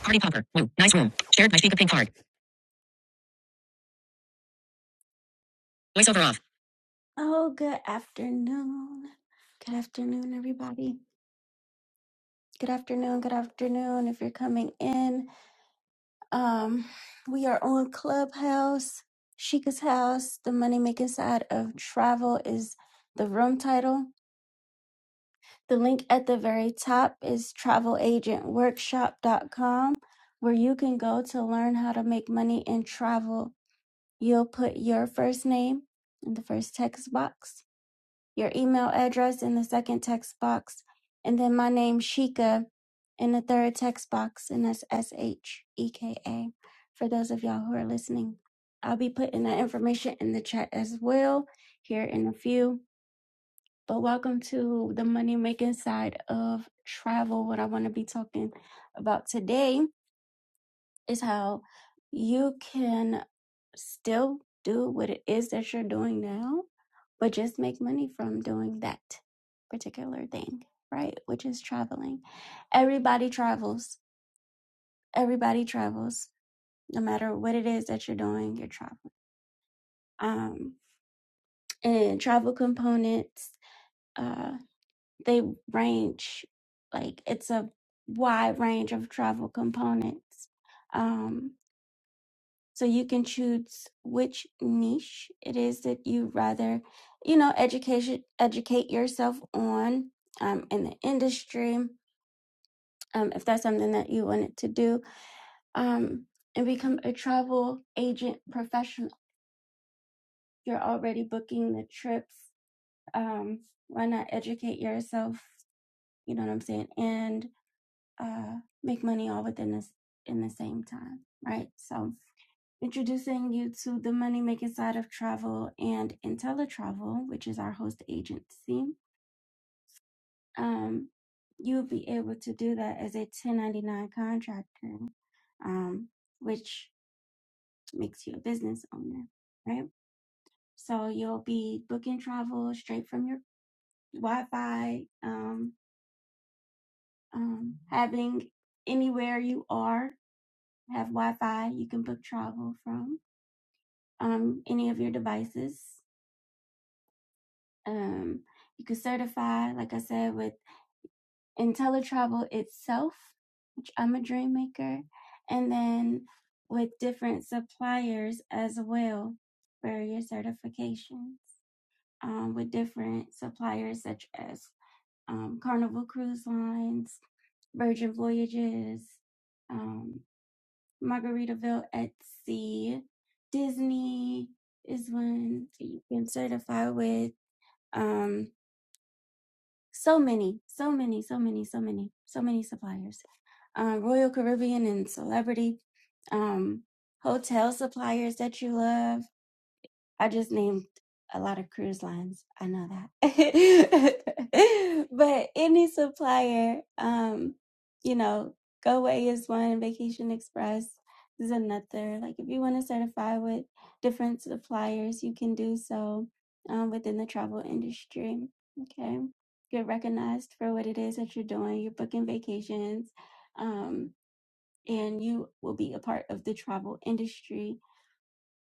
Party popper. Woo. Nice room. Shared by Sheikah Pink card. Voiceover off. Oh, good afternoon. Good afternoon, everybody. Good afternoon. Good afternoon. If you're coming in, um, we are on Clubhouse, Sheikah's house. The money making side of travel is the room title. The link at the very top is travel agent workshop dot com, where you can go to learn how to make money in travel You'll put your first name in the first text box, your email address in the second text box, and then my name, Sheka, in the third text box, and that's S H E K A for those of y'all who are listening. I'll be putting that information in the chat as well here in a few. But welcome to the money making side of travel, what I want to be talking about today is how you can still do what it is that you're doing now, but just make money from doing that particular thing, right? Which is traveling. Everybody travels. Everybody travels. No matter what it is that you're doing, you're traveling. Um, and travel components, uh, they range like it's a wide range of travel components. Um, So you can choose which niche it is that you rather, you know, education educate yourself on um, in the industry, um, if that's something that you wanted to do, um, and become a travel agent professional. You're already booking the trips. Um, why not educate yourself? You know what I'm saying, and uh, make money all within this in the same time, right? So introducing you to the money making side of travel and IntelliTravel, which is our host agency. Um, you'll be able to do that as a 1099 contractor, um, which makes you a business owner, right? So you'll be booking travel straight from your Wi Fi, um, um, having anywhere you are have Wi Fi, you can book travel from um, any of your devices Um, you can certify, like I said, with IntelliTravel itself, which I'm a dream maker, and then with different suppliers as well for your certifications. Um, with different suppliers such as um, Carnival Cruise Lines, Virgin Voyages, um, Margaritaville at Sea, Disney is one that you can certify with. Um, So many, so many, so many, so many, so many suppliers. Um, Royal Caribbean and Celebrity, um, hotel suppliers that you love. I just named a lot of cruise lines. I know that. but any supplier, um, you know, Go Away is one, Vacation Express is another. Like if you want to certify with different suppliers, you can do so um, within the travel industry. Okay. Get recognized for what it is that you're doing. You're booking vacations. Um, and you will be a part of the travel industry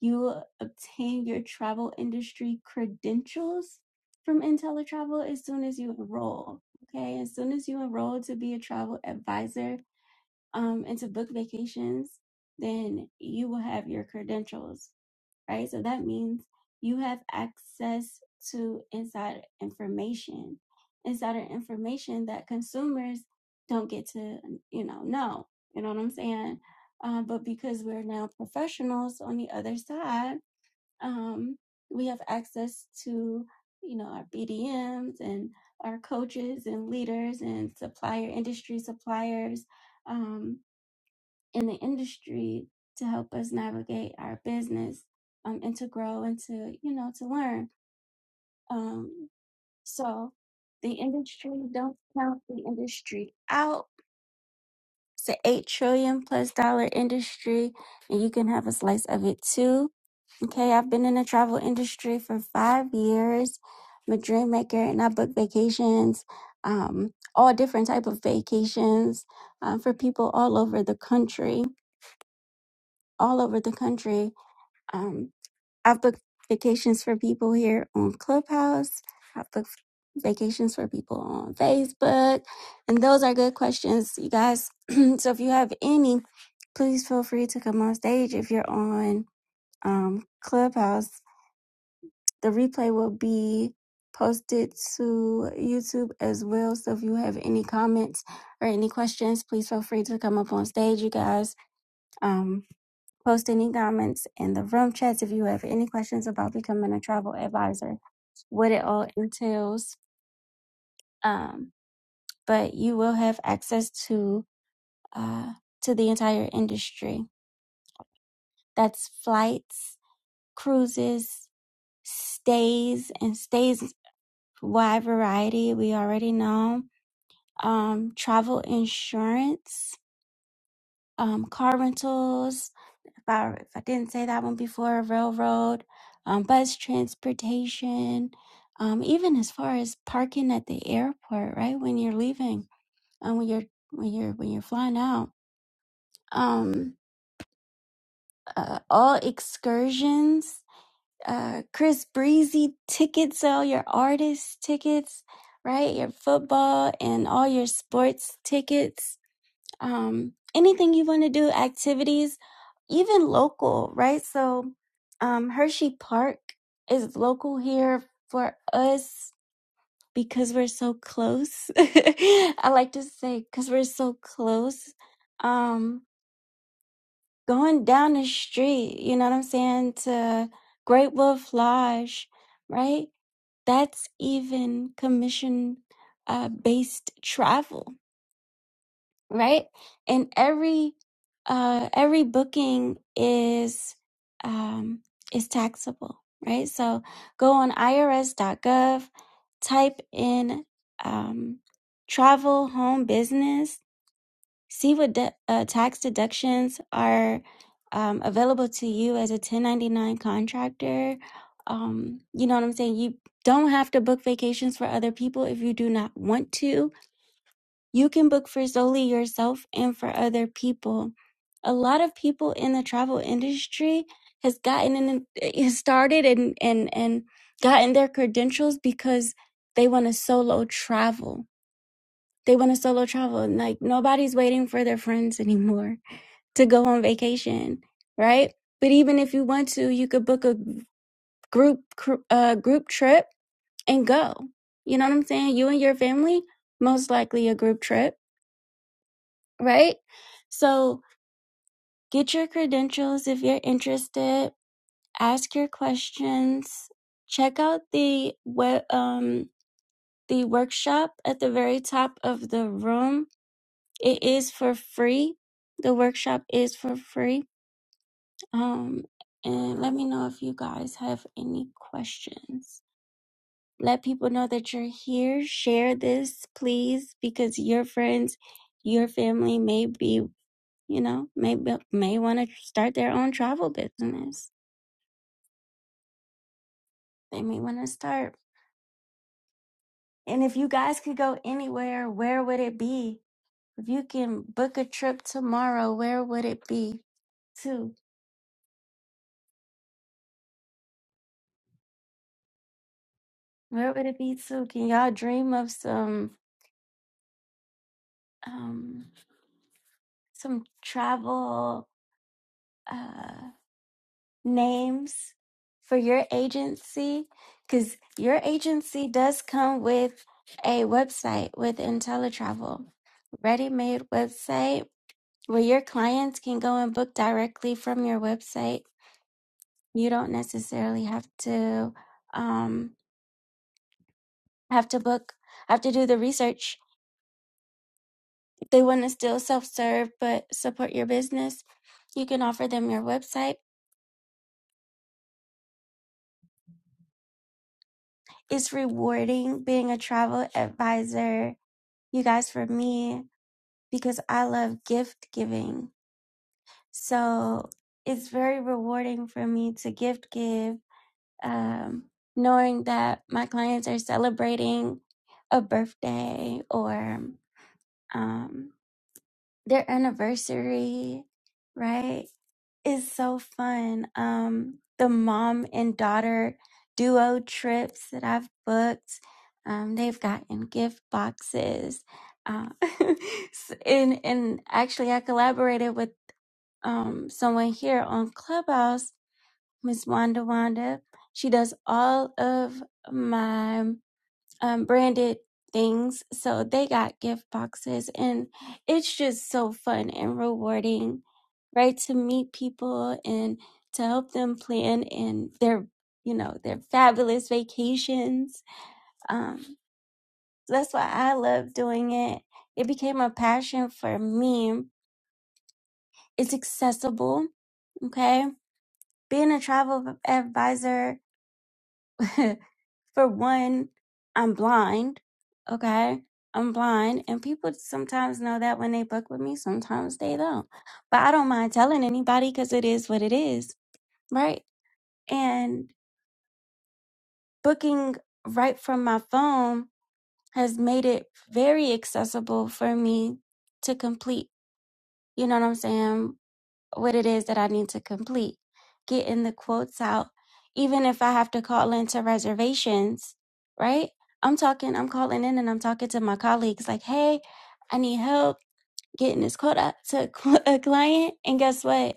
you obtain your travel industry credentials from IntelliTravel as soon as you enroll. Okay, as soon as you enroll to be a travel advisor um, and to book vacations, then you will have your credentials, right? So that means you have access to insider information, insider information that consumers don't get to, you know, know. You know what I'm saying? Uh, but because we're now professionals on the other side, um, we have access to, you know, our BDMs and our coaches and leaders and supplier industry suppliers um, in the industry to help us navigate our business um, and to grow and to, you know, to learn. Um, so the industry, don't count the industry out. It's an eight trillion plus dollar industry, and you can have a slice of it too Okay, I've been in the travel industry for five years. I'm a dream maker, and I book vacations, um, all different type of vacations uh, for people all over the country. All over the country, um, I've booked vacations for people here on Clubhouse. I've booked vacations for people on Facebook, and those are good questions, you guys. so if you have any, please feel free to come on stage if you're on um, Clubhouse The replay will be posted to YouTube as well. So if you have any comments or any questions, please feel free to come up on stage, you guys. Um, post any comments in the room chats if you have any questions about becoming a travel advisor, what it all entails. Um, but you will have access to uh, to the entire industry. That's flights, cruises, stays, and stays wide variety. We already know. um, travel insurance, um, car rentals. If I, if I didn't say that one before, railroad, um, bus transportation, um, even as far as parking at the airport, right when you're leaving, um, when you're when you're when you're flying out, um, uh, all excursions, uh, Chris Breezy tickets, all your artist tickets, right, your football and all your sports tickets um, anything you want to do, activities, even local, right? So, um, Hershey Park is local here for us because we're so close. I like to say because we're so close. Um, going down the street, you know what I'm saying, to Great Wolf Lodge, right? That's even commission uh, based travel right? And every uh, every booking is um, is taxable, right? So go on IRS.gov, type in um, travel, home, business, see what de- uh, tax deductions are um, available to you as a 1099 contractor. Um, you know what I'm saying? You don't have to book vacations for other people if you do not want to you can book for solely yourself and for other people. A lot of people in the travel industry has gotten in, eh, has started and and and gotten their credentials because they want to solo travel. They want to solo travel, and like nobody's waiting for their friends anymore to go on vacation, right? But even if you want to, you could book a group cr- uh, group trip and go. You know what I'm saying? You and your family, most likely a group trip right? So get your credentials if you're interested. Ask your questions. Check out the we- um the workshop at the very top of the room. It is for free. The workshop is for free. Um, and let me know if you guys have any questions. Let people know that you're here. Share this, please, because your friends, your family may be you know, may may want to start their own travel business. They may want to start. And if you guys could go anywhere, where would it be? If you can book a trip tomorrow, where would it be? To where would it be to? Can y'all dream of some um some travel? uh? names for your agency? Because your agency does come with a website with IntelliTravel, ready made website where your clients can go and book directly from your website. You don't necessarily have to um, have to book, have to do the research. If they want to still self serve but support your business, you can offer them your website. It's rewarding being a travel advisor you guys, for me. because I love gift giving. So it's very rewarding for me to gift give, um, knowing that my clients are celebrating a birthday or um, their anniversary, right? It's so fun. Um, the mom and daughter duo trips that I've booked, um, they've gotten gift boxes. Uh, and and actually I collaborated with um someone here on Clubhouse, Miss Wanda Wanda. She does all of my um branded things. So they got gift boxes and it's just so fun and rewarding, right? To meet people and to help them plan and their you know, their fabulous vacations. Um that's why I love doing it. It became a passion for me. It's accessible. Okay being a travel advisor for one i'm blind okay i'm blind and people sometimes know that when they book with me sometimes they don't but i don't mind telling anybody because it is what it is right and booking right from my phone has made it very accessible for me to complete you know what i'm saying what it is that I need to complete, getting the quotes out, even if I have to call into reservations, right? I'm talking, I'm calling in and I'm talking to my colleagues like, hey, I need help getting this quote out to a cl- a client. And guess what?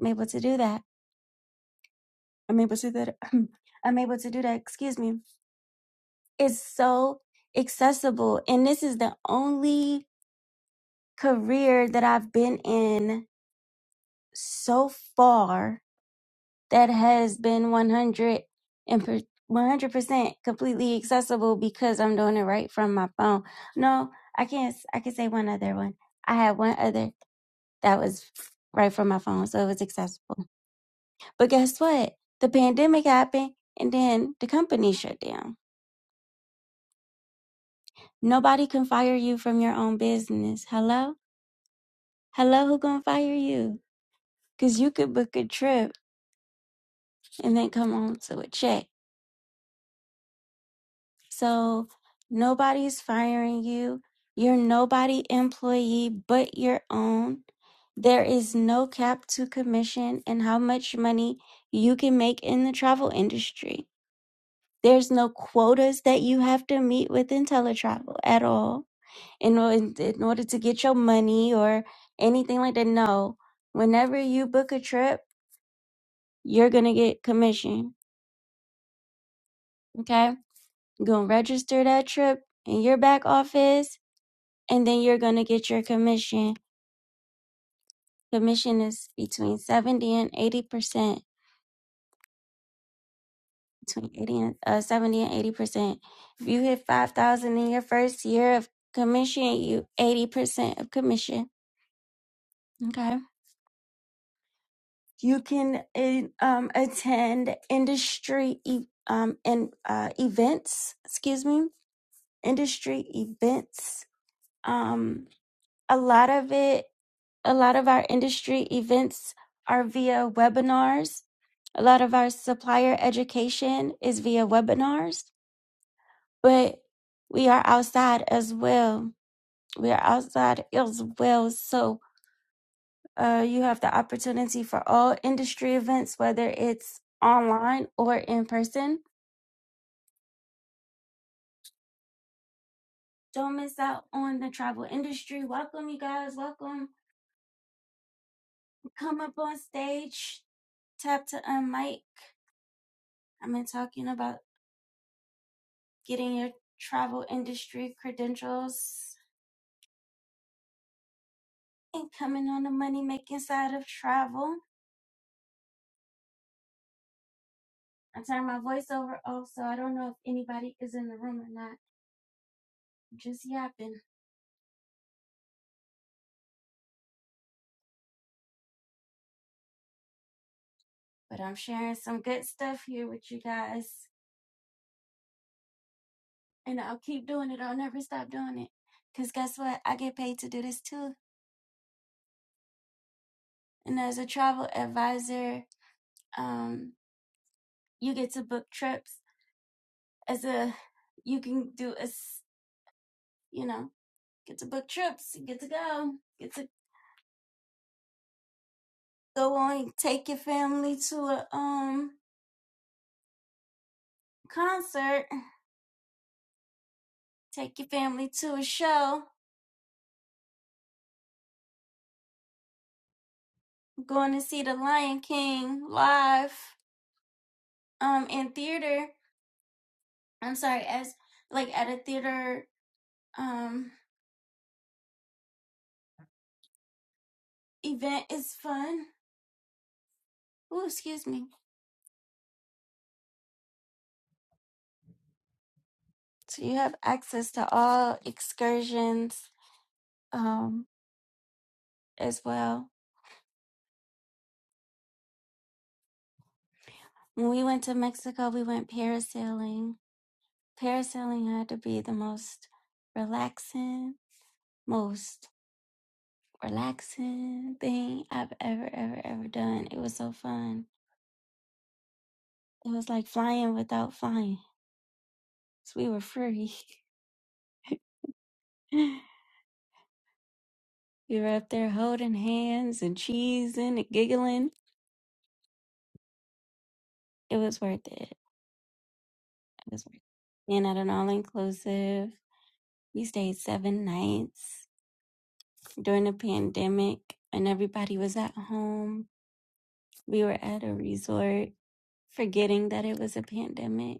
I'm able to do that. I'm able to do that. I'm able to do that. Excuse me. It's so accessible. And this is the only career that I've been in so far that has been one hundred and one hundred percent completely accessible because I'm doing it right from my phone. No, I can't s- I can say one other one. I had one other that was right from my phone, so it was accessible. But guess what? The pandemic happened and then the company shut down. Nobody can fire you from your own business. Hello? Hello, who going to fire you? Cuz you could book a trip and then come home to a check So nobody's firing you. You're nobody employee but your own. There is no cap to commission and how much money you can make in the travel industry. There's no quotas that you have to meet within teletravel at all in, or- in order to get your money or anything like that. No, whenever you book a trip, you're going to get commission. Okay. You're going to register that trip in your back office and then you're going to get your commission. Commission is between 70 and 80%, between 80 and uh, 70 and 80%. If you hit 5,000 in your first year of commission, you 80% of commission. Okay. You can eh, um, attend industry e- um, and uh, events, excuse me, industry events. Um, a lot of it. A lot of our industry events are via webinars. A lot of our supplier education is via webinars, but we are outside as well. We are outside as well. So uh, you have the opportunity for all industry events, whether it's online or in person. Don't miss out on the travel industry. Welcome, you guys. Welcome. Come up on stage. Tap to unmic. I've been talking about getting your travel industry credentials and coming on the money making side of travel. I turned my voice over off, so I don't know if anybody is in the room or not. I'm Just yapping. But I'm sharing some good stuff here with you guys. And I'll keep doing it. I'll never stop doing it. Because guess what? I get paid to do this too. And as a travel advisor, um, you get to book trips. As a, you can do a, you know, get to book trips, You get to go, get to go on take your family to a um concert take your family to a show going to see the lion king live um in theater i'm sorry as like at a theater um event is fun oh excuse me so you have access to all excursions um as well when we went to mexico we went parasailing parasailing had to be the most relaxing most relaxing thing I've ever, ever, ever done. It was so fun. It was like flying without flying. So we were free. we were up there holding hands and cheesing and giggling. It was worth it. It was worth it. And at an all inclusive, we stayed seven nights during the pandemic and everybody was at home. We were at a resort forgetting that it was a pandemic.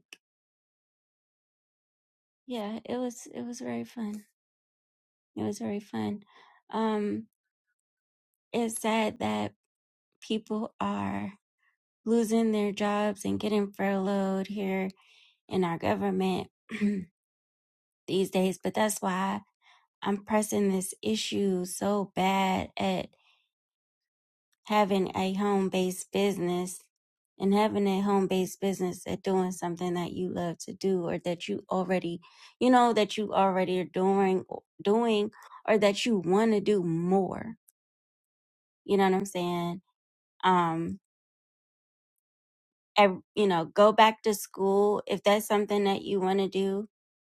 Yeah, it was it was very fun. It was very fun. Um it's sad that people are losing their jobs and getting furloughed here in our government these days. But that's why I'm pressing this issue so bad at having a home based business and having a home based business at doing something that you love to do or that you already, you know, that you already are doing, doing or that you want to do more. You know what I'm saying? Um, ev- you know go back to school if that's something that you want to do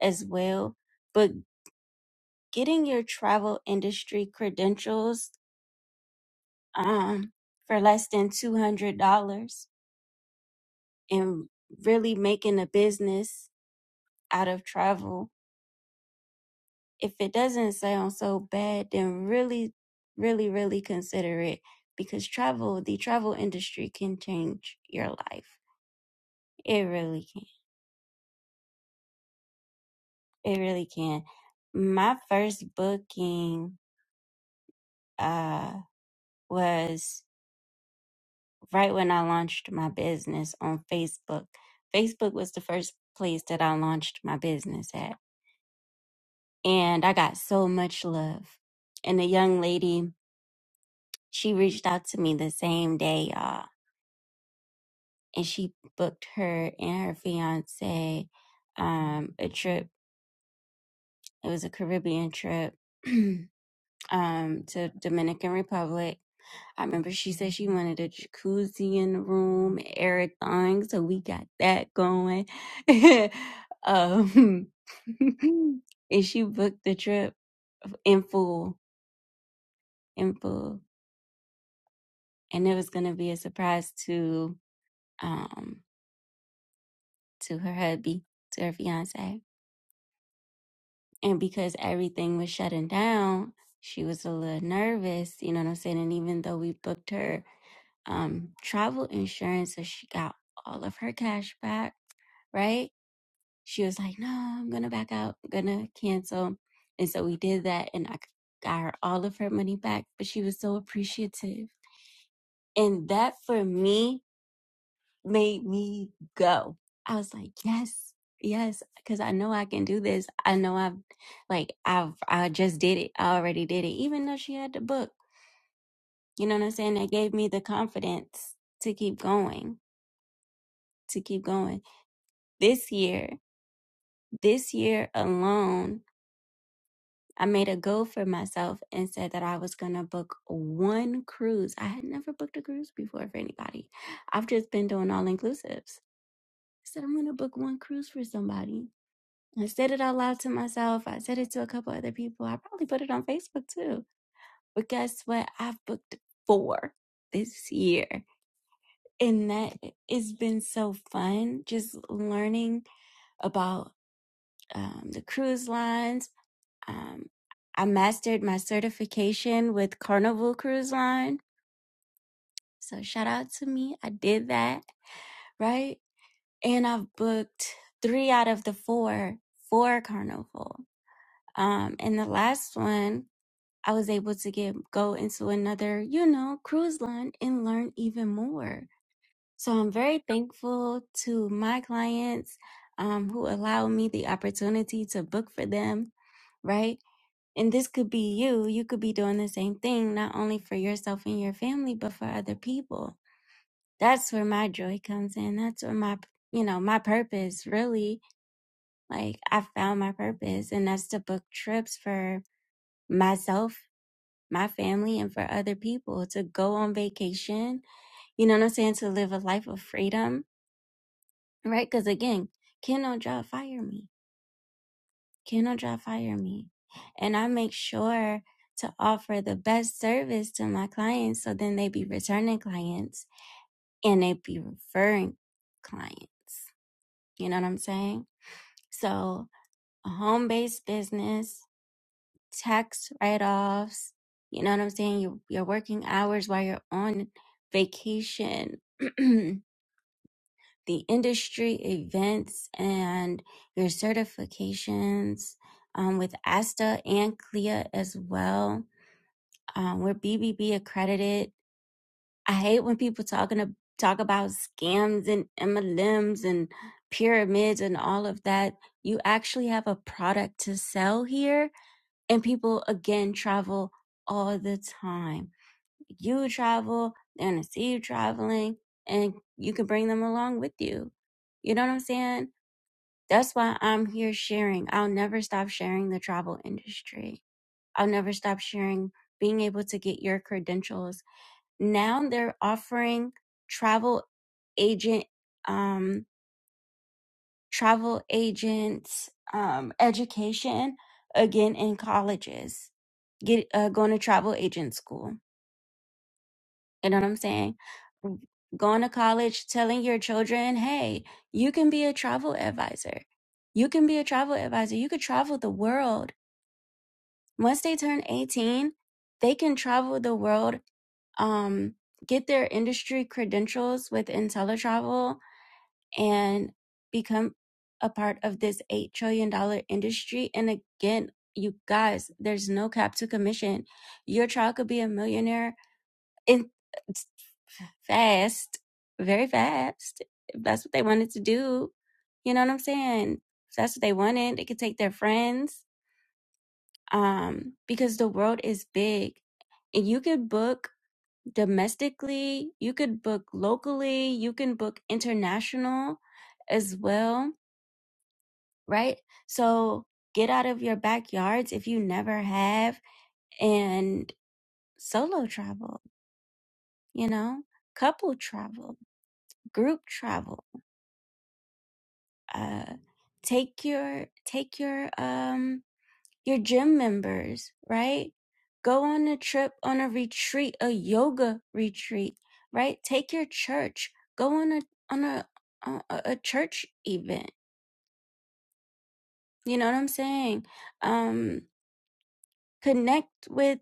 as well but getting your travel industry credentials um for less than $200 and really making a business out of travel if it doesn't sound so bad then really really really consider it because travel the travel industry can change your life it really can it really can my first booking uh, was right when I launched my business on Facebook. Facebook was the first place that I launched my business at. And I got so much love. And the young lady, she reached out to me the same day, y'all. And she booked her and her fiance um, a trip. It was a Caribbean trip um, to Dominican Republic I remember she said she wanted a jacuzzi in the room, everything. So we got that going. um, and she booked the trip in full, in full, and it was gonna be a surprise to um to her hubby, to her fiance. And because everything was shutting down, she was a little nervous. You know what I'm saying? And even though we booked her um travel insurance, so she got all of her cash back right? She was like, no, I'm going to back out. I'm going to cancel. And so we did that and I got her all of her money back, but she was so appreciative. And that for me made me go. I was like, yes, yes, because I know I can do this. I know I've like, I've, I just did it. I already did it, even though she had the book. You know what I'm saying? That gave me the confidence to keep going, to keep going. This year, this year alone, I made a goal for myself and said that I was going to book one cruise. I had never booked a cruise before for anybody. I've just been doing all inclusives. I said, I'm going to book one cruise for somebody. I said it out loud to myself. I said it to a couple other people. I probably put it on Facebook too. But guess what? I've booked four this year. And that it's been so fun just learning about um, the cruise lines Um, I mastered my certification with Carnival Cruise Line. So shout out to me. I did that, right? And I've booked three out of the four for Carnival. Um, and the last one, I was able to get go into another, you know, cruise line and learn even more. So I'm very thankful to my clients um, who allow me the opportunity to book for them, right? And this could be you. You could be doing the same thing, not only for yourself and your family, but for other people. That's where my joy comes in. That's where my, you know, my purpose really, like I found my purpose and that's to book trips for myself, my family, and for other people to go on vacation. You know what I'm saying? To live a life of freedom, right? Cause again, can no job fire me cannot dry fire me. And I make sure to offer the best service to my clients so then they be returning clients and they be referring clients. You know what I'm saying? So a home based business, tax write offs, you know what I'm saying? Your your working hours while you're on vacation, the industry events and your certifications um, with ASTA and CLIA as well Um, we're BBB accredited. I hate when people talking to, talk about scams and MLMs and pyramids and all of that. You actually have a product to sell here, and people again travel all the time. You travel, they're gonna see you traveling, and you can bring them along with you. You know what I'm saying? That's why I'm here sharing. I'll never stop sharing the travel industry. I'll never stop sharing being able to get your credentials now they're offering travel agent um travel agents um education again in colleges get uh, going to travel agent school you know what i'm saying going to college telling your children hey you can be a travel advisor you can be a travel advisor you could travel the world Once they turn 18, they can travel the world, um, get their industry credentials within teletravel, and become a part of this $8 trillion dollars industry. And again, you guys, there's no cap to commission. Your child could be a millionaire in fast, very fast. If that's what they wanted to do. You know what I'm saying? If that's what they wanted, they could take their friends um, because the world is big and you could book domestically, you could book locally, you can book international as well, right? So get out of your backyards if you never have and solo travel, you know, couple travel, group travel, uh, take your, take your, um, your gym members, right? Go on a trip, on a retreat, a yoga retreat, right? Take your church, go on a on a uh, a, a church event. You know what I'm saying? Um, connect with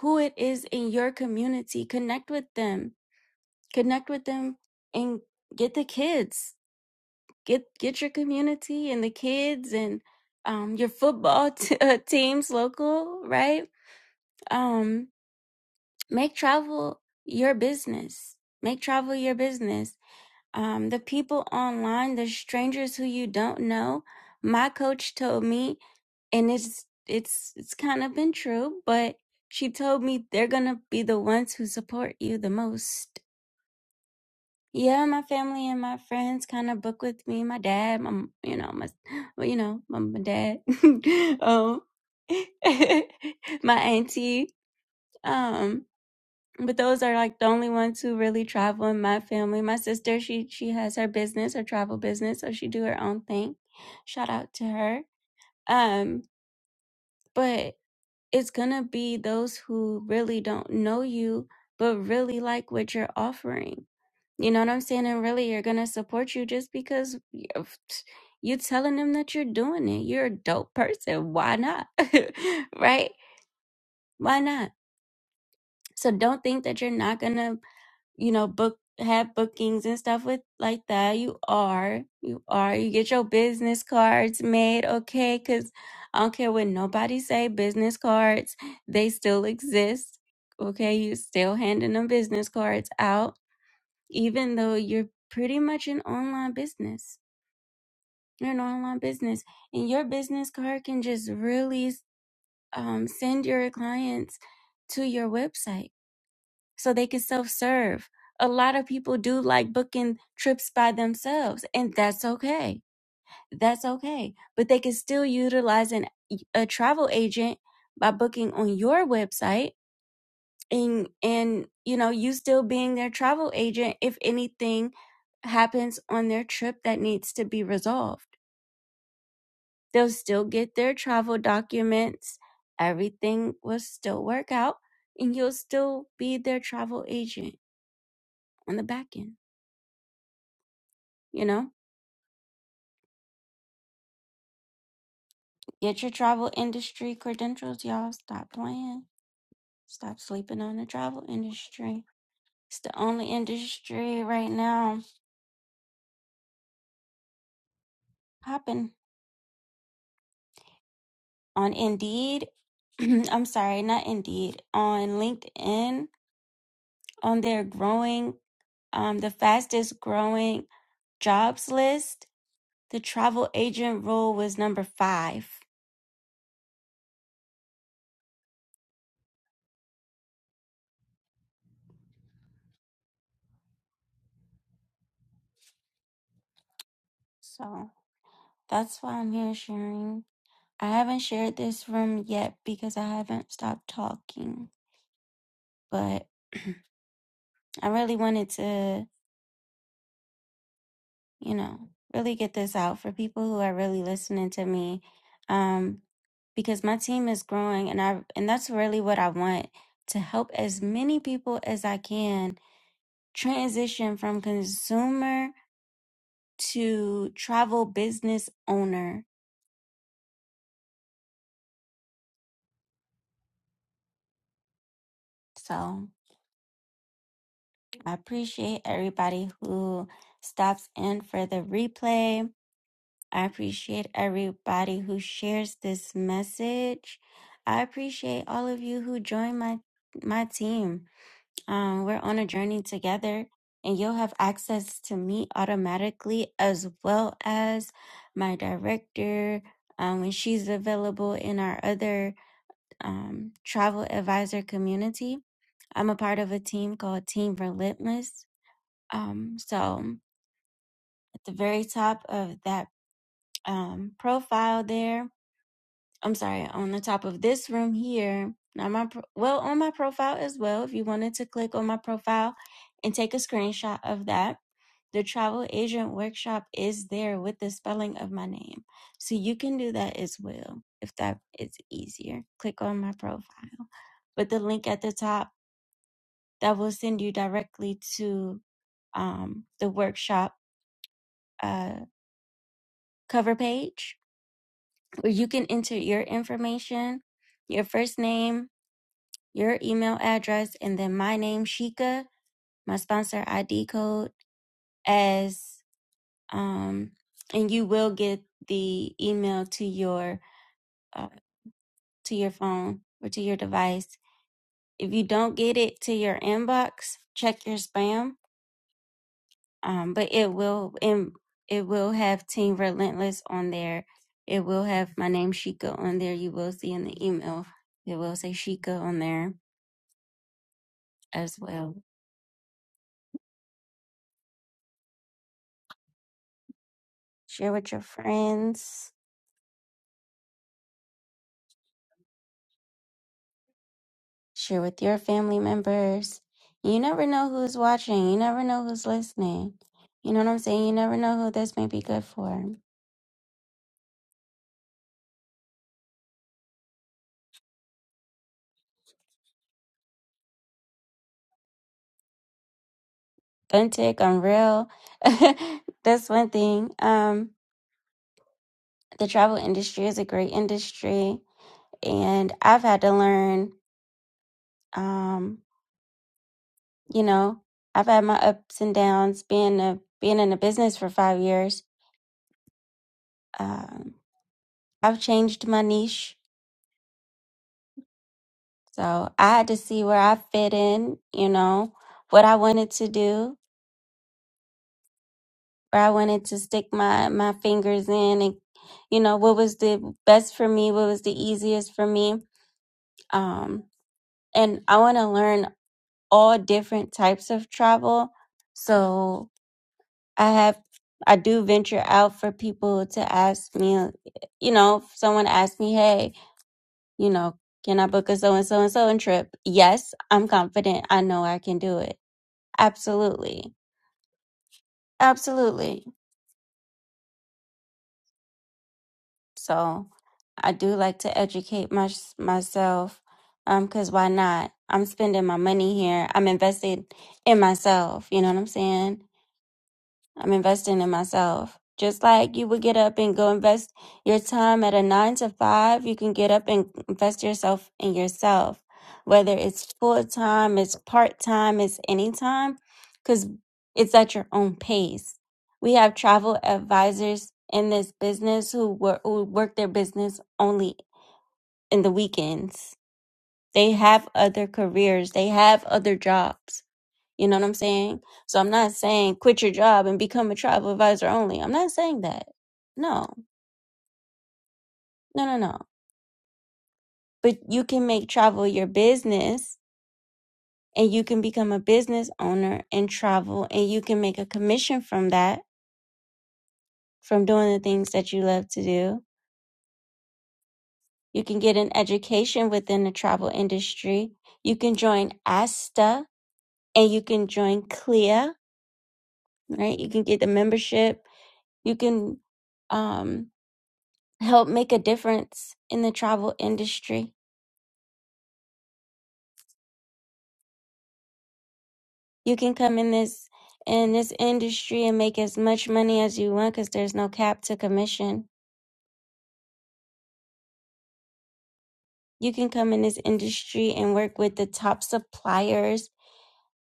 who it is in your community. Connect with them. Connect with them and get the kids. Get get your community and the kids and um, your football t- uh, teams local, right? Um, make travel your business make travel your business um, the people online the strangers who you don't know my coach told me and it's it's it's kind of been true but she told me they're gonna be the ones who support you the most yeah my family and my friends kind of book with me my dad my you know my well, you know my, my dad um my auntie um but those are like the only ones who really travel in my family. My sister, she she has her business, her travel business, so she do her own thing. Shout out to her. Um, but it's gonna be those who really don't know you, but really like what you're offering. You know what I'm saying? And really, you're gonna support you just because y- of- you telling them that you're doing it. You're a dope person. Why not? right? Why not? So don't think that you're not gonna you know, book have bookings and stuff with like that. You are, you are. You get your business cards made, okay? Cause I don't care what nobody say. Business cards, they still exist. Okay, you still handing them business cards out, even though you're pretty much an online business. You're an online business, and your business card can just really um, send your clients to your website so they can self serve. A lot of people do like booking trips by themselves, and that's okay. That's okay. But they can still utilize an, a travel agent by booking on your website and and you know you still being their travel agent if anything happens on their trip that needs to be resolved they'll still get their travel documents everything will still work out and you'll still be their travel agent on the back end You know, get your travel industry credentials, y'all. Stop playing. Stop sleeping on the travel industry. It's the only industry right now popping on Indeed. I'm sorry, not Indeed. On LinkedIn, on their growing, um, the fastest growing jobs list, the travel agent role was number five. So that's why I'm here sharing. I haven't shared this room yet because I haven't stopped talking. but I really wanted to, you know, really get this out for people who are really listening to me. Um, because my team is growing and I and that's really what I want to help as many people as I can transition from consumer to travel business owner. So I appreciate everybody who stops in for the replay. I appreciate everybody who shares this message. I appreciate all of you who join my my team. Um, we're on a journey together, and you'll have access to me automatically as well as my director um, when she's available in our other um, travel advisor community. I'm a part of a team called Team Relentless. Um, so at the very top of that um, profile there. I'm sorry, on the top of this room here, not my pro- well on my profile as well. If you wanted to click on my profile and take a screenshot of that, the travel agent workshop is there with the spelling of my name, so you can do that as well if that is easier. Click on my profile, but the link at the top that will send you directly to um, the workshop uh, cover page where you can enter your information, your first name your email address, and then my name, Sheikah, my sponsor ID code as um, and you will get the email to your uh, to your phone or to your device. If you don't get it to your inbox, check your spam. Um, but it will and it will have Team Relentless on there. It will have my name Sheikah on there. You will see in the email. It will say Sheikah on there as well. Share with your friends Share with your family members. You never know who's watching. You never know who's listening. You know what I'm saying? You never know who this may be good for. Authentic, unreal. That's one thing. Um, the travel industry is a great industry, and I've had to learn. Um, you know, I've had my ups and downs. Being a being in a business for five years, um, I've changed my niche So I had to see where I fit in, you know, what I wanted to do, where I wanted to stick my, my fingers in and, you know, what was the best for me, what was the easiest for me. Um, and I want to learn all different types of travel. So I have, I do venture out for people to ask me, uh, you know, if someone asked me, hey, you know, can I book a so and so and so and trip? Yes, I'm confident. I know I can do it. Absolutely Absolutely. So I do like to educate my, myself um cuz why not? I'm spending my money here. I'm invested in myself, you know what I'm saying? I'm investing in myself. Just like you would get up and go invest your time at a nine to five, you can get up and invest yourself in yourself, whether it's full time, it's part time, it's any time, because it's at your own pace. We have travel advisors in this business who work, who work their business only in the weekends. They have other careers, they have other jobs you know what I'm saying? So I'm not saying quit your job and become a travel advisor only. I'm not saying that. No, no, no, no. But you can make travel your business and you can become a business owner in travel and you can make a commission from that, from doing the things that you love to do. You can get an education within the travel industry. You can join ASTA and you can join CLIA, right? You can get the membership. You can, um, help make a difference in the travel industry. You can come in this in this industry and make as much money as you want because there's no cap to commission. You can come in this industry and work with the top suppliers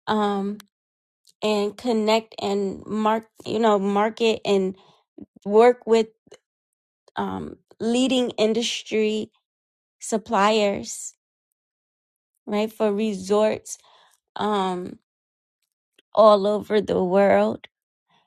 um, and connect and mark, you know, market and work with um, leading industry suppliers, right? For resorts um, all over the world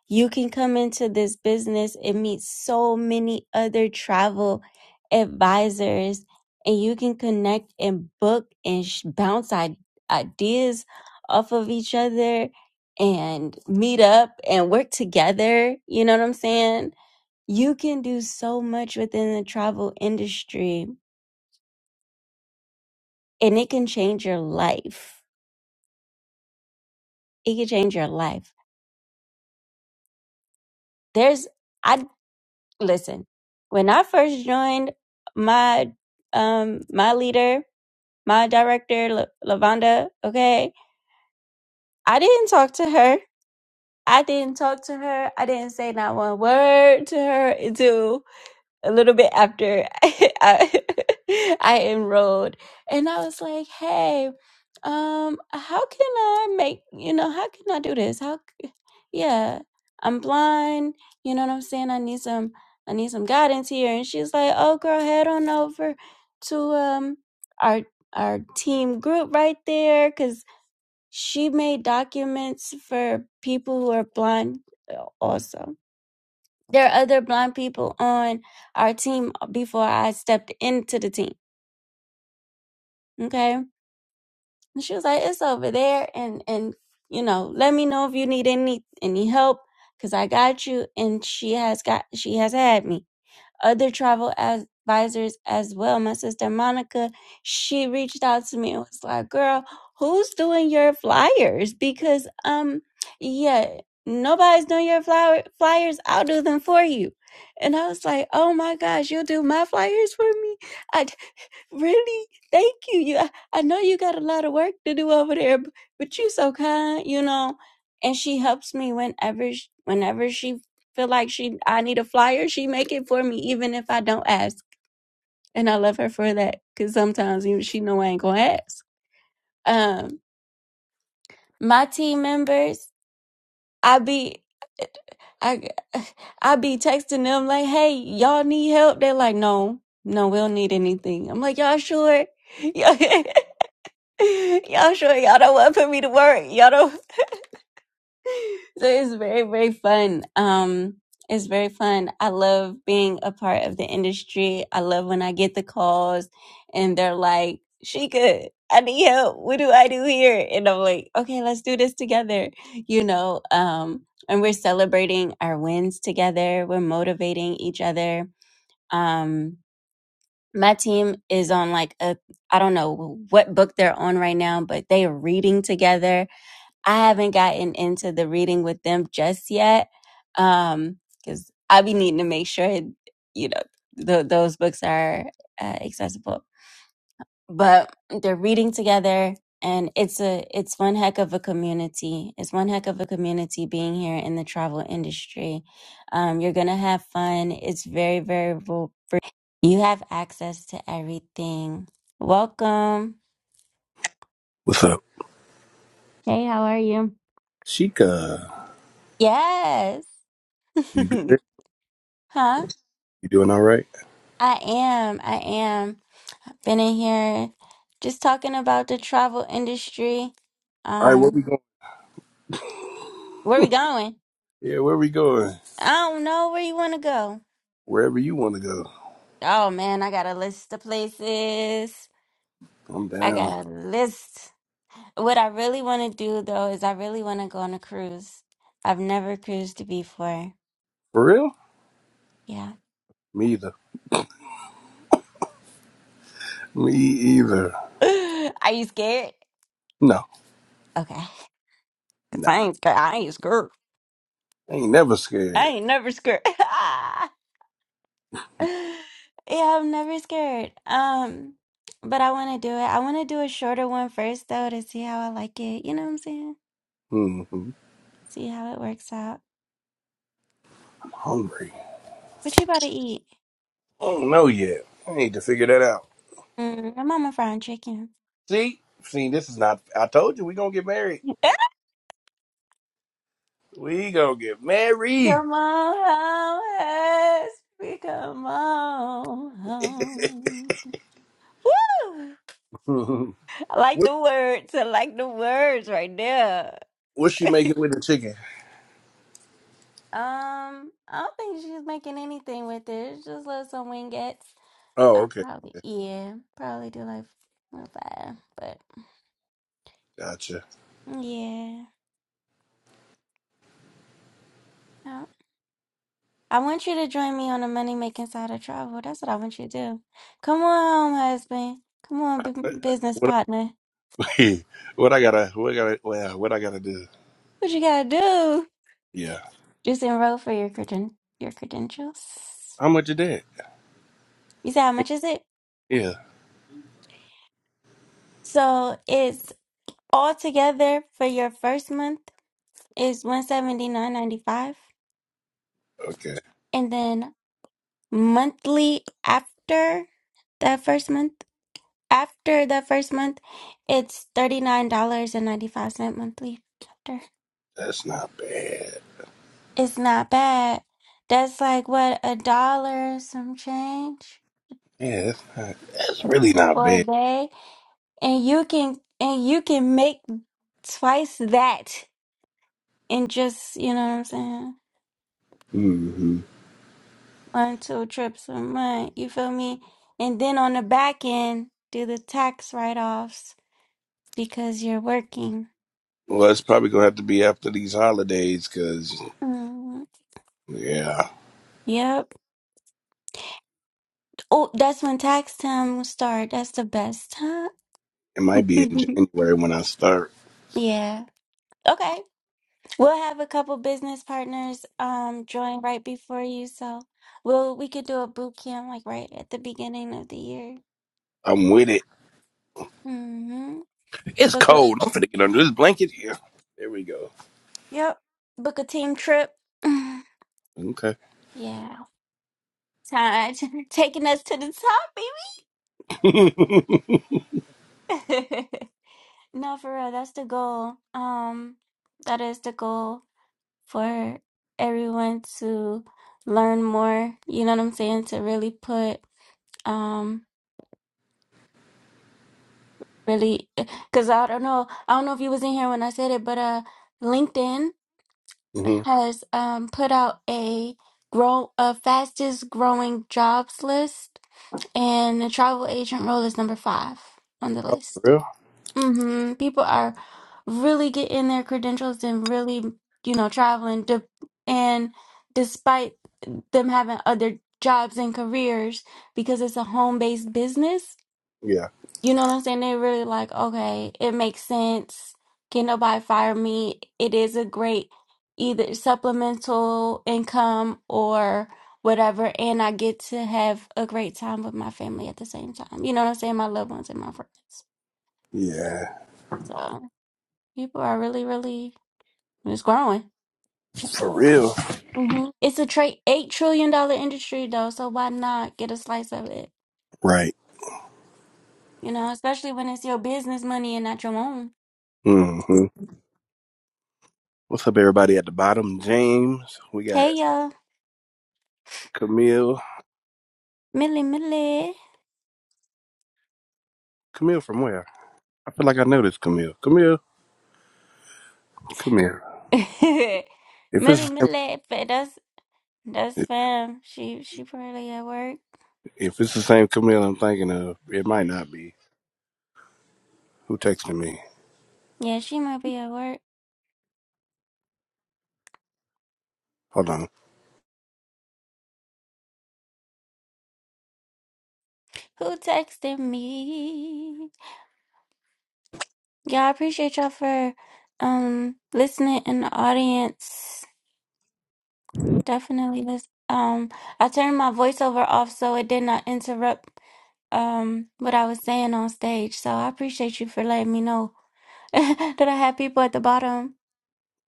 You can come into this business and meet so many other travel advisors, and you can connect and book and sh- bounce i- ideas off of each other and meet up and work together. You know what I'm saying? You can do so much within the travel industry, and it can change your life. It can change your life. There's I. listen, when I first joined my um my leader, my director, La- Lavonda, okay, I didn't talk to her. I didn't talk to her. I didn't say not one word to her until a little bit after I, I enrolled and I was like, "Hey, um how can I make, you know, how can I do this? How c- yeah, I'm blind, you know what I'm saying? I need some I need some guidance here." And she's like, "Oh, girl, head on over to um our our team group right there cuz she made documents for people who are blind uh, also." There are other blind people on our team before I stepped into the team. Okay. And she was like, it's over there. And, and, you know, let me know if you need any, any help because I got you. And she has got, she has had me other travel as advisors as well. My sister Monica, she reached out to me and was like, "Girl, who's doing your flyers?" Because um, yeah, nobody's doing your flyer flyers. I'll do them for you. And I was like, "Oh my gosh, you'll do my flyers for me?" I. Really? Thank you. You, I, I know you got a lot of work to do over there, but, but you so kind, you know. And she helps me whenever, sh- whenever she feel like she, I need a flyer, she make it for me, even if I don't ask. And I love her for that, cause sometimes you, she know I ain't gonna ask. Um, my team members, I be, I, I be texting them like, "Hey, y'all need help?" They're like, "No, no, we don't need anything." I'm like, "Y'all sure?" y'all sure y'all don't want to put me to work. Y'all don't. So it's very, very fun. Um, it's very fun. I love being a part of the industry. I love when I get the calls and they're like, "She good. I need help. What do I do here?" And I'm like, "Okay, let's do this together." You know. Um, and we're celebrating our wins together. We're motivating each other. Um, my team is on like a I don't know what book they're on right now, but they are reading together I haven't gotten into the reading with them just yet, um, because I be needing to make sure you know th- those books are uh, accessible. But they're reading together, and it's a it's one heck of a community. It's one heck of a community being here in the travel industry. Um, you're gonna have fun. It's very very vo- you have access to everything. Welcome. What's up? Hey, how are you? Sheikah, Yes. you good? huh? You doing all right? I am. I am. Been in here just talking about the travel industry. All right, where Um, we going? where we going? Yeah, where we going? I don't know where you want to go. Wherever you want to go. Oh man, I got a list of places. I'm I got down. a list. What I really want to do though is I really want to go on a cruise. I've never cruised before. For real? Yeah. Me either. Me either. Are you scared? No, Okay. 'Cause nah. I ain't scared. I ain't scared. I ain't never I scared. ain't never scared. Yeah, I'm never scared. Um, but I want to do it. I want to do a shorter one first, though, to see how I like it. You know what I'm saying? Hmm, See how it works out. hungry. What you about to eat? I don't know yet. I need to figure that out. Mm, my mama frying chicken. See? See, this is not. I told you we gonna get married. We gonna get married. Come on home, Hesby. Come on home. Woo! what? I like the words. I like the words right there. What's she making with the chicken? Um, I don't think she's making anything with it. It's just little some wingettes. Oh, I'll okay. probably, yeah, probably do like four or five. But Gotcha. yeah, no. I want you to join me on the money making side of travel. That's what I want you to do. Come on, husband. Come on, bu- business What? partner. what I gotta? What I gotta? Well, what I gotta do? What you gotta do? Yeah. Just enroll for your creden- your credentials. How much it did? You say how much is it? Yeah. So it's all together for your first month is one seventy nine ninety five, Okay. and then monthly after that first month. After the first month, it's $39.95 monthly chapter. That's not bad. It's not bad. That's like what a dollar some change Yeah, that's not. That's really not for a bad. day. And you can and you can make twice that in just, you know what I'm saying? hmm One, two trips a month. You feel me? And then on the back end, do the tax write offs because you're working. Well, it's probably gonna have to be after these holidays, cause Mhm. yeah, Yep. Oh, that's when tax time will start. That's the best time. it might be in January when I start. yeah. Okay. We'll have a couple business partners um join right before you, so we'll we could do a boot camp like right at the beginning of the year. I'm with it. Mm-hmm. It's Book a cold. I'm finna get under this blanket here. There we go. yep. Book a team trip. Okay. yeah. Time taking us to the top, baby. no, for real, that's the goal. Um, that is the goal. for everyone to learn more, you know what I'm saying, to really put um really cuz I don't know, I don't know if you was in here when I said it, but uh LinkedIn hmm has um put out a grow a fastest growing jobs list and the travel agent role is number 5 on the Oh, for list. real? Mhm. People are really getting their credentials and really, you know, traveling to, and despite. them having other jobs and careers because it's a home based business. Yeah. You know what I'm saying? They really like, okay, it makes sense. Can nobody fire me? It is a great either supplemental income or whatever. And I get to have a great time with my family at the same time. You know what I'm saying? My loved ones and my friends. Yeah. So people are really, really, it's growing. For real. hmm It's a tra- $8 trillion dollar industry though. So why not get a slice of it? Right. You know, especially when it's your business money and not your own. hmm What's up, everybody at the bottom? James. We got Hey, y'all. Camille. Millie, Millie. Camille from where? I feel like I know this Camille. Camille, come here. If Millie, it's the Millie. fa- That's, that's same, fam. She, she probably at work. if it's the same Camille I'm thinking of, it might not be. Who texted me? Yeah, she might be at work. Hold on. Who texted me? Yeah, I appreciate y'all for, um, listening in the audience. Definitely this. Um, I turned my voiceover off so it did not interrupt, um, what I was saying on stage. So I appreciate you for letting me know that I have people at the bottom.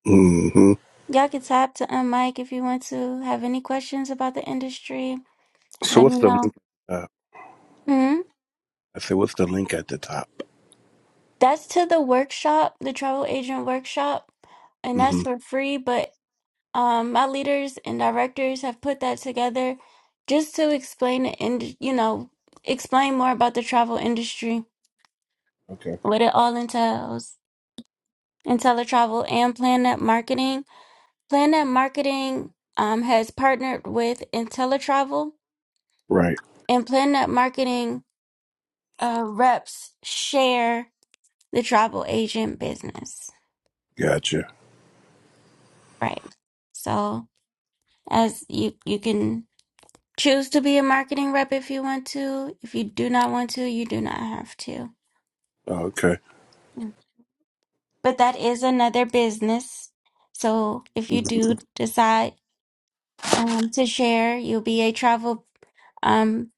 hmm Y'all can tap to unmic if you want to. Have any questions about the industry? So Let what's me the know. link? Uh, hmm I said, what's the link at the top? That's to the workshop, the travel agent workshop, and that's hmm for free. But um, my leaders and directors have put that together just to explain the ind- you know, explain more about the travel industry, Okay. what it all entails, and teletravel and Planet Marketing. Planet Marketing um, has partnered with IntelliTravel Right. and Planet Marketing uh, reps share the travel agent business, Gotcha. right? So as you you can choose to be a marketing rep if you want to. If you do not want to, you do not have to. Okay. Mm. But that is another business. So if you Mhm. do decide um, to share, you'll be a travel um,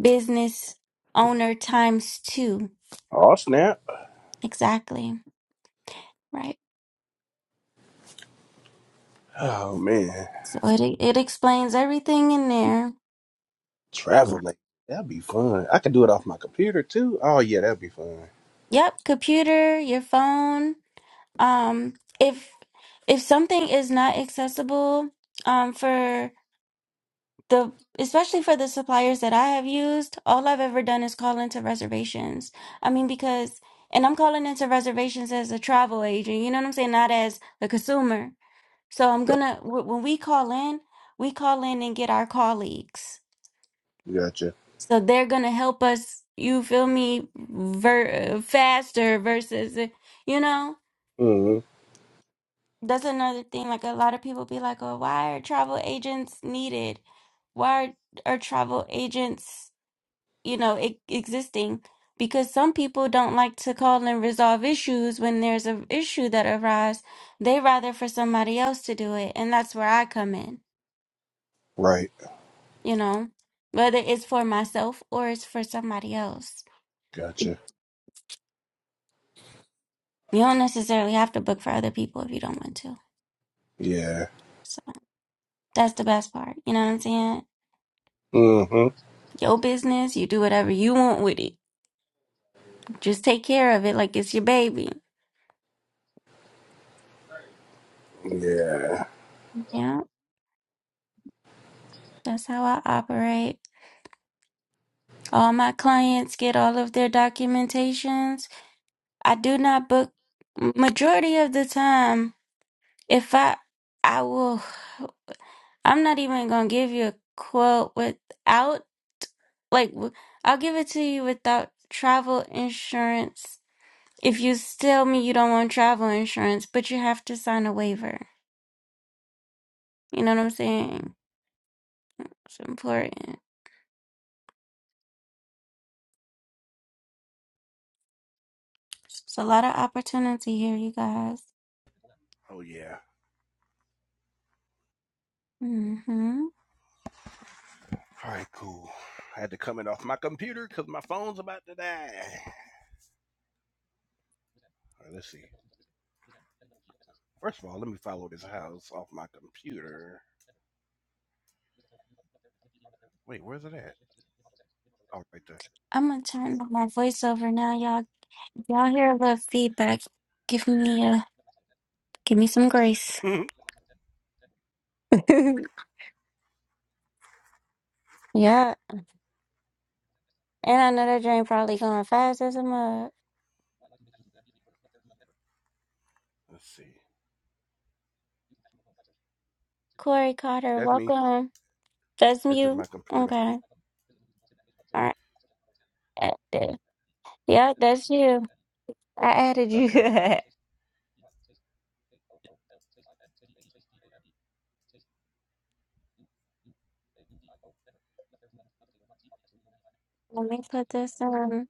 business owner times two. Oh snap! Exactly. Right. Oh man, So it it explains everything in there. traveling. That'd be fun. I could do it off my computer too. Oh yeah, that'd be fun. Yep, computer, your phone. Um, if if something is not accessible, um, for the especially for the suppliers that I have used, all I've ever done is call into reservations. I mean, because and I'm calling into reservations as a travel agent. You know what I'm saying? Not as a consumer. So I'm gonna wh- when we call in, we call in and get our colleagues. Gotcha. So they're gonna help us. You feel me? Ver- faster versus you know. hmm That's another thing. Like a lot of people be like, "Oh, why are travel agents needed? Why are, are travel agents, you know, e existing?" Because some people don't like to call and resolve issues when there's an issue that arises. They rather for somebody else to do it, and that's where I come in, Right. you know, whether it's for myself or it's for somebody else. Gotcha. You don't necessarily have to book for other people if you don't want to. Yeah. So that's the best part. You know what I'm saying? hmm Your business, you do whatever you want with it. Just take care of it like it's your baby. Yeah. Yeah, that's how I operate. All my clients get all of their documentations. I do not book majority of the time. If I I will I'm not even going to give you a quote without like w- I'll give it to you without travel insurance. If you tell me you don't want travel insurance, but you have to sign a waiver. You know what I'm saying? It's important. It's a lot of opportunity here, you guys. Oh yeah. hmm All right, cool. I had to come in off my computer because my phone's about to die. All right, let's see. First of all, let me follow this house off my computer. Wait, where's it at? Oh, right there. I'm gonna turn up my voice over now, y'all. Y'all hear a little feedback. Give me a, give me some grace. yeah, and I know that dream probably going fast as a mug. let's see. Corey Carter, That's me. welcome. That's That's just my you. computer. Okay. All right. Uh, uh, Yeah, that's you. I added you. Okay. Let me put this on.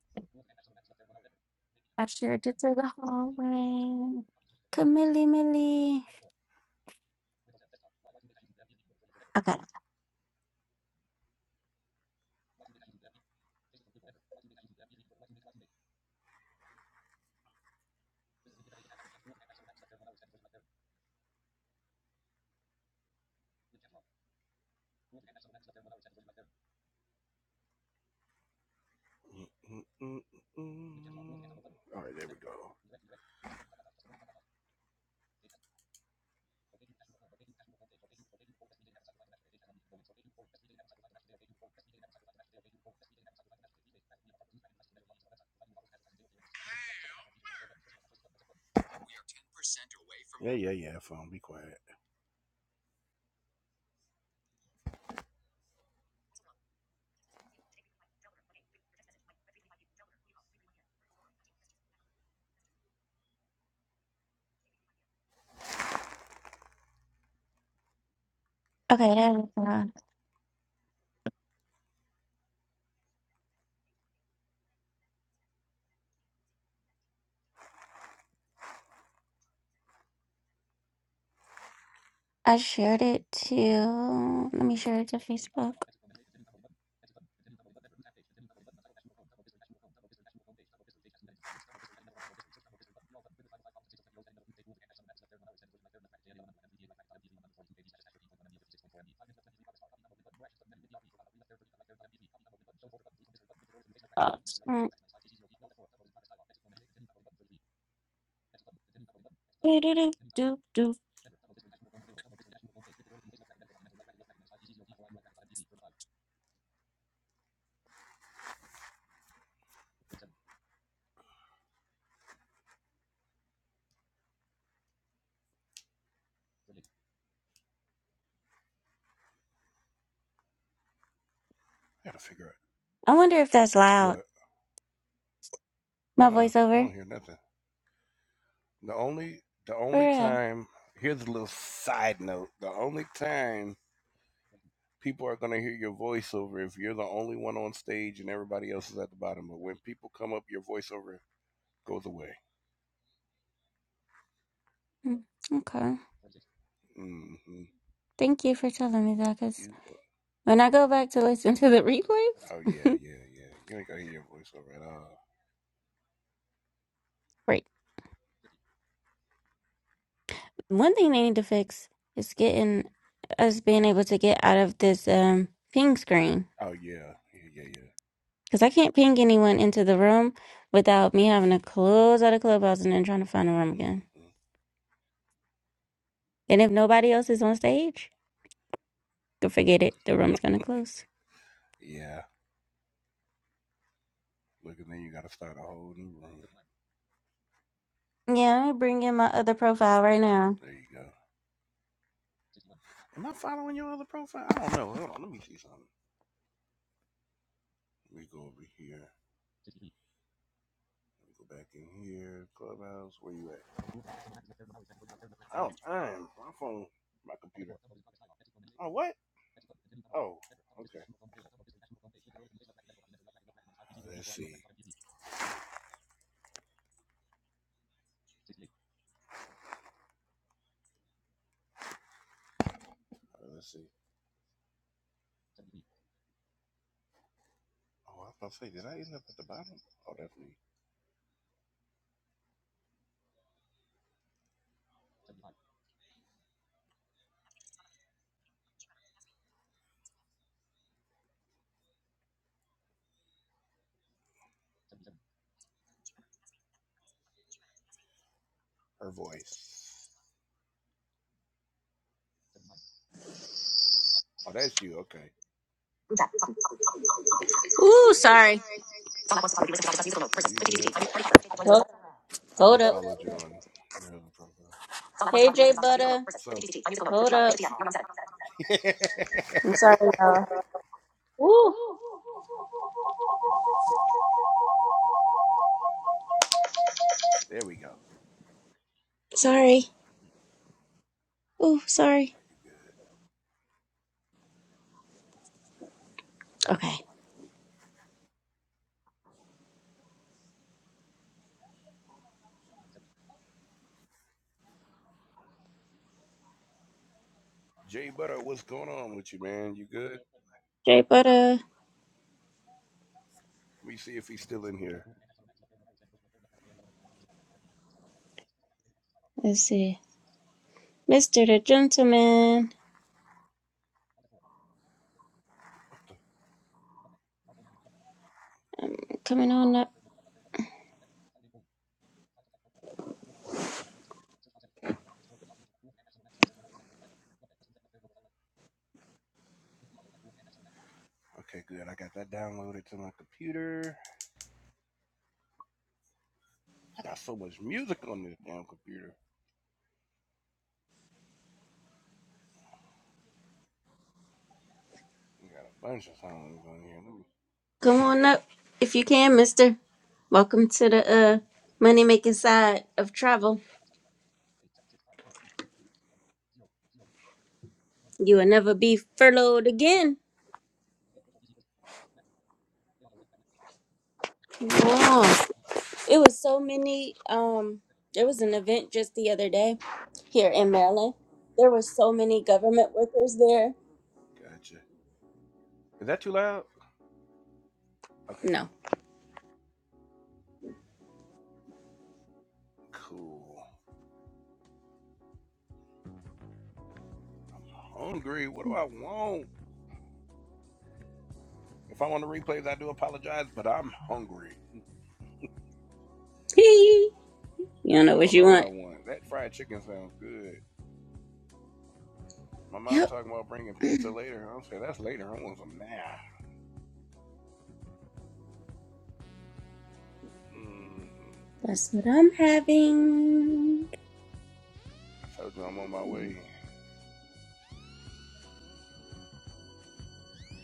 I shared it to the hallway. Camille, Millie. Okay. Mm-mm-mm-mm. All right, there we go. Yeah, yeah, yeah. Phone, be quiet. Okay. There we go. I shared it to, let me share it to Facebook. Oh, it's not- do, do, do, do, do. I gotta figure out I wonder if that's loud. what. Uh, My uh I voiceover? don't hear nothing. The only, the For only real. time. Here's a little side note. The only time people are going to hear your voiceover if you're the only one on stage and everybody else is at the bottom. But when people come up, your voiceover goes away. Mm, Okay. hmm Thank you for telling me that because You, when I go back to listen to the uh, replays, oh yeah, yeah, yeah. You ain't gonna hear your voiceover at all. right. One thing they need to fix is getting us being able to get out of this um ping screen Oh yeah, yeah, yeah, yeah. because I can't ping anyone into the room without me having to close out of clubhouse and then trying to find a room again. hmm And if nobody else is on stage, Go forget it. The room's gonna close. Yeah. Look, and then you gotta start a whole new room. Yeah, I'm bring in my other profile right now. There you go. Am I following your other profile? I don't know. Hold on. Let me see something. Let me go over here. Let me go back in here. Clubhouse, where you at? Oh, damn. My phone, my computer. Oh, what? Oh, okay. Let's see. Uh, Let's see. Oh, I was about to say, did I end up at the bottom? Oh, that's me. Her voice. Oh, that's you. Okay. Ooh, sorry. No, you good. Hold, I hold just up. followed you on your other profile. Hey, J Butter. So, Hold up. I'm sorry, y'all. there we go. Sorry. Ooh, sorry. No, you good. Okay. Jay Butter, what's going on with you, man? You good? J Butter. Let me see if he's still in here. Let's see. Mr. the Gentleman. Coming on up. Okay, good. I got that downloaded to my computer. I got so much music on this damn computer. I got a bunch of songs on here. Let Come on up if you can, Mr. Welcome to the uh money making side of travel. You will never be furloughed again. It was so many. Um, there was an event just the other day here in Maryland. There were so many government workers there. Gotcha. Is that too loud? Okay, cool. No. Cool. Hungry. What do I want? If I want the replays, I do apologize, but I'm hungry. you don't know I what don't you know what I want. want. That fried chicken sounds good. My mom Yep. talking about bringing pizza later. I'm saying that's later. I want some now. Mm, That's what I'm having. I told you I'm on my way.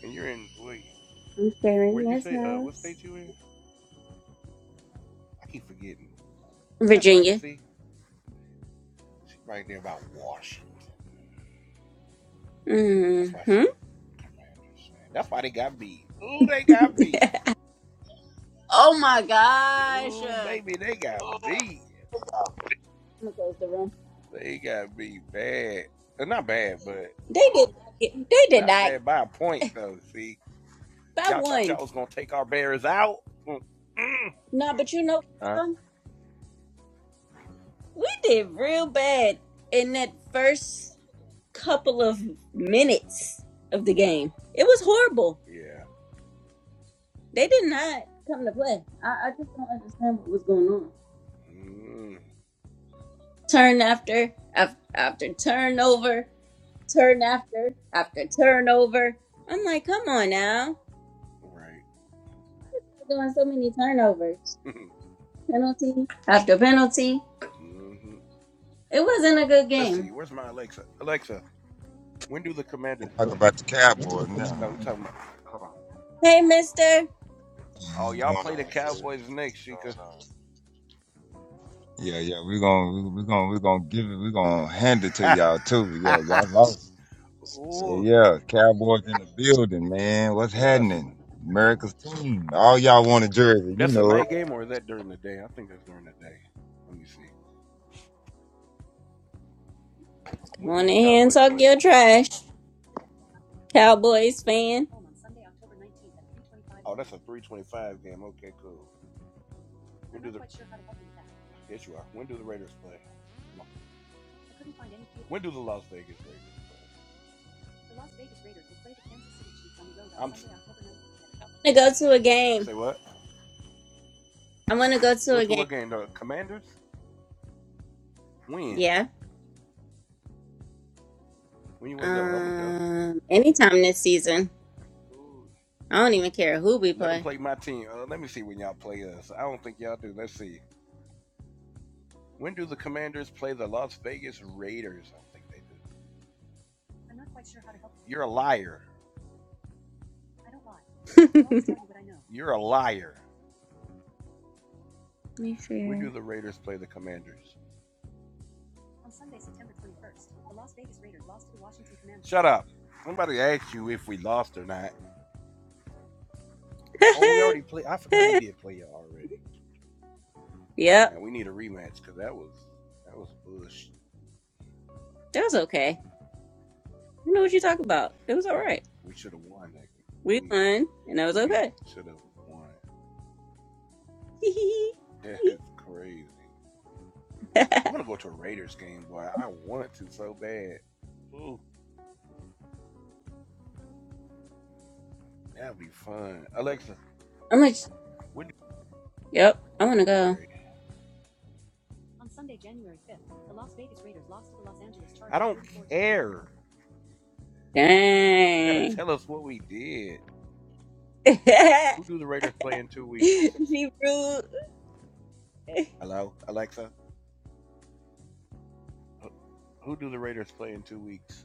And you're in, wait, I'm where'd sharing you this say, uh, what house. state you in? I keep forgetting. Oh, that's right. Virginia. See, she's right there about Washington. That's why Mm-hmm. she. a Commanders That's why they got beat. Ooh, they got beat. Oh my gosh. Uh, Ooh, baby, they got beat. I'm gonna close the room. They got beat bad. Uh, Not bad, but They did not get they did not not bad by a point though. See, by y'all thought one. y'all was gonna take our Bears out. Mm-mm. No, but you know Huh? um, we did real bad in that first couple of minutes of the game. It was horrible. Yeah. They did not come to play. I, I just don't understand what was going on. Mm, Turn after after, after turnover, turn after after turnover. I'm like, come on now. right. They're doing so many turnovers, penalty after penalty. hmm It wasn't a good Let's game. see. Where's my Alexa? Alexa, when do the Commanders and talk play? about the Cowboys now. No, we talking Hey, Mister, Oh, What's y'all going on, play the fam? Cowboys next, What's Chica. going on? Yeah, yeah, we're gonna we're gonna we're gonna give it, we're gonna hand it to y'all too. Yeah, y'all lost. Yeah, Ooh, yeah. Cowboys in the building, man. What's is that a happening? America's team. All y'all want a jersey, you that's a know it. night game or is that during the day? I think that's during the day. Let me see. come When do on in the here and Cowboys talk play? your trash, The Washington Cowboys Commanders at fan. home on Sunday, October nineteenth at three twenty-five. Oh, that's a 325 game. Okay, cool. When I'm do not the Quite sure how to help you with that. yes you are. When do the Raiders play? I couldn't find any. When do the Las Vegas Raiders play? The Las Vegas Raiders will play the Kansas City Chiefs on the road on I'm Sunday, October nineteenth at twelve I want to go p to a m. game. Say what? I want to go to Go a to game. what game? The Commanders? When? Yeah. When you want to go? I'm going to go. Um, anytime this season. Ooh. I don't even care who we Let them play. play my team. Uh, let me see when y'all play us. I don't think y'all do. Let's see. When do the Commanders play the Las Vegas Raiders? I don't think they do. I'm not quite sure how to help you. You're a liar. I don't lie. Let I'll always tell you what I know. You're a liar. me When see. do the Raiders play the Commanders? On Sunday, September 21st, the Las Vegas Raiders lost to the Washington Commanders. Shut up. Somebody asked you if we lost or not. Oh, we already played. I forgot we did play you already. yep, Now we need a rematch because that was that was bush. that was okay. You know what you talk about. It was all No, right. we should have won that. game. We We won, and that was we okay. should have won. That is crazy. I'm gonna go to a Raiders game, boy. I want to so bad. Ooh, that'd be fun. Alexa, I'm like, when do yep, I want to you go. wear it? On Sunday, January 5th, the Las Vegas Raiders lost to the Los Angeles Chargers. I don't care. Like, You gotta Dang. tell us what we did. Who do the Raiders play in two weeks? she rude. Hello, Alexa. Who do the Raiders play in two weeks?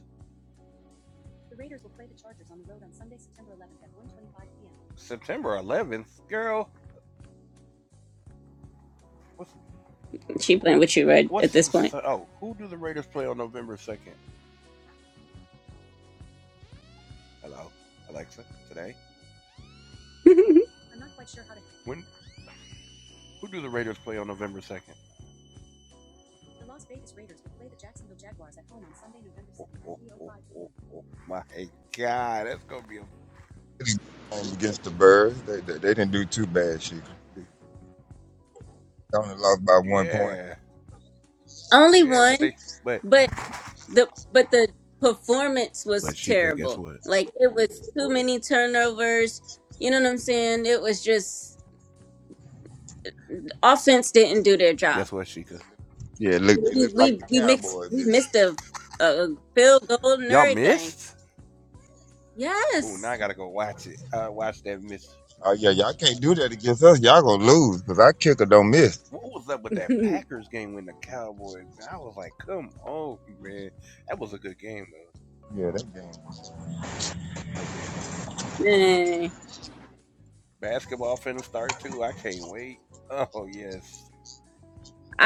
The Raiders will play the Chargers on the road on Sunday, September 11th at one twenty-five p.m. September 11th, girl. What's She playing with you right at what's this the point. oh? Who do the Raiders play on November 2nd? Hello, Alexa. Today, I'm not quite sure how to. when who do the Raiders play on November 2nd? The Las Vegas Raiders will play the Jacksonville Jaguars at home on Sunday, November second. Oh, oh, oh, oh, oh, my God, that's gonna be a It's a Game Against the Birds. They, they, they didn't do too bad, Chico. They only lost by one point. yeah, Only yeah. But one, they but but the but the performance but was Sheikah, guess terrible. what? Like it was too many turnovers. You know what I'm saying? It was just the offense didn't do their job. Guess what, Sheikah? Yeah, look they We look like we the we mixed Cowboys we did. missed a, a field goal and Y'all everything. missed. Oh, now Yes, I gotta go watch it. Uh, watch that miss Oh yeah, y'all can't do that against us. Y'all gonna lose because our kicker don't miss. What was up with that man. Packers game when the Cowboys? I was like, come on, man. That was a good game, though. Yeah, that game. That game was good. Basketball finna start, too. I can't wait. Oh, yes.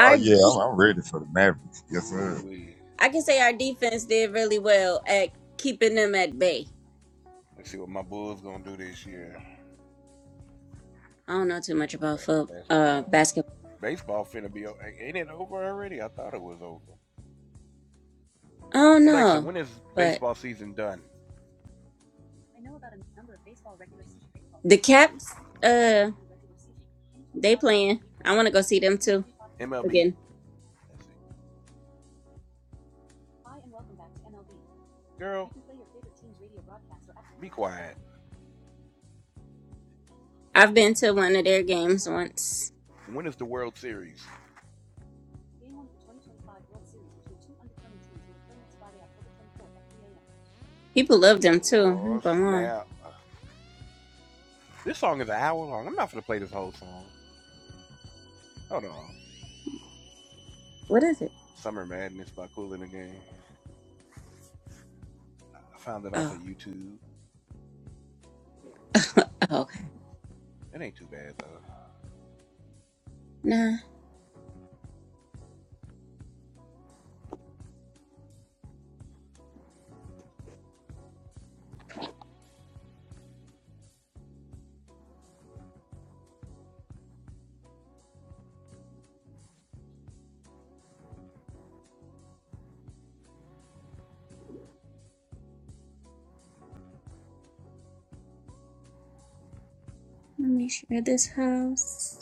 Oh yeah, I'm, I'm ready for the Mavericks. Yes, sir. Ooh, wee. I can say our defense did really well at keeping them at bay. Let's see what my Bulls gonna do this year. I don't know too much about football, uh, Basketball. basketball. Baseball finna be over. Ain't it over already? I thought it was over. I don't Alexa, know, when is but baseball season done? I know about a number of baseball regular season baseball the seasons, Caps, uh, 2025 MLB they playing. regular I want to go see them too. season, 2025 MLB. again. Hi and welcome back to MLB. You Girl, you can play your favorite team's radio broadcast or app. be quiet. I've been to one of their games MLB. once. When is the World Series? Game one of the 2025 World Series between two undercoming teams will be playing Friday, October 24th at People love them 3 a.m. too. I'm Oh gonna lie. snap! This song is an hour long. I'm not gonna play this whole song. Hold on. What is it? Summer Madness by Cool in the Game. I found it off Oh, of YouTube. oh, okay. It ain't too bad though. Nah, let me share this house.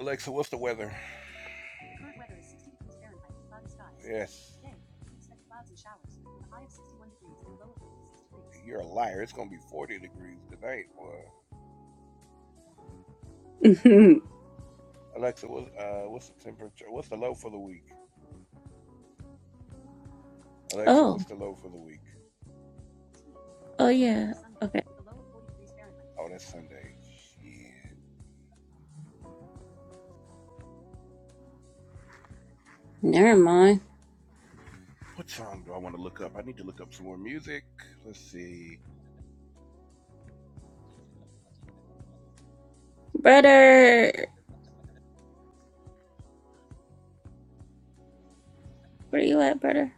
Alexa, what's the weather? Current weather is 60 degrees Fahrenheit, cloudy skies. Yes. Today, we expect clouds and showers, a high of 61 degrees and low of 56 degrees. You're a liar. It's gonna be 40 degrees tonight. Boy. Alexa, what's uh, what's the temperature? What's the low for the week? Alexa, oh, what's the low for the week? This oh day will be yeah. Sunday, Okay. with a low of 40 degrees Fahrenheit. Oh, that's Sunday. Shit. Never mind, What song do I want to look up? I need to look up some more music. Let's see. brother. Where you at, brother?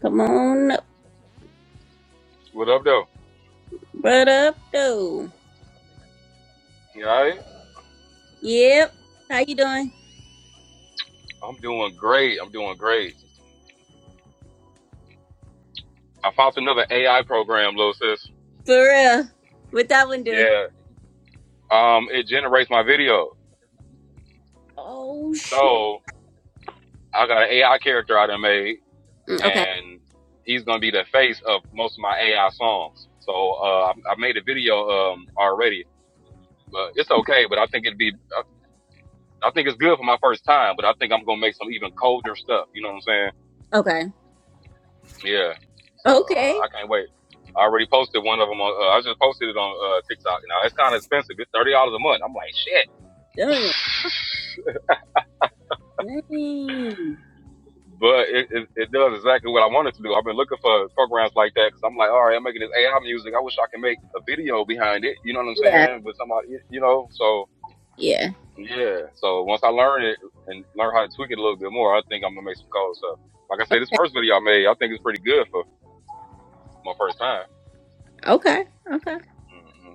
Come on, up, What up, though? brother. Up, though. You all right? Yep. How you doing? I'm doing great. I'm doing great. I found another AI program, little sis. For real. What that one do? Yeah. Um, it generates my video. Oh sh. So I got an AI character I done made, Mm, Okay. and he's gonna be the face of most of my AI songs. So uh, I I made a video um already, but it's okay. But I think it'd be, I I think it's good for my first time. But I think I'm gonna make some even colder stuff. You know what I'm saying? Okay. Yeah. So uh, Okay. I can't wait. I already posted one of them on. Uh, I just posted it on uh, TikTok. Now it's kind of expensive. It's thirty dollars a month. I'm like shit, Damn. Dang. but it, it it does exactly what I wanted to do. I've been looking for programs like that because I'm like, all right, I'm making this AI music. I wish I could make a video behind it. You know what I'm Yeah. saying? With somebody, you you know. So Yeah. yeah. So once I learn it and learn how to tweak it a little bit more, I think I'm gonna make some cool stuff. Like I said, this first video I made, I think it's pretty good for my first time. Okay. Okay. hmm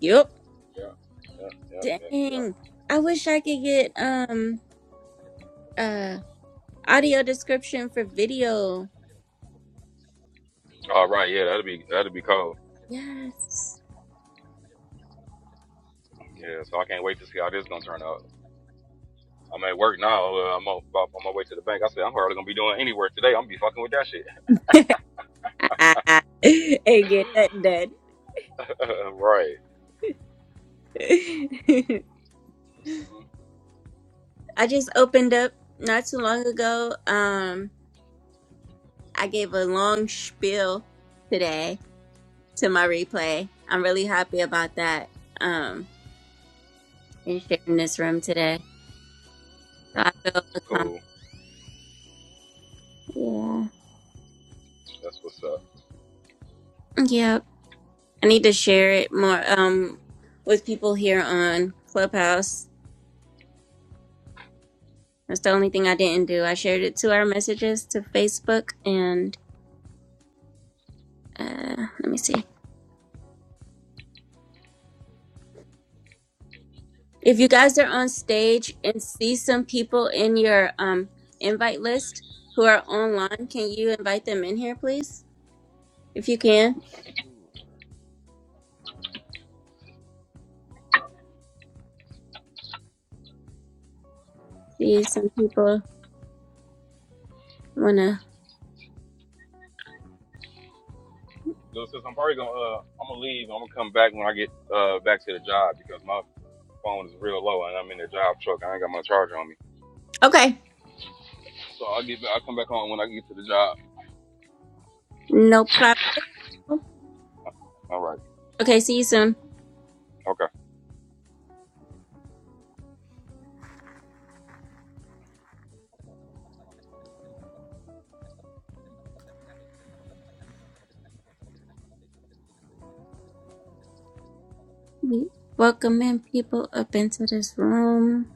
Yep. Yeah. Yeah. Yeah. Yeah. Dang. I wish I could get um uh audio description for video. All right, yeah, that'll be that'll be cool. Yes. Yeah, so I can't wait to see how this gonna turn out. I'm at work now. Uh, I'm on, about on my way to the bank. I said I'm hardly gonna be doing any work today. I'm gonna be fucking with that shit. and get that done. right. Mhm. I just opened up not too long ago. Um I gave a long spiel today to my replay. I'm really happy about that. Um and sharing this room today. So I feel Cool. accomplished. Yeah. That's what's up. Yep. I need to share it more um with people here on Clubhouse. That's the only thing I didn't do. I shared it to our messages to Facebook and uh let me see. If you guys are on stage and see some people in your um invite list who are online, can you invite them in here please? If you can. Sure. See some people wanna Little sis, I'm probably gonna uh, I'm gonna leave. I'm gonna come back when I get uh back to the job because my phone is real low and I'm in the job truck. I ain't got my charger on me, Okay. so I'll get back- I'll come back on when I get to the job. No problem. All right. Okay, see you soon. Okay. We welcoming people up into this room.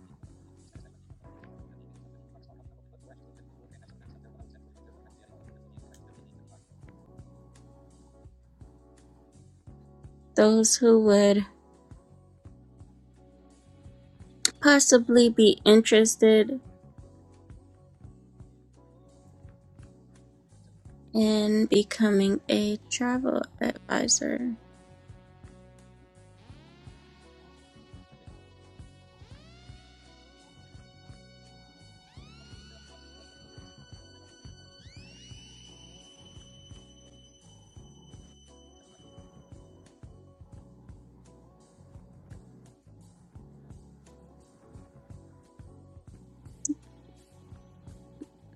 Those who would possibly be interested in becoming a travel advisor.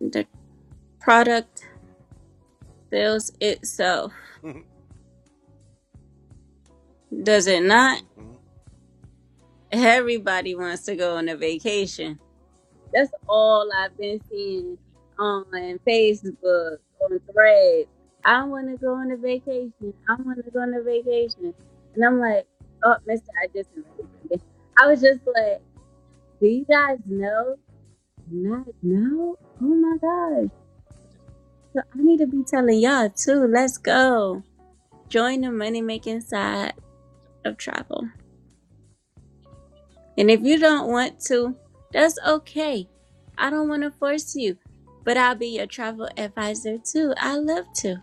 The product sells itself, does it not? Mm-hmm. Everybody wants to go on a vacation. That's all I've been seeing on Facebook, on threads. I want to go on a vacation. I want to go on a vacation. And I'm like, oh, mister, I just invited you again. I was just like, do you guys know? Not know? Oh my gosh So I need to be telling y'all too. Let's go. Join the money making side of travel. And if you don't want to, that's okay. I don't want to force you, but I'll be your travel advisor too. I love to.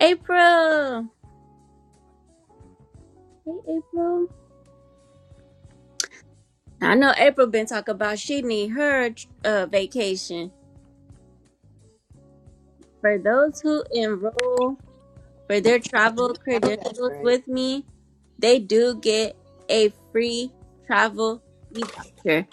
April. Hey, April. Now, I know April been talking about she need her uh, vacation. For those who enroll for their travel Oh, that's credentials great. with me, they do get a free travel e-voucher.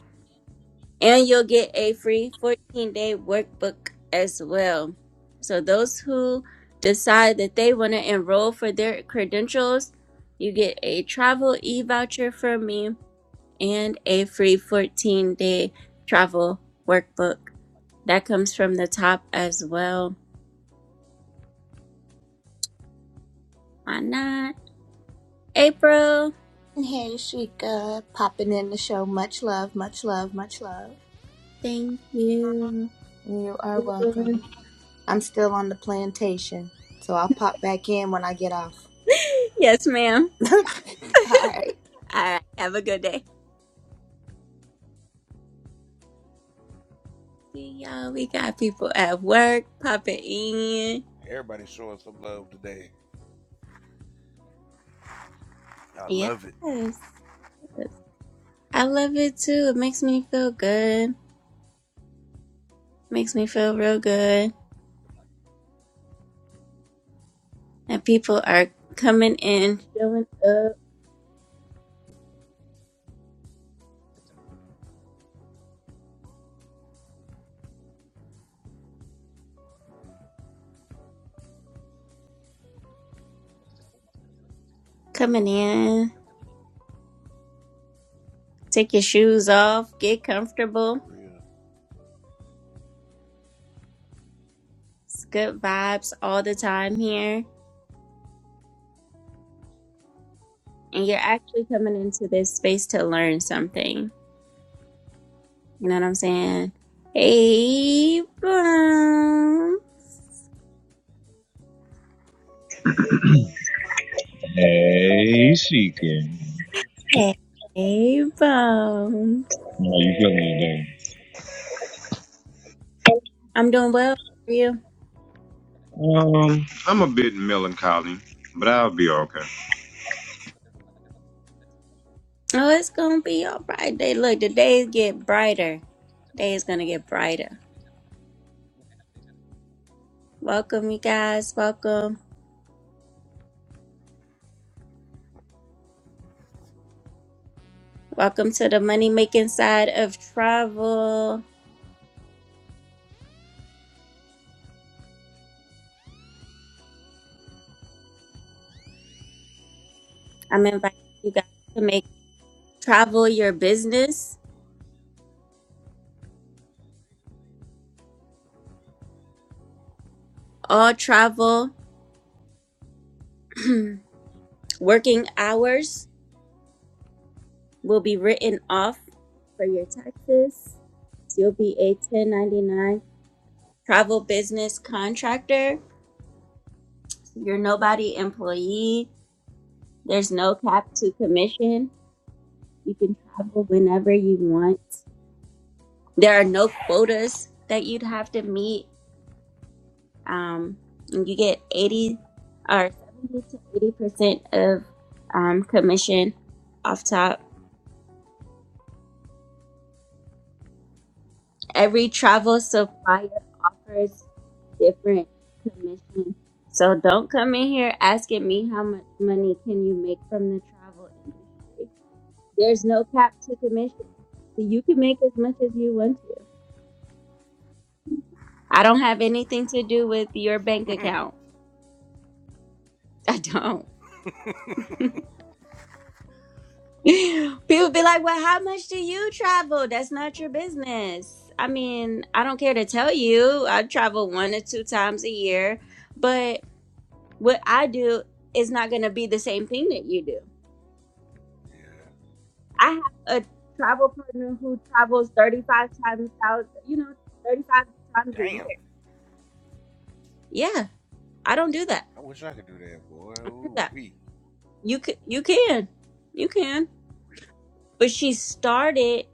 And you'll get a free 14 day workbook as well. So, those who decide that they want to enroll for their credentials, you get a travel e voucher from me and a free 14 day travel workbook. That comes from the top as well. Why not? April, Hey, Sheikah, popping in the show. Much love, much love, much love. thank you. You are How you welcome. doing? I'm still on the plantation, so I'll pop back in when I get off. Yes, ma'am. All right. All right. Have a good day. See y'all. We got people at work popping in. Everybody's showing some love today. I Yes. love it. yes. I love it too. It makes me feel good. Makes me feel real good. And people are coming in, showing up, coming in. Take your shoes off, get comfortable. For real. It's good vibes all the time here. And you're actually coming into this space to learn something. You know what I'm saying? Hey, Bone. Hey, Seeking. Hey, Bone. How you feeling today? I'm doing well. How are you. Um, I'm a bit melancholy, but I'll be okay. Oh, it's gonna be all right. day. look, the days get brighter. Day is gonna get brighter. Welcome, you guys. Welcome. Welcome to the money making side of travel. I'm inviting you guys to make travel your business. All travel working hours will be written off for your taxes. So you'll be a 1099 travel business contractor. You're nobody employee. There's no cap to commission You can travel whenever you want. There are no quotas that you'd have to meet. Um, and you get 80 or 70 to 80% of um, commission off top. Every travel supplier offers different commission. So don't come in here asking me how much money can you make from the travel industry. There's no cap to commission. So you can make as much as you want to. I don't have anything to do with your bank Mm. account. I don't. People be like, well, how much do you travel? That's not your business. I mean, I don't care to tell you. I travel one or two times a year, but what I do is not going to be the same thing that you do. yeah. I have a travel partner who travels 35 times out, you know, 35 times a Damn. year. Yeah, I don't do that. I wish I could do that, boy. I don't do Ooh, that. wee. You can, you can, you can. But she started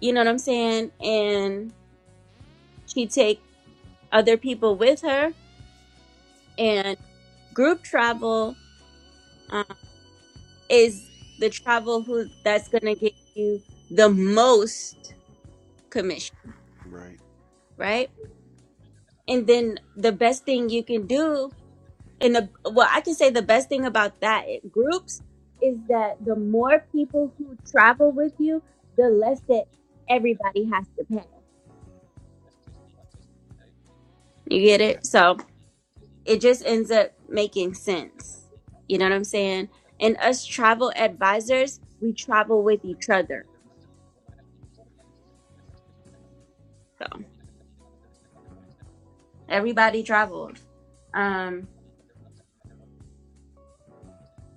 You know what I'm saying? And she take other people with her. And group travel um, is the travel who that's gonna get you the most commission, Right. right? And then the best thing you can do, and the well, I can say the best thing about that it- groups is that the more people who travel with you, the less that everybody has to pay. You get Yeah. it? So it just ends up making sense. You know what I'm saying? And us travel advisors, we travel with each other. So everybody travels. Um,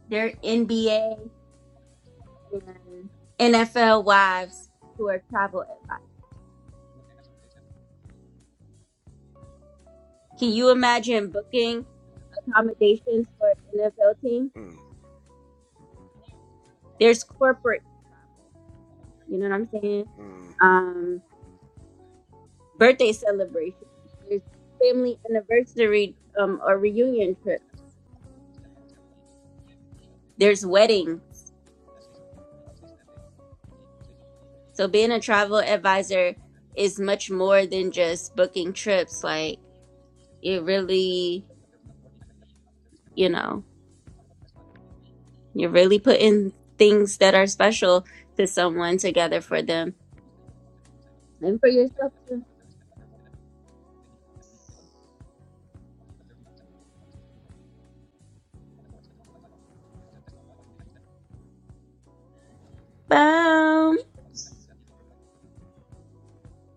they're NBA and NFL wives who are travel advisors. Can you imagine booking accommodations for an NFL team? Mm, There's corporate travel. You know what I'm saying? hmm Um, birthday celebrations. There's family anniversary um, or reunion trips. There's weddings. So being a travel advisor is much more than just booking trips. Like it really, you know, you're really putting things that are special to someone together for them and for yourself too. Boom.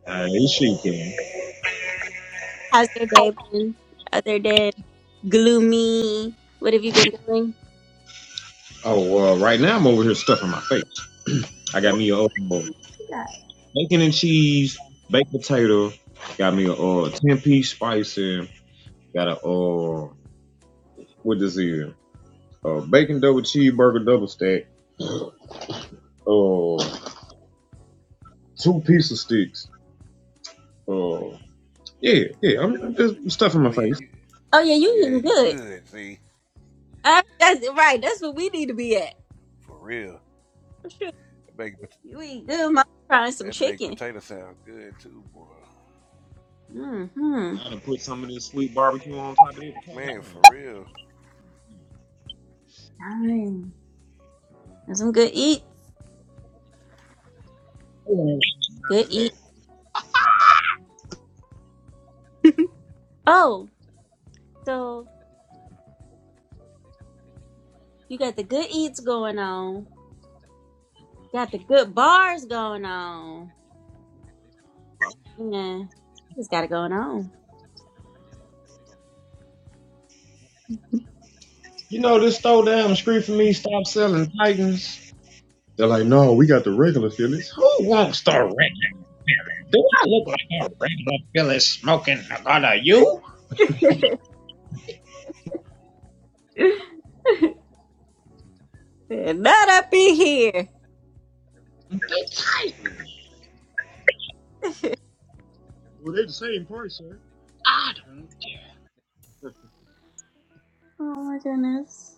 Hey, Seeking. How's your day been? Other than gloomy, what have you been doing? Oh, uh, right now I'm over here stuffing my face. I got me a uh, bacon and cheese, baked potato. Got me a uh, ten piece spicy. Got a uh, what is it? Uh, bacon double cheeseburger double stack. Uh, two pizza sticks. Uh, yeah, yeah. I'm I'm just stuffing Oh my yeah, face. you. Oh yeah, you Yeah, eating he good. good. See, Uh, that's right. That's what we need to be at. for real. Shoot, That baked, you eat good. Mama frying some that baked chicken. potato sounds good too, boy. Mm-hmm. Gotta put some of this sweet barbecue on top of that potato Man, for real. and some good eats. man. After Good eat. that, Oh, so you got the good eats going on. Got the good bars going on. Yeah, just got it going on. You know, this store down the street from me stopped selling Titans. They're like, no, we got the regular Phillies. Who wants the regular? Do I look like a regular Phillies smoking a gun of you? Better Not up in here. It's tight. well, they're the same price, sir. oh my goodness.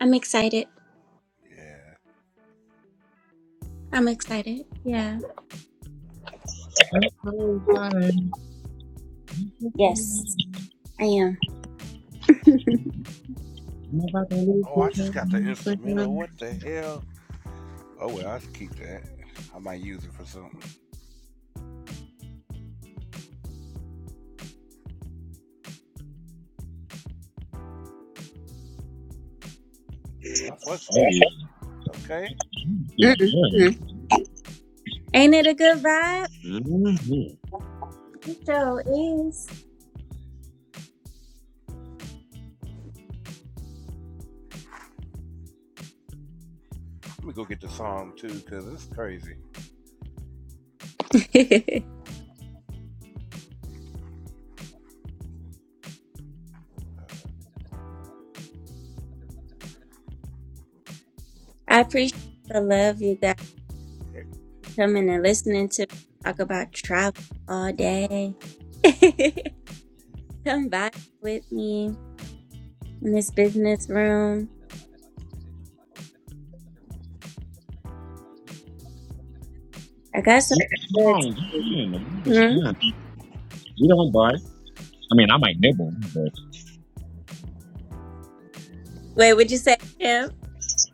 I'm excited. Yeah. I'm excited. Yeah. so Yes, I am. Oh, I just got the instrumental. What the hell? Oh well, I should keep that. I might use it for something. Oh, I fucks with it Hey, though. Okay, Mm-mm. Ain't it a good vibe? Mm-hmm. It sure is. let me go get the song too, cause it's crazy. I appreciate the love, you guys. Hey, coming and listening to me talk about travel all day. Come back with me in this business room. I got some good. to do. Hmm? You don't bite. I mean, I might nibble. but Wait, would you say Kim?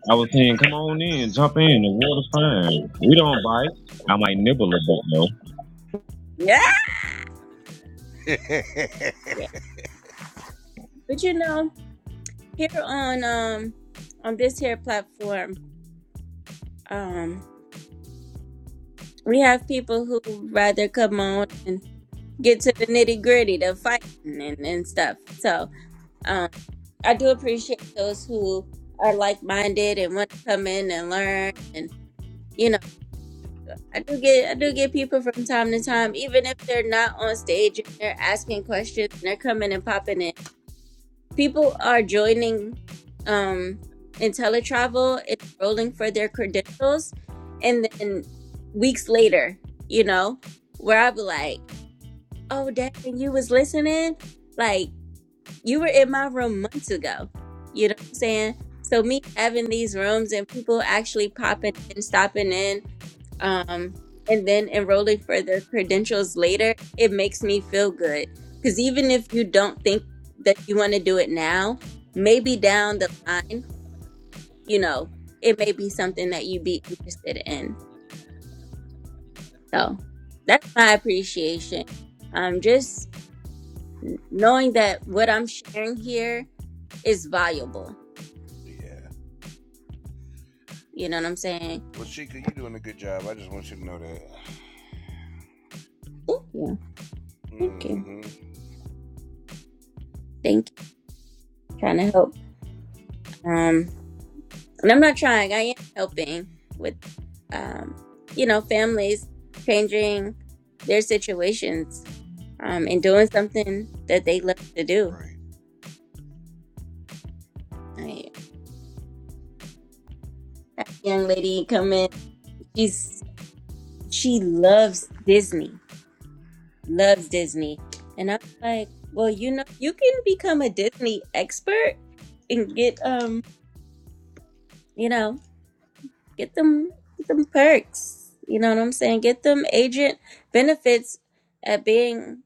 I was saying, come on in, jump in. The water's fine. We don't bite. I for, might nibble a bit though. Yeah. yeah. Yeah. But you know, here on um on this here platform, um, we have people who rather come on and get to the nitty gritty, the fighting and, and stuff. So um, I do appreciate those who are like minded and want to come in and learn. And you know, I do get I do get people from time to time, even if they're not on stage and they're asking questions and they're coming and popping in. People are joining um IntelliTravel and enrolling for their credentials and then weeks later, you know, where I'll be like, Oh dang, you was listening? like. you were in my room months ago. You know what I'm saying? So me having these rooms and people actually popping in, stopping in, um, and then enrolling for their credentials later, it makes me feel good. Because even if you don't think that you want to do it now, maybe down the line, you know, it may be something that you'd be interested in. So that's my appreciation. Um, just n- knowing that what I'm sharing here is valuable You know what I'm saying? Well, Chica, you're doing a good job. I just want you to know that. Thank you. Thank you. hmm Thank you. Trying to help. Um, and I'm not trying. I am helping with, um, you know, families changing their situations, um, and doing something that they love to do. Right. I had a young lady come in. She's she loves Disney. Loves Disney. And I was like, well, you know, you can become a Disney expert and get, um, you know. get them get them perks. You know what I'm saying? Get them agent benefits at being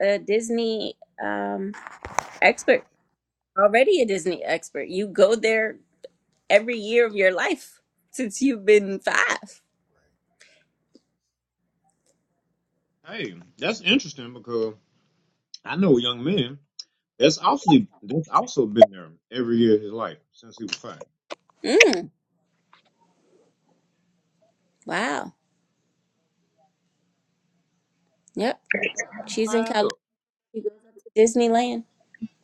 a Disney um, expert. Already a Disney expert. You go there every year of your life since you've been five. Hey, that's interesting because I know a young man that's also that's also been there every year of his life since he was five. Mm, wow. Yep. She's in Signed California. up. She goes up to Disneyland.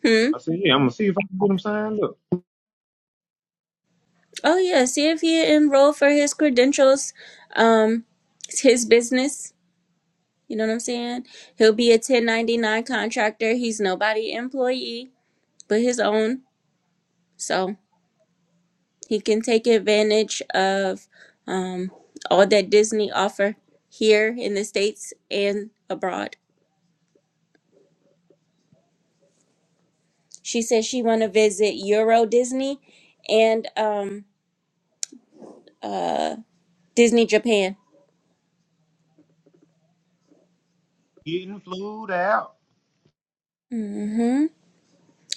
Hmm. I said, yeah, I'm gonna see if I can get him signed up. Oh yeah. See if he enroll for his credentials. Um, it's his business. You know what I'm saying? He'll be a 1099 contractor. He's nobody employee but his own. So he can take advantage of um, all that Disney offer here in the States and abroad. She says she want to visit Euro Disney and um, uh, Disney Japan. Getting flued out. hmm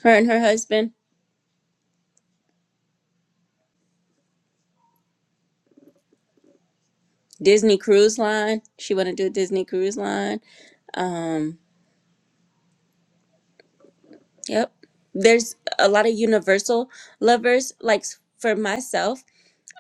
Her and her husband. Disney Cruise Line. She want to do a Disney Cruise Line. Um, Yep. There's a lot of universal lovers. Like s- for myself,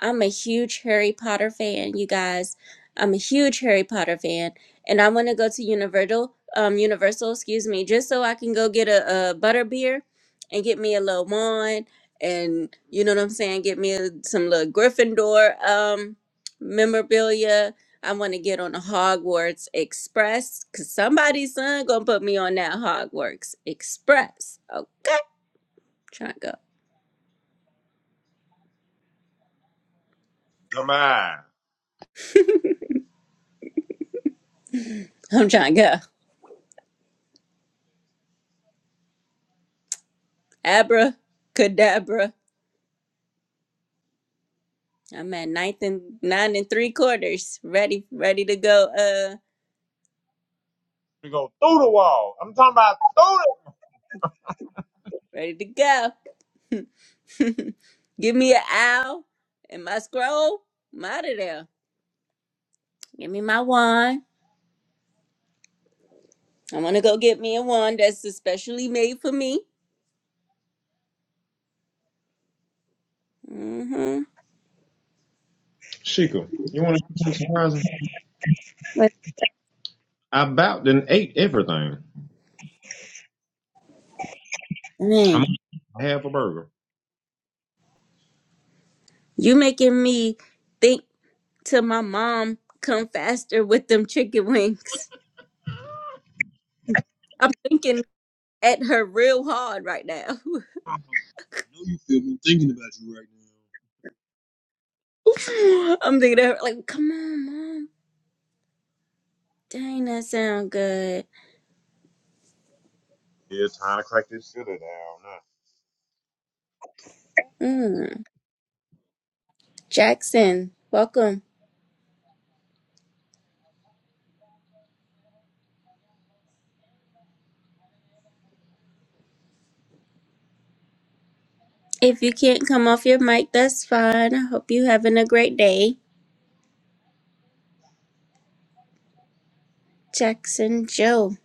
I'm a huge Harry Potter fan, you guys. I'm a huge Harry Potter fan, and I want to go to Universal, um, Universal, excuse me, just so I can go get a, a butter beer and get me a little wand, and you know what I'm saying, get me a- some little Gryffindor um memorabilia. I want to get on the Hogwarts Express because somebody's son gonna put me on that Hogwarts Express. Okay, trying to go. Come on. I'm trying to go. Abra, cadabra. I'm at ninth and nine and three quarters. Ready, ready to go. Uh, We go through the wall. I'm talking about through the ready to go. Give me an owl and my scroll. I'm out of there. Give me my wand. i want to go get me a wand that's especially made for me. Mm-hmm. Chico, you wanna see some surprises? But I about then ate everything. dang, I'm half a burger. I you making me think to my mom come faster with them chicken wings. I'm thinking at her real hard right now. know you you feel me thinking about you right. I'm thinking at her like, come on, mom. Dang, that sound good. Yeah, it's time to crack this shit down. Now. Mm. Jackson, welcome. If you can't come off your mic, that's fine. I hope you having a great day. Jackson Joe.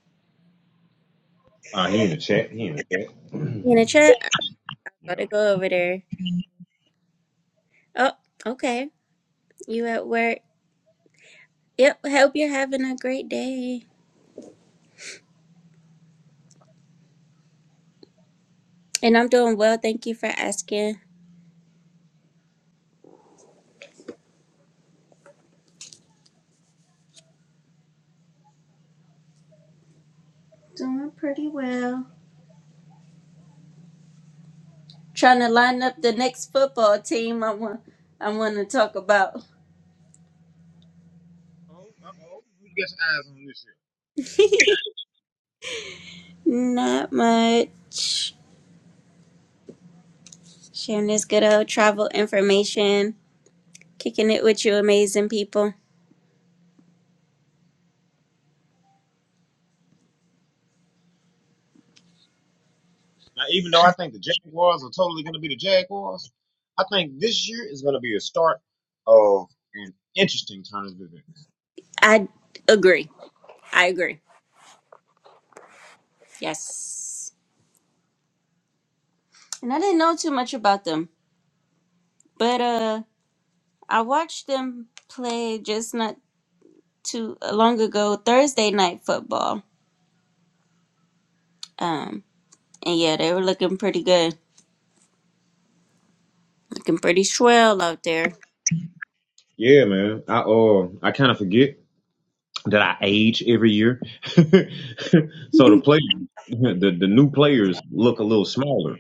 Uh, he in the chat. He in the chat. In the chat, I Yeah. gotta go over there. Oh, okay. You at work. Yep, hope you're having a great day. And I'm doing well, thank you for asking. Doing pretty well. Trying to line up the next football team I want I wanna talk about. Oh, uh-oh. You get eyes on this year. Not much. sharing this good old travel information, kicking it with you amazing people. Now, even though I think the Jaguars are totally going to be the Jaguars, I think this year is going to be a start of an interesting turn of events. I agree. I agree. Yes. And I didn't know too much about them, but uh I watched them play just not too uh, long ago Thursday night football. Um and yeah, they were looking pretty good. Looking pretty swell out there. Yeah, man. I uh, I kind of forget that I age every year, so the players, the, the new players look a little smaller.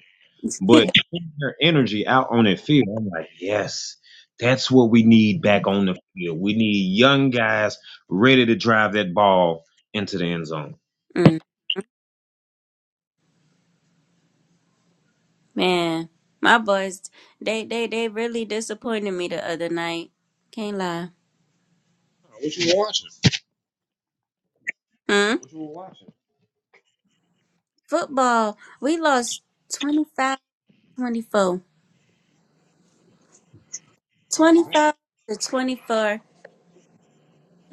But seeing their energy out on the field, I'm like, yes, that's what we need back on the field. We need young guys ready to drive that ball into the end zone. Mm, man, my boys, they they they really disappointed me the other night. Can't lie. Oh, What you watching? Mm-hmm. Football, we lost 25 Oh man. twenty-four. 25 to 24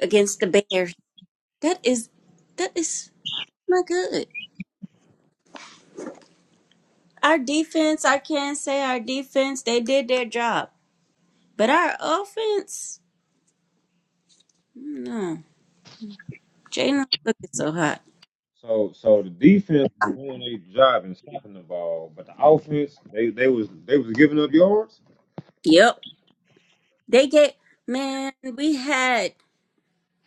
against the Bears. That is, that is not good. Our defense, I can't say our defense, they did their job. But our offense, no. Jalen looking so hot. So so the defense was doing their job and stopping the ball, but the offense, they, they was they was giving up yards. Yep. They get, man, we had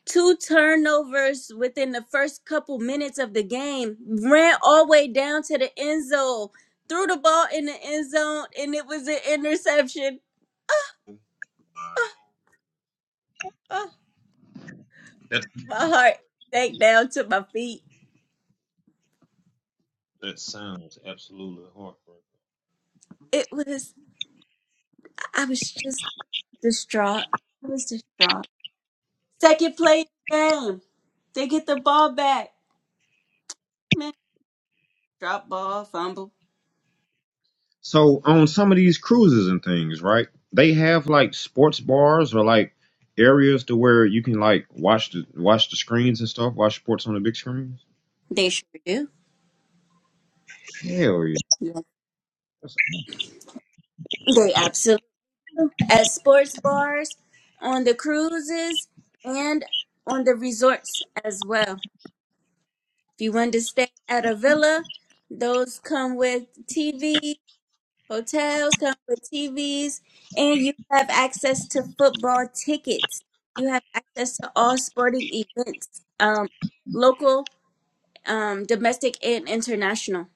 two turnovers within the first couple minutes of the game, ran all the way down to the end zone, threw the ball in the end zone, and it was an interception. Oh, That my heart sank down to my feet. that sounds absolutely heartbreaking. It was, I was just distraught. I was distraught. Second play of the game, they get the ball back. Man, drop ball, fumble. So on some of these cruises and things, right? They have like sports bars or like areas to where you can like watch the watch the screens and stuff, watch sports on the big screens. They sure do. Hell yeah. Yeah. That's- They absolutely. at sports bars, on the cruises, and on the resorts as well. If you want to stay at a villa, those come with TV, hotels come with TVs, and you have access to football tickets. You have access to all sporting events, um, local, um, domestic, and international.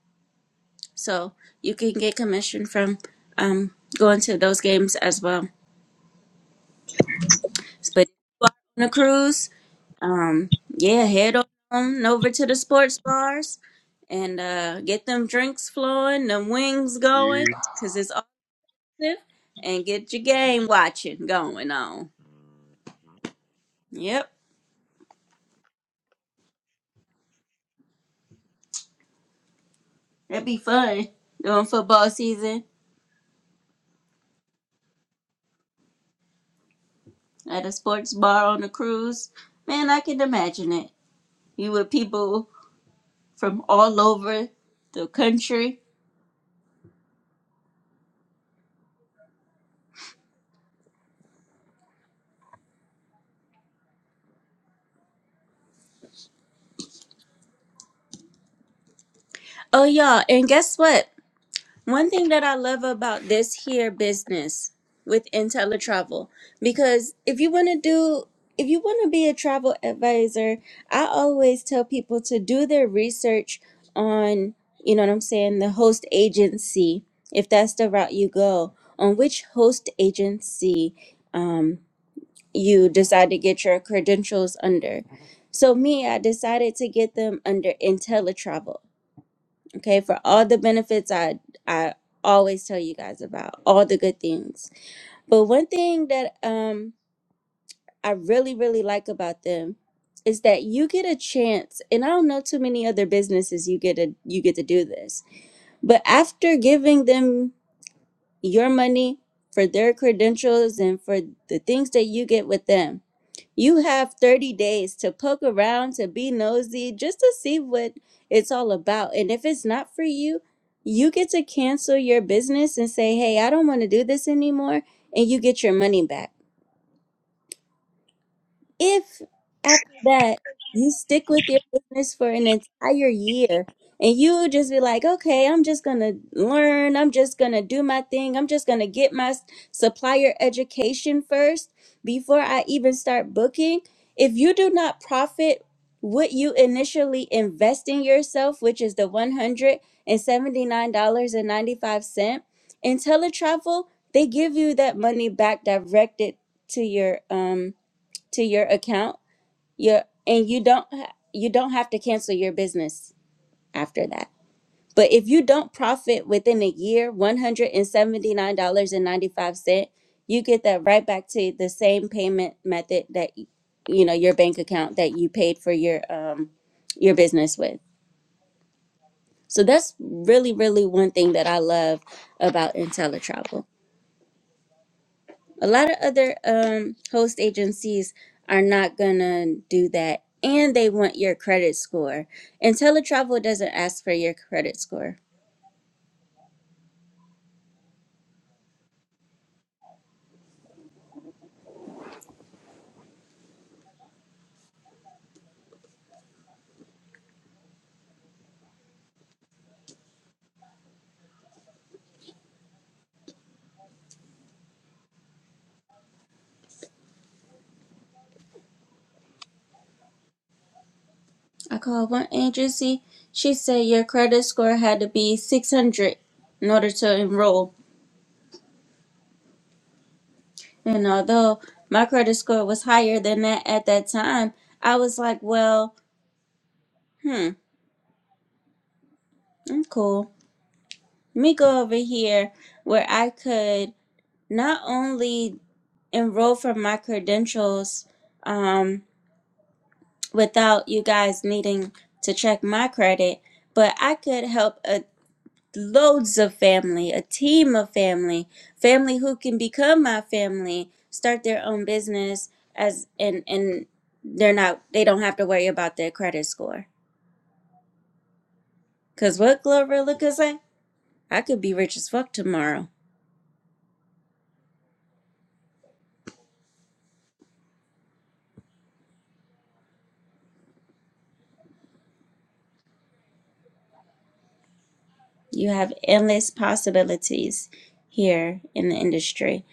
So you can get commission from um, going to those games as well. But if you are on a cruise, Um, yeah, head on over to the sports bars and uh, get them drinks flowing, them wings yeah. going, 'cause it's awesome, and get your game watching going on. Yep, that'd be fun during football season at a sports bar on a cruise. Man, I can imagine it. You with people from all over the country. Oh, y'all, and guess what? One thing that I love about this here business with IntelliTravel, because if you want to do, if you want to be a travel advisor, I always tell people to do their research on, you know what I'm saying, the host agency, if that's the route you go, on which host agency um, you decide to get your credentials under. So me, I decided to get them under IntelliTravel okay for all the benefits i i always tell you guys about all the good things but one thing that um i really really like about them is that you get a chance and i don't know too many other businesses you get a you get to do this but after giving them your money for their credentials and for the things that you get with them you have 30 days to poke around, to be nosy, just to see what it's all about. And if it's not for you, you get to cancel your business and say, hey, I don't want to do this anymore. And you get your money back. If after that you stick with your business for an entire year and you just be like, okay, I'm just gonna learn, I'm just gonna do my thing, I'm just gonna get my s- supplier education first before I even start booking. If you do not profit what you initially invest in yourself, which is the $179.95, in teletravel, they give you that money back directed to your um to your account your and you don't ha- you don't have to cancel your business after that but if you don't profit within a year $179.95 you get that right back to the same payment method that y- you know your bank account that you paid for your um your business with so that's really really one thing that i love about intellitravel A lot of other um, host agencies are not gonna do that, and they want your credit score. And teletravel doesn't ask for your credit score. I called one agency. She said your credit score had to be 600 in order to enroll. And although my credit score was higher than that at that time, I was like, well, hmm, I'm cool. Let me go over here where I could. not only enroll for my credentials um, without you guys needing to check my credit, but I could help a loads of family, a team of family, family who can become my family, start their own business as and and they're not they don't have to worry about their credit score. Cause what Glorilla could say, I could be rich as fuck tomorrow. You have endless possibilities here in the industry.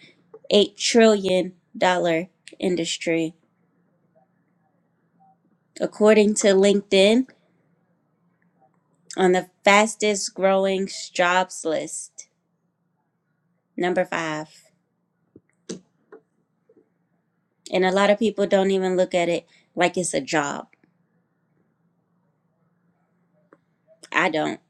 eight trillion dollar industry, according to LinkedIn, on the fastest growing jobs list, number five. And a lot of people don't even look at it like it's a job. I don't.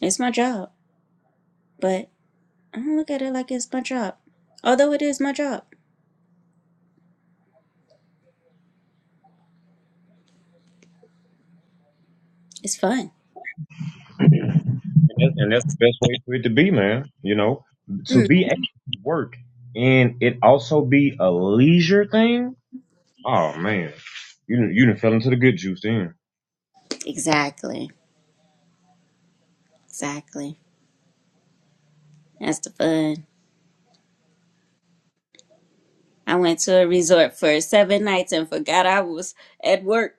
It's my job, but I don't look at it like it's my job. Although it is my job, it's fun. And, that, and that's the best way for it to be, man. You know, to Mm. be able to work and it also be a leisure thing. Oh man, you done- you done fell into the good juice then. Exactly. Exactly. That's the fun. I went to a resort for seven nights and forgot I was at work.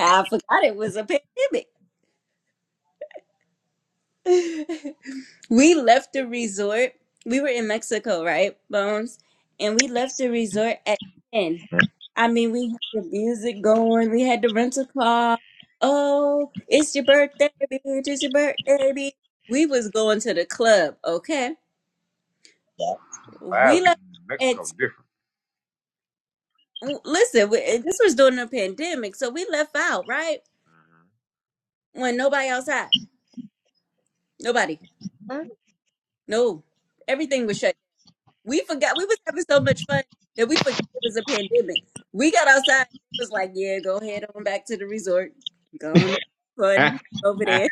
I forgot it was a pandemic. We left the resort. We were in Mexico, right, Bones? And we left the resort at 10. I mean, we had the music going, we had the rental car. Oh, it's your birthday, bitch. It's your birthday, bitch. We was going to the club, okay? We left at, listen, we, this was during the pandemic, so we left out, right? When nobody else had. Nobody. No. Everything was shut We forgot we was having so much fun that we forgot it was a pandemic. We got outside. It was like, yeah, go ahead on back to the resort. Go on, have fun That's over there.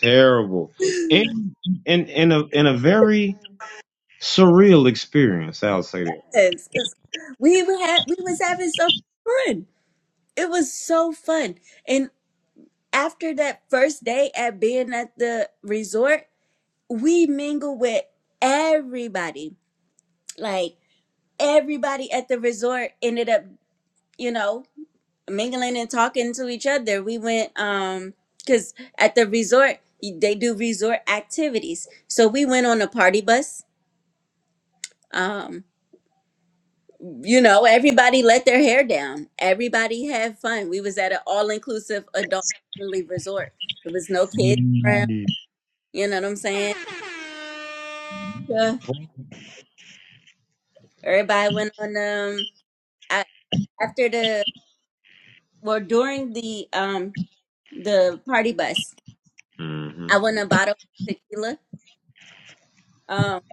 terrible. And in in a in a very Surreal experience, I'll say that. Yes, 'cause we were ha- we was having so much fun. It was so fun. And after that first day at being at the resort, we mingled with everybody. Like everybody at the resort ended up, you know. mingling and talking to each other. We went um because at the resort they do resort activities. So we went on a party bus. Um, you know, everybody let their hair down. Everybody had fun. We was at an all inclusive adult only resort. There was no kids around. You know what I'm saying? Yeah. mm Everybody went on um a- after the well during the um the party bus. hmm I won a bottle of tequila. Um,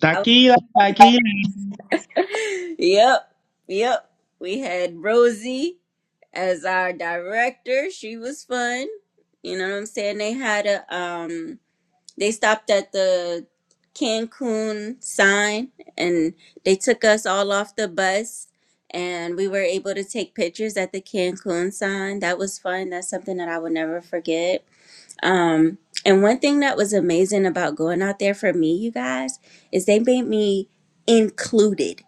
Tequila, tequila. Yep, yep. We had Rosie as our director. She was fun. You know what I'm saying? They had a um they stopped at the Cancun sign and they took us all off the bus and we were able to take pictures at the Cancun sign. That was fun. That's something that I will never forget. Um and one thing that was amazing about going out there for me, you guys, is they made me included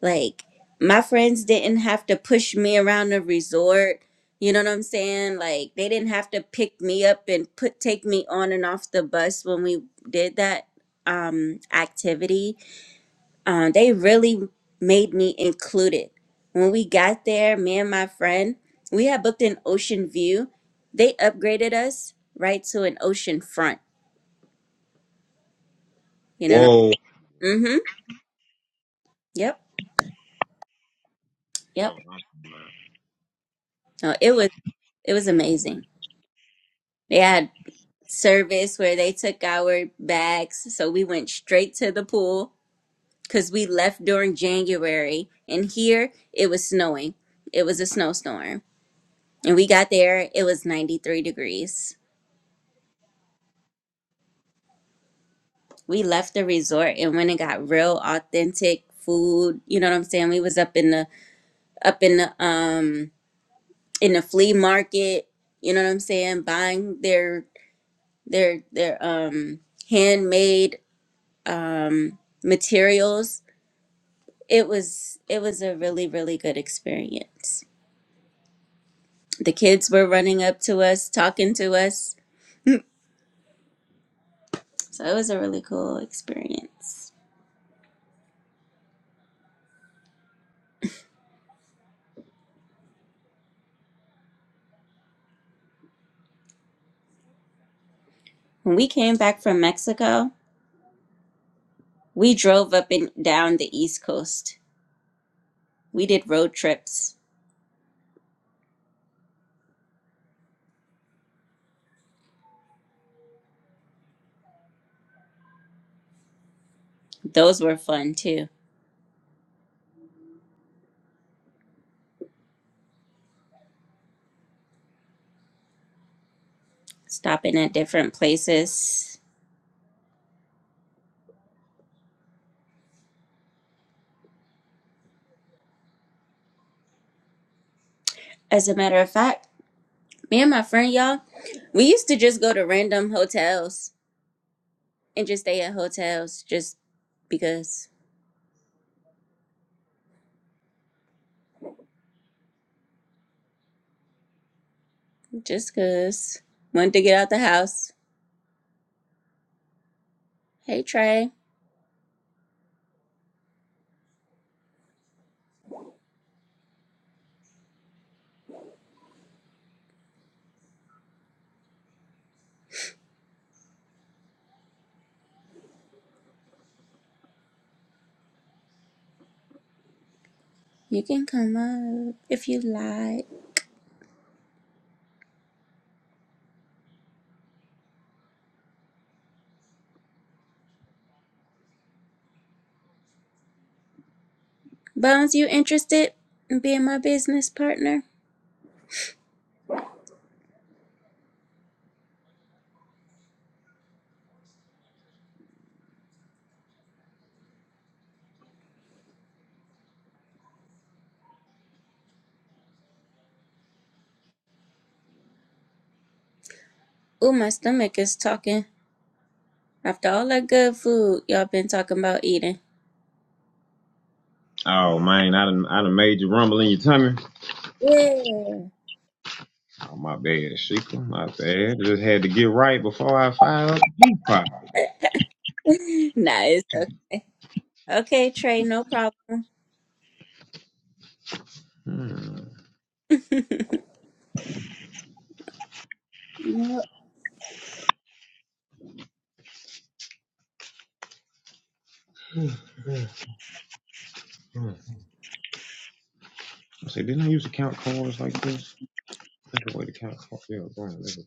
like my friends didn't have to push me around the resort. You know what I'm saying? Like they didn't have to pick me up and put take me on and off the bus when we did that um activity. Um they really made me included. When we got there, me and my friend, we had booked an ocean view. They upgraded us right to an ocean front. You know what I'm Whoa. Mm-hmm. Yep. Yep. No, it was it was amazing. They had. service where they took our bags. So we went straight to the pool because we left during January. And here it was snowing, it was a snowstorm. And we got there, it was 93 degrees. We left the resort and went and got real authentic food. You know what I'm saying? We was up in the up in the um in the flea market, you know what I'm saying, buying their their their um handmade um materials it was it was a really really good experience the kids were running up to us talking to us so it was a really cool experience when we came back from mexico we drove up and down the east coast we did road trips those were fun too stopping at different places as a matter of fact me and my friend y'all we used to just go to random hotels and just stay at hotels just because just because wanted to get out the house Hey Trey, you can come up if you like. Bones, you interested in being my business partner? Ooh, my stomach is talking. After all that good food y'all been talking about eating. Oh man, I done, I done made you rumble in your tummy. Yeah. Oh my bad, Sheikah, my bad. Just had to get right before I fire up the pot. nice. Okay, Okay, Trey, no problem. Hmm. Yep. Hmm. I say, didn't I use to count cards like this? That's the way to count cards. Yeah, go on, let it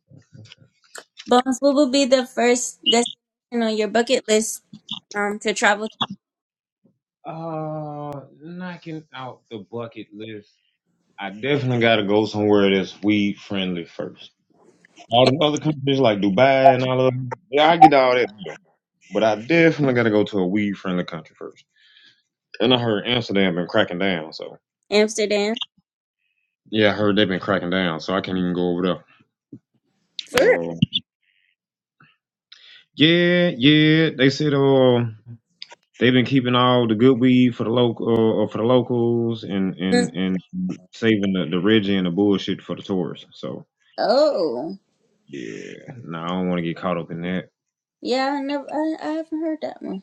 Bones, what will be the first destination on your bucket list um to travel to go. Uh, knocking out the bucket list. I definitely gotta go somewhere that's weed friendly first. All them other countries like Dubai and all of them. Yeah, I get all that. But I definitely gotta go to a weed friendly country first. And I heard Amsterdam been cracking down, so Amsterdam? yeah, I heard they've been cracking down, so I can't even go over there. For Uh, yeah, yeah. They said uh they've been keeping all the good weed for the local uh, for the locals and real? and Mm. and saving the, the Reggie and the bullshit for the tourists. So Oh, yeah, no, I don't want to get caught up in that. yeah, I never, I, I haven't heard that one.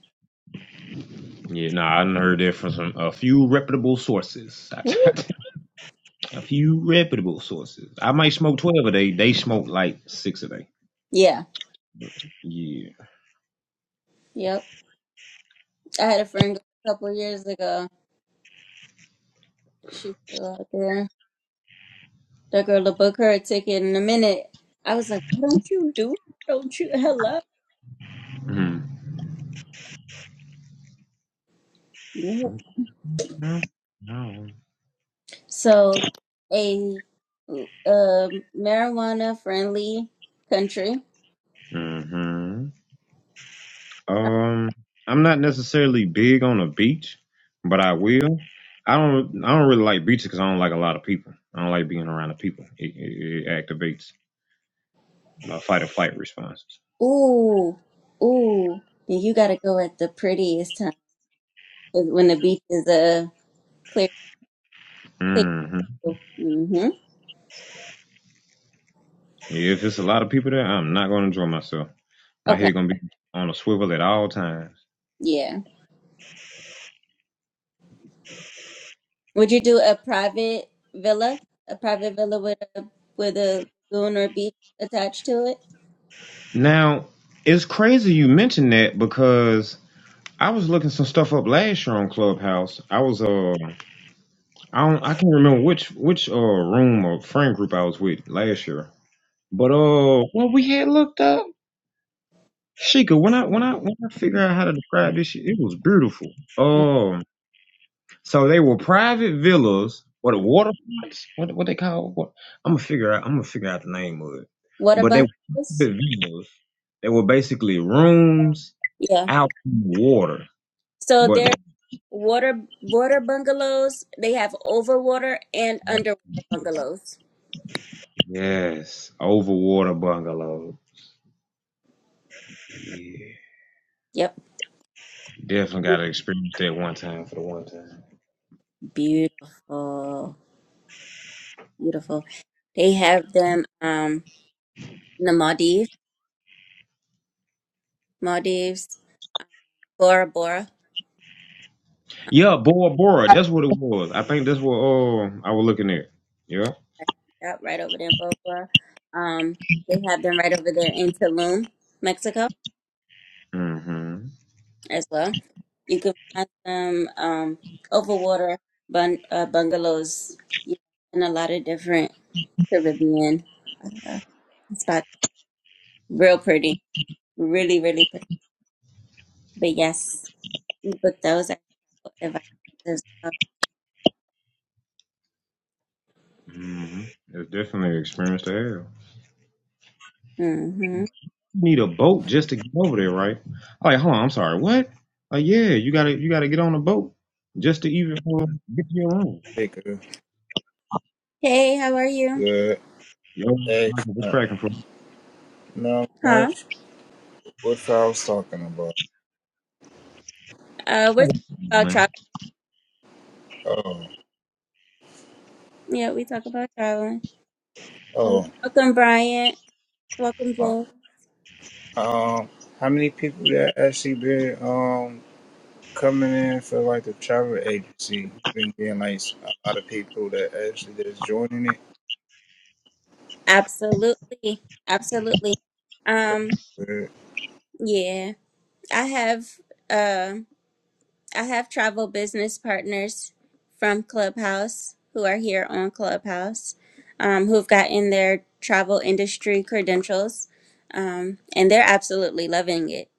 Yeah, no, I done heard that from some a few reputable sources. Ooh. A few reputable sources. I might smoke twelve a day. They smoke like six a day. Yeah, Yeah. yep. I had a friend go a couple of years ago. She flew out there. That girl to book her a ticket in a minute. I was like, "Why don't you do? Don't you? Hello." Mm-hmm. Yep. No. So, a um, marijuana-friendly country. hmm Um, I'm not necessarily big on a beach, but I will. I don't. I don't really like beaches because I don't like a lot of people. I don't like being around the people. It, it, it activates my fight or flight responses. Ooh, ooh. Then you gotta go at the prettiest time when the beach is uh clear, clear. hmm Mm-hmm. If it's a lot of people there, I'm not gonna enjoy myself. My Okay. head gonna be on a swivel at all times. Yeah. Would you do a private villa? A private villa with a with a lagoon or beach attached to it? Now, it's crazy you mentioned that because I was looking some stuff up last year on Clubhouse. I was uh I don't I can't remember which which uh room or friend group I was with last year. But uh what we had looked up Sheikah, when I when I when I figure out how to describe this shit, it was beautiful. Um so they were private villas or the waterfronts, what what they call what I'm gonna figure out I'm gonna figure out the name of it. Water But they were bungalows? private villas. They were basically rooms Yeah. out in the water. So But like, they're water water bungalows. They have overwater and underwater bungalows. yes, over water bungalow. Yeah. Yep. Definitely got to experience that one time for the one time. Beautiful. Beautiful. They have them um in the Maldives, Maldives, Bora Bora. Yeah, Bora Bora. That's what it was. I think that's what uh, I was looking at. Yeah. Yep, right over there in Bora Bora. Um, they have them right over there in Tulum, Mexico. Mm-hmm. as well. You can find them um, over bun- uh, bungalows yeah, in a lot of different Caribbean uh, spots. Real pretty, really, really pretty. But yes, we those out if I- would advise as well. Mm-hmm. It's definitely an experience to have. hmm You need a boat just to get over there, right? Like, hold on, I'm sorry, what? Like, yeah, you gotta you gotta get on a boat just to even uh, get to your room. Baker. Hey, how are you? Good. Yo, Excellent. Michael, what's cracking for? Not not Huh? much. What I was talking about? Uh, we're you? talking about Man. travel. Oh, Yeah, we talk about traveling. Uh, oh. welcome, Bryant. Welcome, Uh, James. um, how many people that actually been um coming in for like the travel agency? Been getting like a lot of people that actually that's joining it. Absolutely, absolutely. That's Um, good. yeah, I have. uh, I have travel business partners from Clubhouse who are here on Clubhouse, um, who've gotten their travel industry credentials, um, and they're absolutely loving it.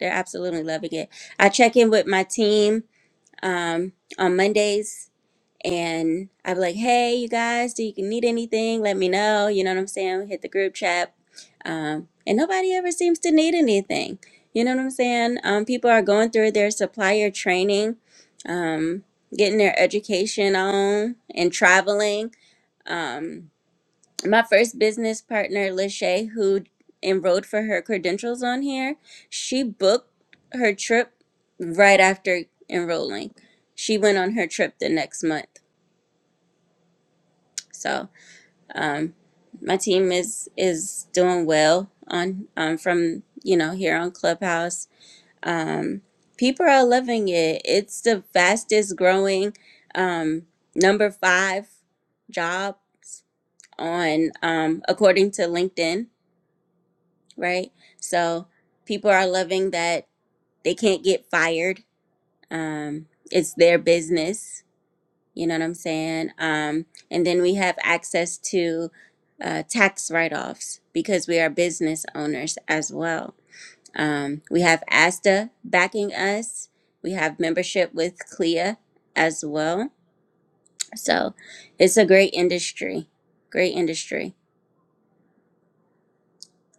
They're absolutely loving it. I check in with my team um, on Mondays and I'd be like, hey, you guys, do you need anything? Let me know. You know what I'm saying? Hit the group chat. Um, and nobody ever seems to need anything. You know what I'm saying? Um, people are going through their supplier training, um, getting their education on, and traveling. Um, my first business partner, Lachey, who enrolled for her credentials on here, she booked her trip right after enrolling. She went on her trip the next month. So, Um, my team is is doing well on um, from you know here on Clubhouse. Um, people are loving it. It's the fastest growing um, number five job on um, according to LinkedIn, right? So people are loving that they can't get fired. Um, it's their business You know what I'm saying? Um, and then we have access to uh, tax write offs because we are business owners as well. Um, we have ASTA backing us, we have membership with CLIA as well. So it's a great industry, great industry.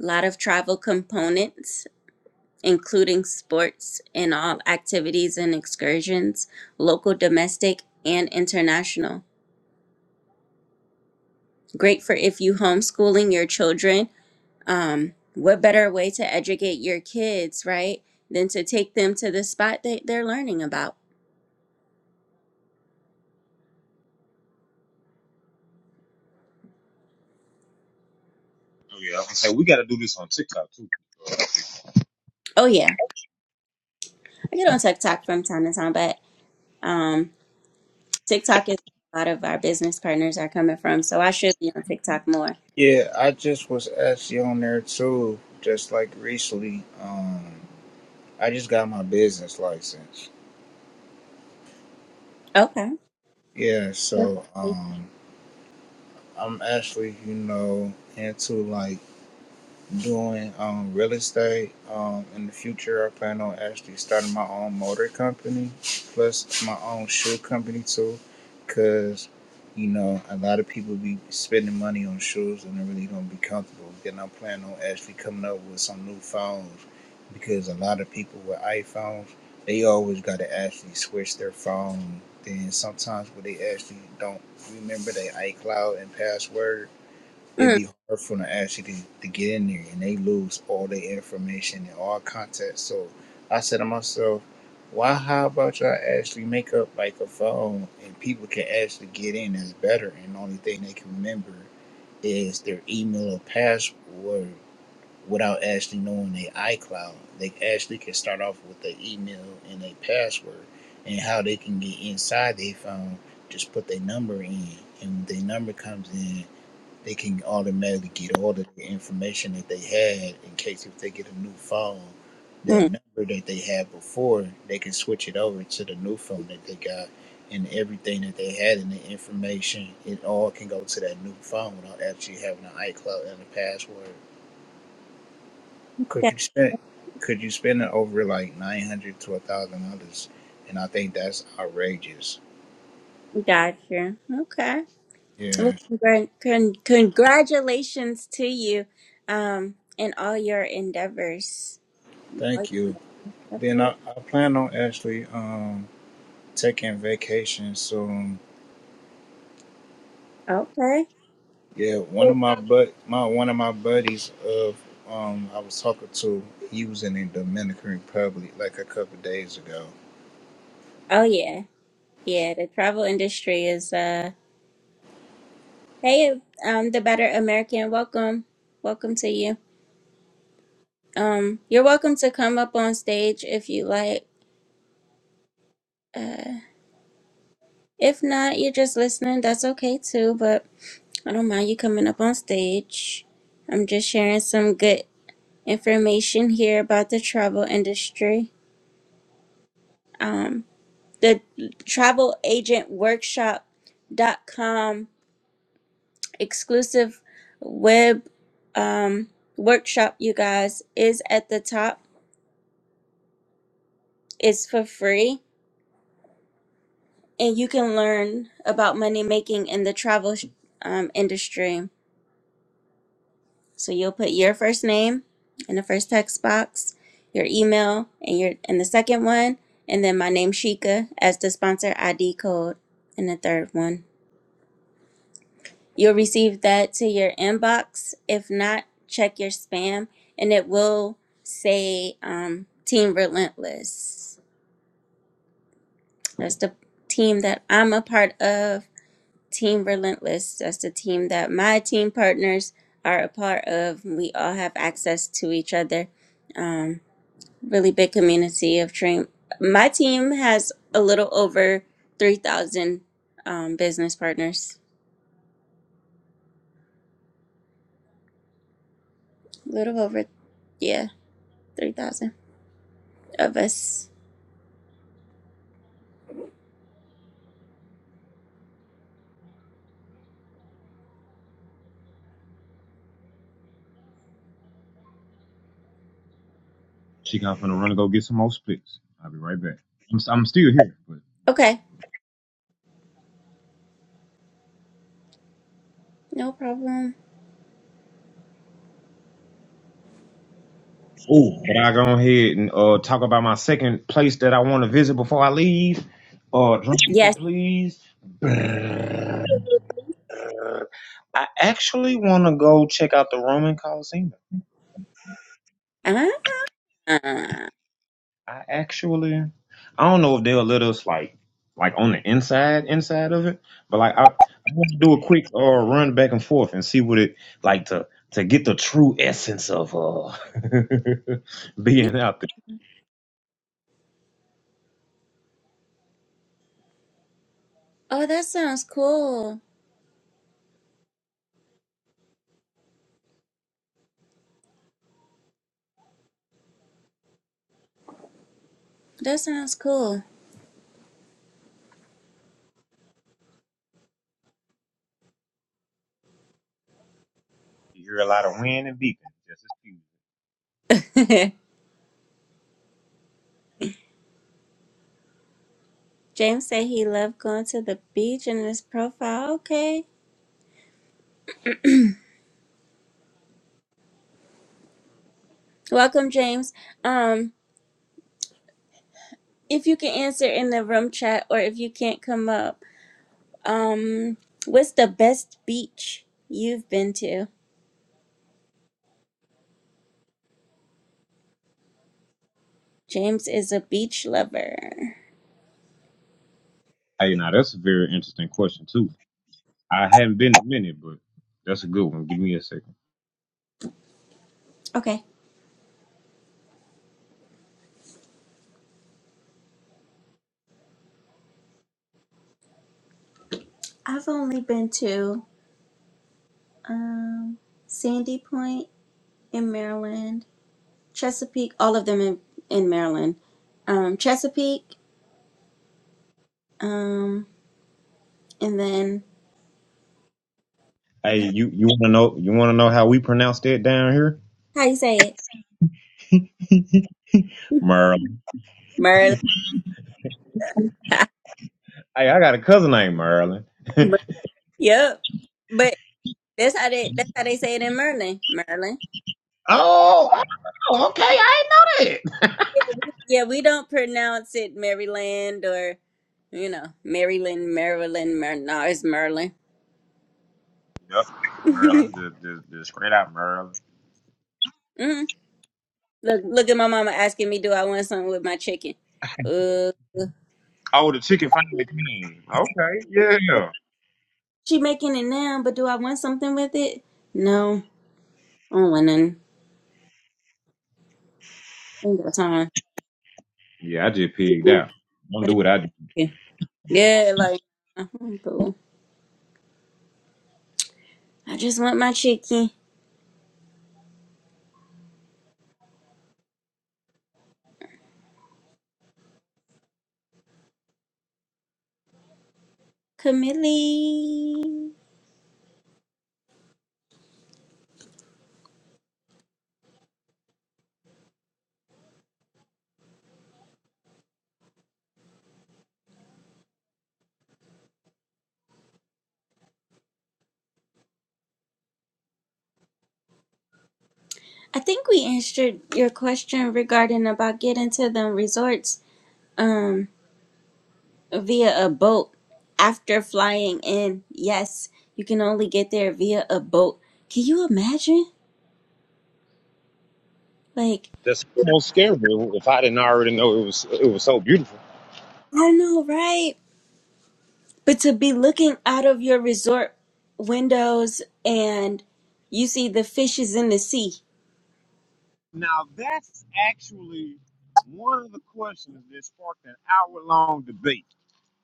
A lot of travel components, including sports and all activities and excursions, local, domestic, and international. Great for if you homeschooling your children um, what better way to educate your kids, right, than to take them to the spot that they're learning about? Oh yeah, I was gonna say we gotta do this on TikTok Oh, yeah. I get on TikTok from time to time, but um, TikTok is where a lot of our business partners are coming from, so I should be on TikTok more. Yeah, I just was actually on there too, just like recently. Um, I just got my business license. Okay. Yeah, so Mm, um, I'm actually you know into like. doing um, real estate. Um, in the future, I plan on actually starting my own motor company, plus my own shoe company too, because you know a lot of people be spending money on shoes and they really don't be comfortable. Then I plan on actually coming up with some new phones, because a lot of people with iPhones, they always got to actually switch their phone. Then sometimes when they actually don't remember their iCloud and password it'd be hard for them to actually to, to get in there and they lose all their information and all contact. So I said to myself, why how about y'all actually make up like a phone and people can actually get in that's better and the only thing they can remember is their email or password without actually knowing their iCloud. They actually can start off with their email and their password and how they can get inside their phone, just put their number in and when their number comes in they can automatically get all of the information that they had in case if they get a new phone, that mm. number that they had before, they can switch it over to the new phone that they got and everything that they had in the information, it all can go to that new phone without actually having an iCloud and a password. Could Okay. you spend could you spend it over like nine hundred to a thousand dollars? And I think that's outrageous. Gotcha. Okay. Well, Yeah. congr- con- congratulations to you um, in all your endeavors. In all Thank you. your- Then absolute- I, I plan on actually um taking vacation soon Okay. Yeah, one of So- my but my one of my buddies of um I was talking to he was in the Dominican Republic like a couple days ago Oh, yeah. Yeah, the travel industry is uh hey um the better American welcome. Welcome to you. Um you're welcome to come up on stage if you like. Uh if not, you're just listening, that's okay too, but I don't mind you coming up on stage. I'm just sharing some good information here about the travel industry. Um the travel agent workshop dot com exclusive web um, workshop, you guys, is at the top. It's for free, and you can learn about money making in the travel um, industry. So you'll put your first name in the first text box, your email, and your in the second one, and then my name Shika as the sponsor ID code in the third one. You'll receive that to your inbox. If not, check your spam and it will say um, Team Relentless. That's the team that I'm a part of, Team Relentless. That's the team that my team partners are a part of. We all have access to each other. Um, really big community of train. My team has a little over 3,000 um, business partners. A little over, yeah, 3,000 of us. She gone to finna run and go get some more splits. I'll be right back. I'm, I'm still here, but Okay, no problem. Oh, but I go ahead and uh, talk about my second place that I want to visit before I leave. Uh, drum roll, Yes. please. I actually want to go check out the Roman Coliseum. Ah, I actually, I don't know if they'll let us like, like on the inside, inside of it, but like I, I want to do a quick uh, run back and forth and see what it like to to get the true essence of uh yeah. being out there. Oh, that sounds cool. That sounds cool. You're man and be confused. James said he loved going to the beach in his profile. Okay. Welcome, James. Um, if you can answer in the room chat or if you can't come up, um, what's the best beach you've been to? James is a beach lover. Hey, now that's a very interesting question too. I haven't been to many, but that's a good one. Give me a second. Okay. I've only been to um Sandy Point in Maryland Chesapeake, all of them in, in Maryland. Um, Chesapeake, um, and then Hey, you you want to know you want to know how we pronounce that down here, how you say it? Merlin? Maryland. Hey, I got a cousin named Merlin. Mer- yep. But that's how they that's how they say it in Maryland. Maryland. Oh, oh, okay. I didn't Yeah, we don't pronounce it Maryland or you know, Maryland, Maryland, Mar- no, it's Maryland. know that. Yep. mm Maryland. Look, look at my mama asking me, do I want something with my chicken? Uh, Oh, the chicken finally came. Okay. Yeah. she making it now, but do I want something with it? No, I don't want none. Ain't got time. Yeah, I just pigged out. Don't do what I do. chicken. Yeah, like I'm cool. I just want my chicken. Camille. I think we answered your question regarding about getting to the resorts um via a boat after flying in. Yes, you can only get there via a boat. Can you imagine? Like, That's almost scary if I didn't already know it was it was so beautiful. I know, right? But to be looking out of your resort windows and you see the fishes in the sea, Now that's actually one of the questions that sparked an hour-long debate.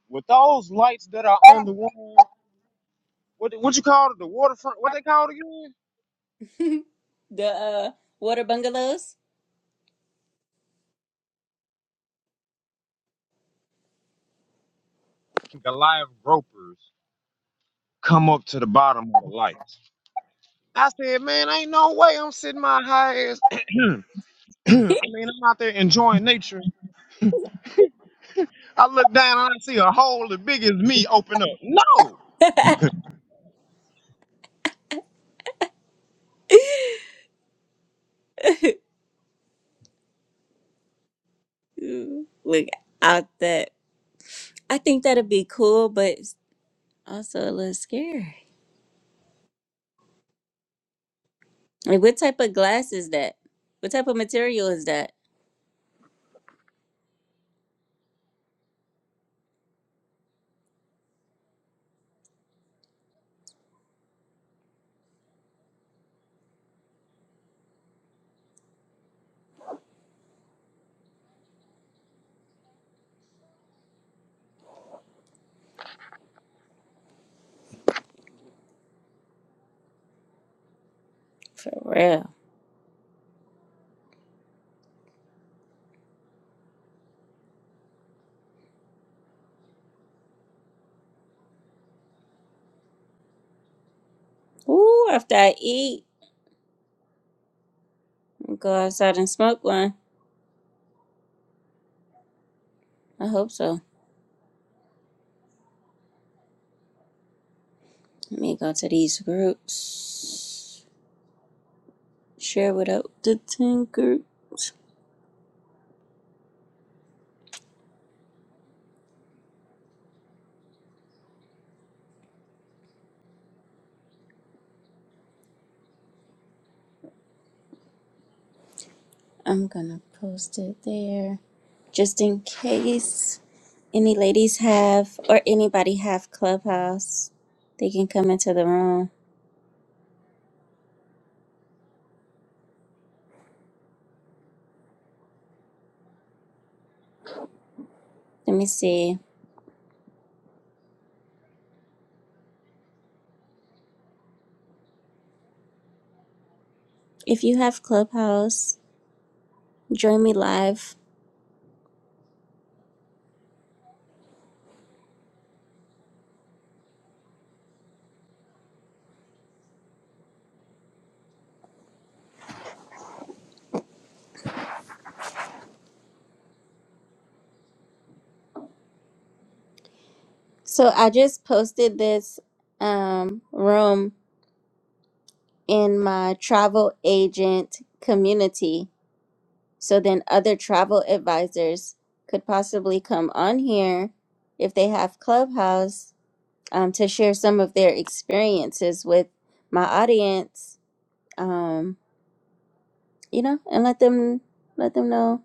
With those lights that are on the wall, what what you call it, the waterfront? What they call it again? the uh, water bungalows. Goliath gropers come up to the bottom of the light. I said, man, ain't no way I'm sitting my high ass. I mean, I'm out there enjoying nature. I look down and I see a hole as big as me open up. No, Ooh, Look out that. I think that'd be cool, but it's also a little scary. Like, what type of glass is that? What type of material is that? For real. Ooh, after I eat, I'll go outside and smoke one. I hope so. Let me go to these groups. Share without the 10 group. I'm gonna post it there just in case any ladies have or anybody have Clubhouse. They can come into the room. Let me see. If you have Clubhouse, join me live. So I just posted this um, room in my travel agent community. So then other travel advisors could possibly come on here if they have Clubhouse um, to share some of their experiences with my audience. Um, you know, and let them let them know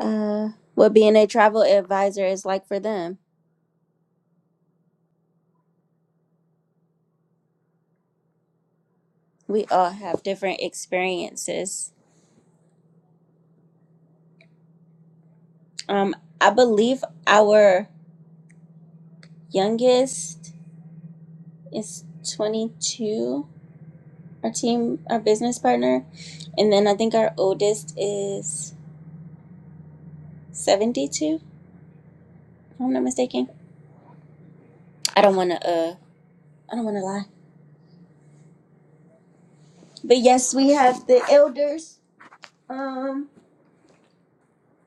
uh, what being a travel advisor is like for them. we all have different experiences. Um, I believe our youngest is 22, our team, our business partner. And then I think our oldest is 72, if I'm not mistaken. I don't want to, uh, I don't want to lie. But yes, we have the elders. Um,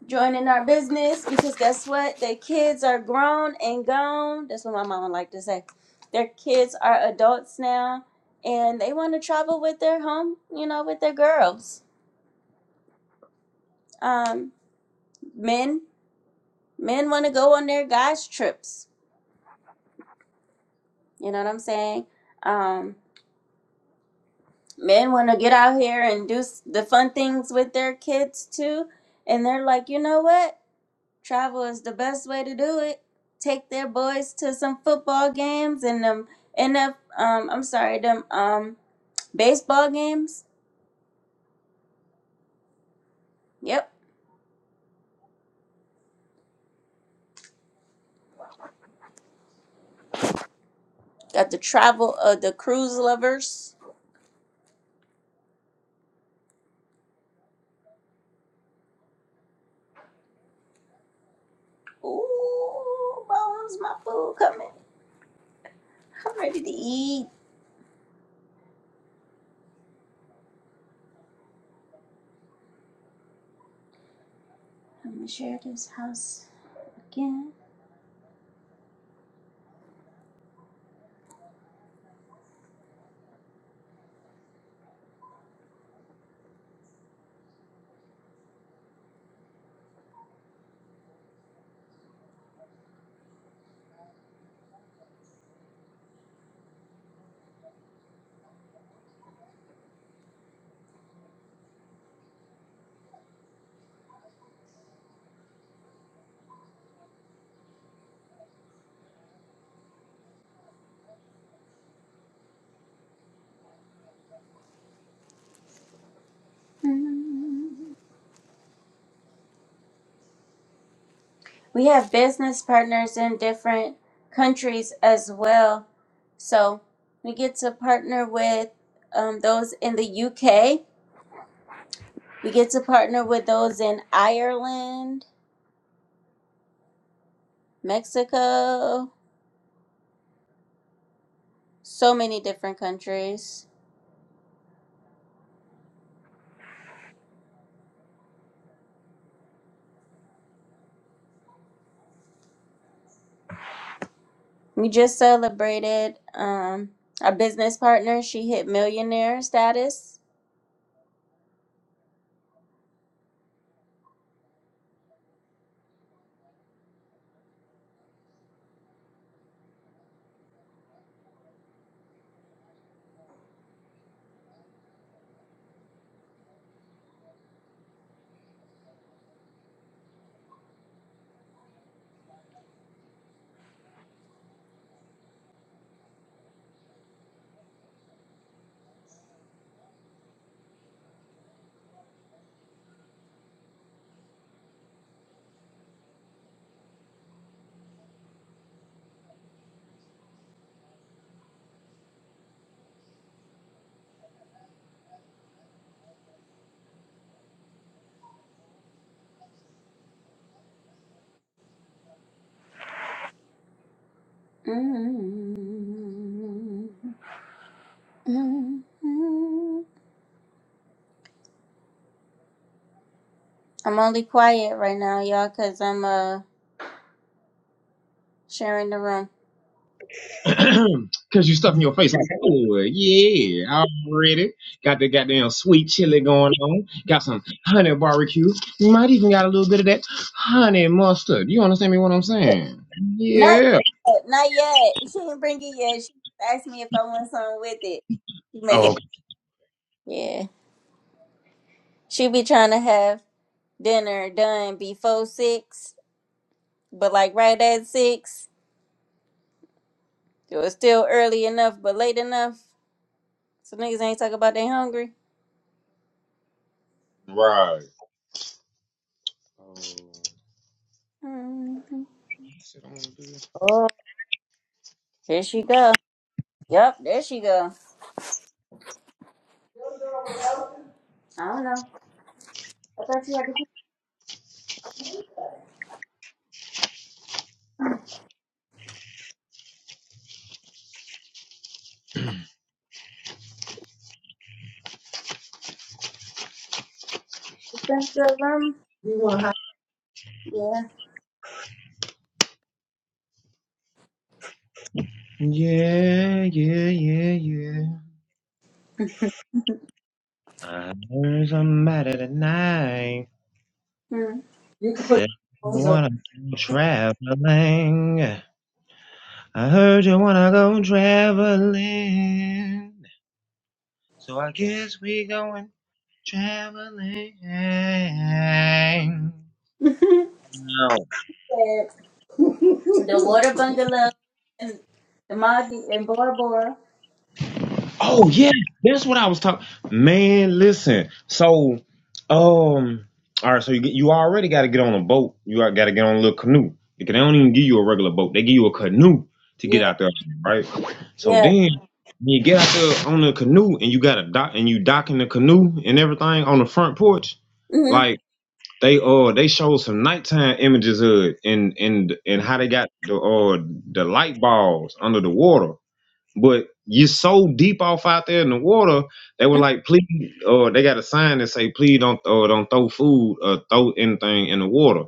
joining our business because guess what? Their kids are grown and gone. That's what my mama like to say. Their kids are adults now and they want to travel with their home, you know, with their girls. Um, men, men want to go on their guys' trips. You know what I'm saying? Um, men want to get out here and do the fun things with their kids too. And they're like, you know what? travel is the best way to do it. Take their boys to some football games and them and the um I'm sorry, them um baseball games. Yep. Got the travel of the cruise lovers. Ooh, bones, my food coming. I'm ready to eat. I'm gonna share this house again. Mm. We have business partners in different countries as well. So we get to partner with um, those in the UK We get to partner with those in Ireland, Mexico, so many different countries. We just celebrated um, our business partner. She hit millionaire status. Mm-hmm. I'm only quiet right now, y'all, because I'm uh, sharing the room. because you stuff in your face like oh Yeah, I'm ready. Got the goddamn sweet chili going on. Got some honey barbecue. You might even got a little bit of that honey mustard. You understand me? What I'm saying? Not Yeah. yet. Not yet. She didn't bring it yet. She asked me if I want something with it. She make it. Okay. Yeah. She be trying to have dinner done before six, but like right at six, it was still early enough, but late enough, so niggas ain't talking about they hungry. Right. Mm. Oh, here she go. Yep, there she go. I don't know. I thought you had to put the bungalow. Um, yeah. Yeah, yeah, yeah, yeah. Uh, There's a matter tonight Hmm. that you wanna go traveling. I heard you wanna go traveling, so I guess we going traveling. No. Yeah. The water bungalow and the Maldi and Bora Bora. Oh yeah, that's what I was talking. Man, listen. So, um, all right. So you get, you already got to get on a boat. You got to get on a little canoe. Because they don't even give you a regular boat. They give you a canoe to Yeah, get out there, right? So yeah. then when you get out there on the canoe and you got a dock and you docking the canoe and everything on the front porch, Mm-hmm. like they uh they showed some nighttime images of it and and and how they got the uh the light balls under the water but you're so deep off out there in the water, they were like, please, or they got a sign that say, please don't, or don't throw food or throw anything in the water.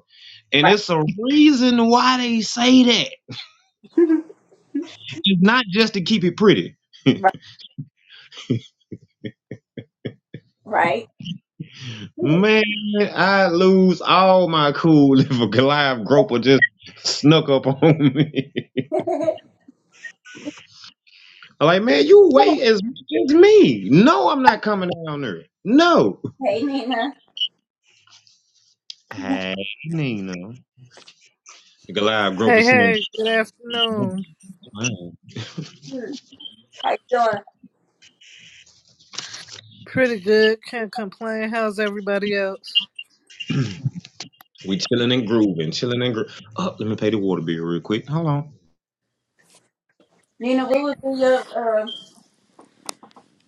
And Right, it's a reason why they say that. It's not just to keep it pretty. right, right. Man, I lose all my cool if a Goliath groper just snuck up on me. I'm like, man, you wait as much as me. No, I'm not coming down there. No. hey Nina, Hey, Nina. The Goliath groper Hey, said, hey, good afternoon. Hmm. how you doing? Pretty good. Can't complain. How's everybody else? We chilling and grooving, chilling and grooving. Oh, let me pay the water bill real quick. Hold on. What would be your uh,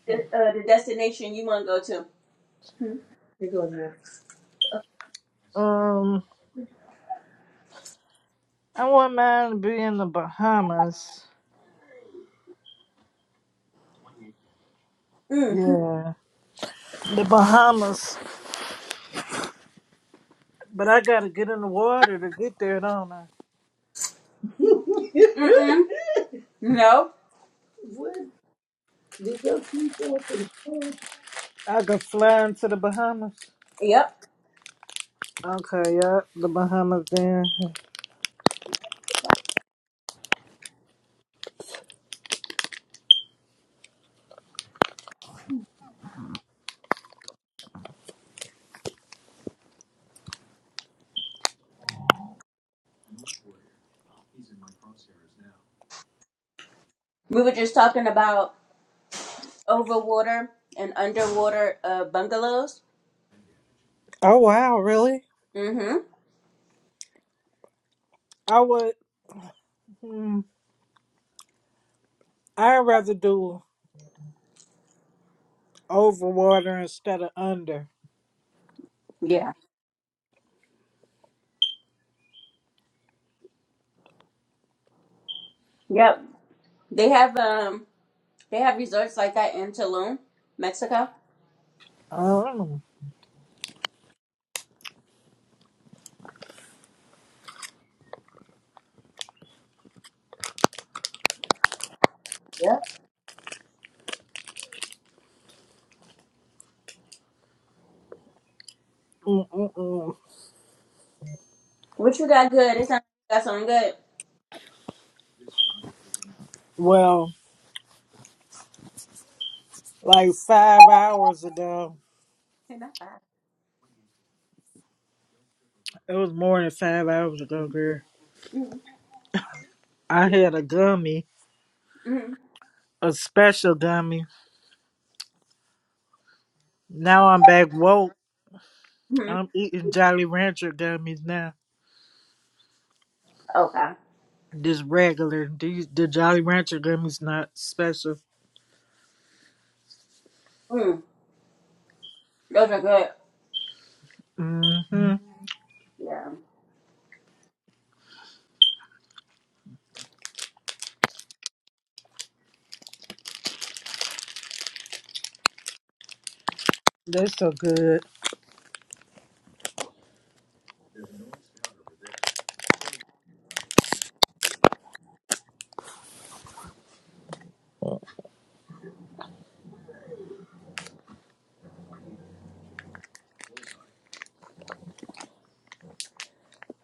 the, uh, the destination you want to go to? Um, I want mine to be in the Bahamas. Mm. Yeah, the Bahamas. But I gotta get in the water to get there, don't I? Mm-mm. No. I can fly into the Bahamas. Yep. Okay, yeah, the Bahamas then. We were just talking about overwater and underwater uh, bungalows. Oh wow, really? Mm-hmm. I would. Hmm, I'd rather do over water instead of under. Yeah. Yep. They have um they have resorts like that in Tulum, Mexico. Um, Yep. mm, mm, mm. What you got good? It sounds like you got something good. Well. like five hours ago. Hey, not bad. It was more than five hours ago, girl. Mm-hmm. I had a gummy, Mm-hmm. a special gummy. Now I'm back woke. mm I'm eating Jolly Rancher gummies now. Okay. Just regular. These the Jolly Rancher gummies not special. Mm. Those are good. Mm-hmm. Yeah. They're so good.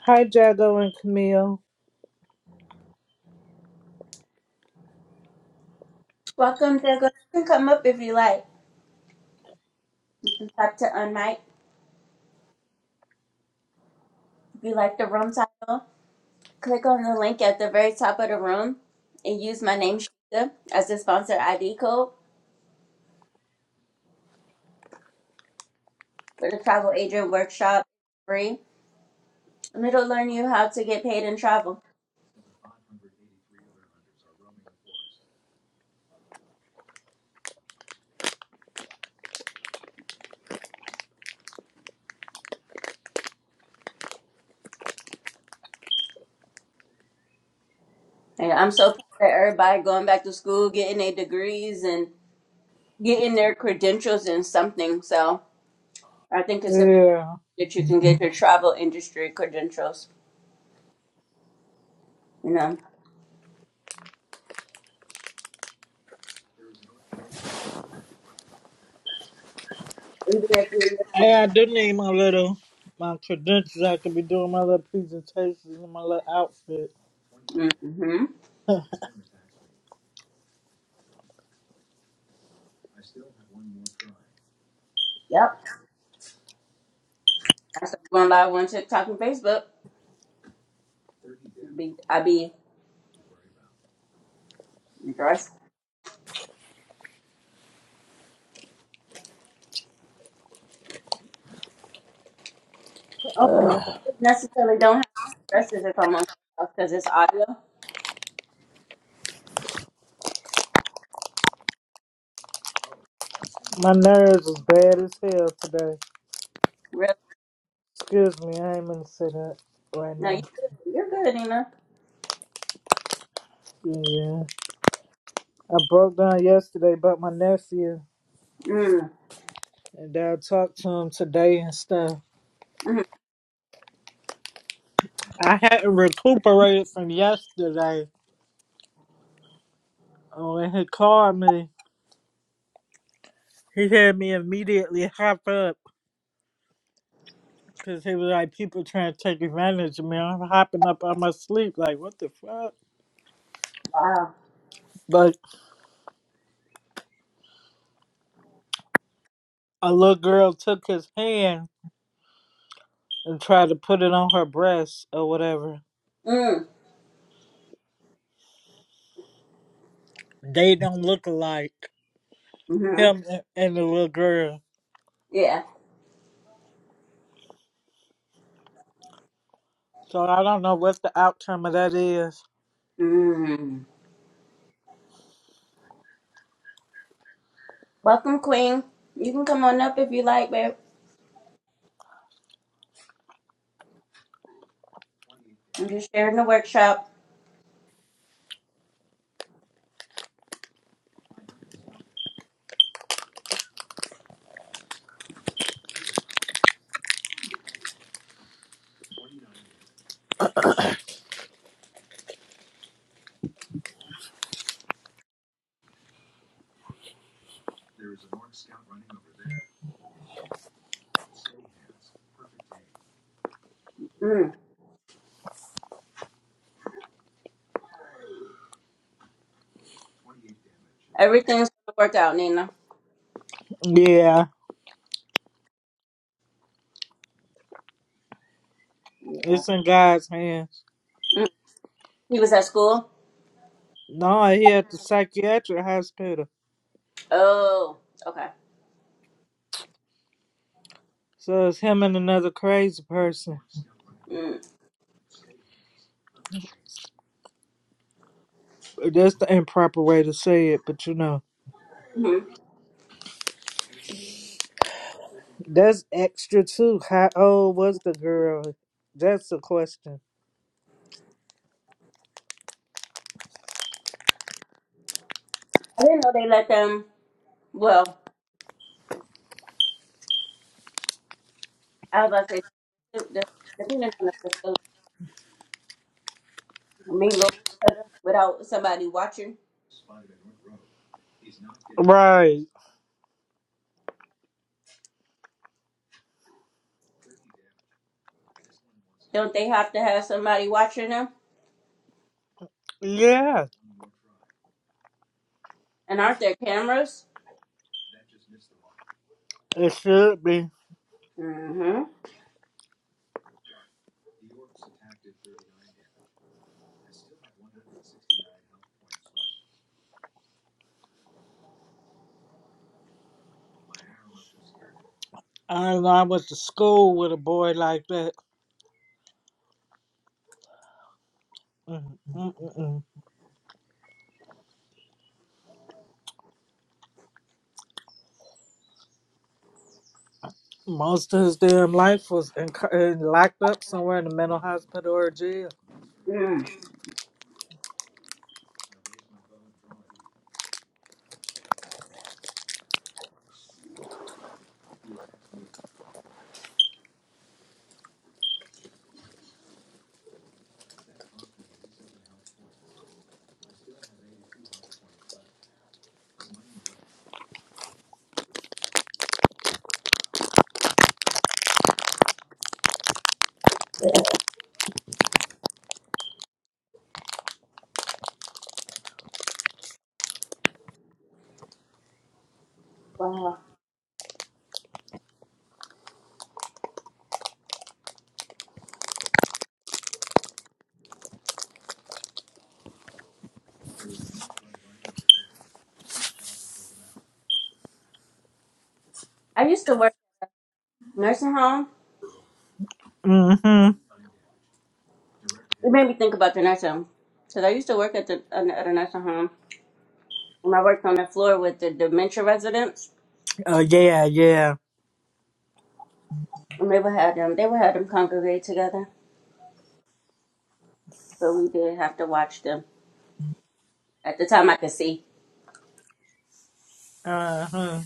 Hi Jago and Camille. Welcome, Draco. You can come up if you like. Tap to unmic. If you like the room title, click on the link at the very top of the room and use my name Shika as the sponsor ID code for the travel agent workshop free. And it'll learn you how to get paid in travel. And I'm so proud of everybody going back to school, getting their degrees and getting their credentials in something. So I think it's important Yeah. that you can get your travel industry credentials. You know. Even if you Yeah, I do need my little my credentials. I could be doing my little presentations and my little outfit. mm-hmm. Yep. That's why I'm going live on TikTok and Facebook. be I be dressed. Oh, necessarily don't have dresses if I'm on because it's audio. My nerves was bad as hell today. Really? Excuse me, I ain't gonna say that right No, now. you good. You're good, Nina. Yeah. I broke down yesterday about my nephew Mm. and then I talked to him today and stuff. hmm I hadn't recuperated from yesterday. Oh, When he called me, he had me immediately hop up because he was like, people trying to take advantage of me. I'm hopping up out of my sleep, like, what the fuck? Wow. But a little girl took his hand and tried to put it on her breast or whatever. Mm. They don't look alike hmm him and and the little girl. Yeah. So I don't know what the outcome of that is. Mm. Welcome, Queen. You can come on up if you like, babe. I'm just sharing the workshop. Mm. Everything's gonna work out, Nina. Yeah, Yeah. it's in God's hands. Mm. He was at school. No, he at the psychiatric hospital. Oh, okay. So it's him and another crazy person. Mm. That's the improper way to say it, but you know. hmm That's extra too. How old was the girl? That's the question. I didn't know they let them. Well, I was about to say, depending on the facility. mingle without somebody watching? Right. Don't they have to have somebody watching them? Yeah, And aren't there cameras? it should be. Mm-hmm. I don't know. I went to school with a boy like that. Mm-mm-mm. Most of his damn life was in, in, locked up somewhere in a mental hospital or jail. Mm. Wow. I used to work at a nursing home. Mm-hmm. It made me think about the nursing home. Because I used to work at, the, at a nursing home. And I worked on the floor with the dementia residents. Oh, yeah, yeah. And they would have them, they would have them congregate together. But we did have to watch them. At the time I could see. Uh-huh.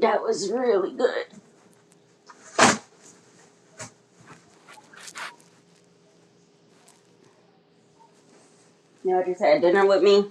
That was really good. You know, I just had dinner with me.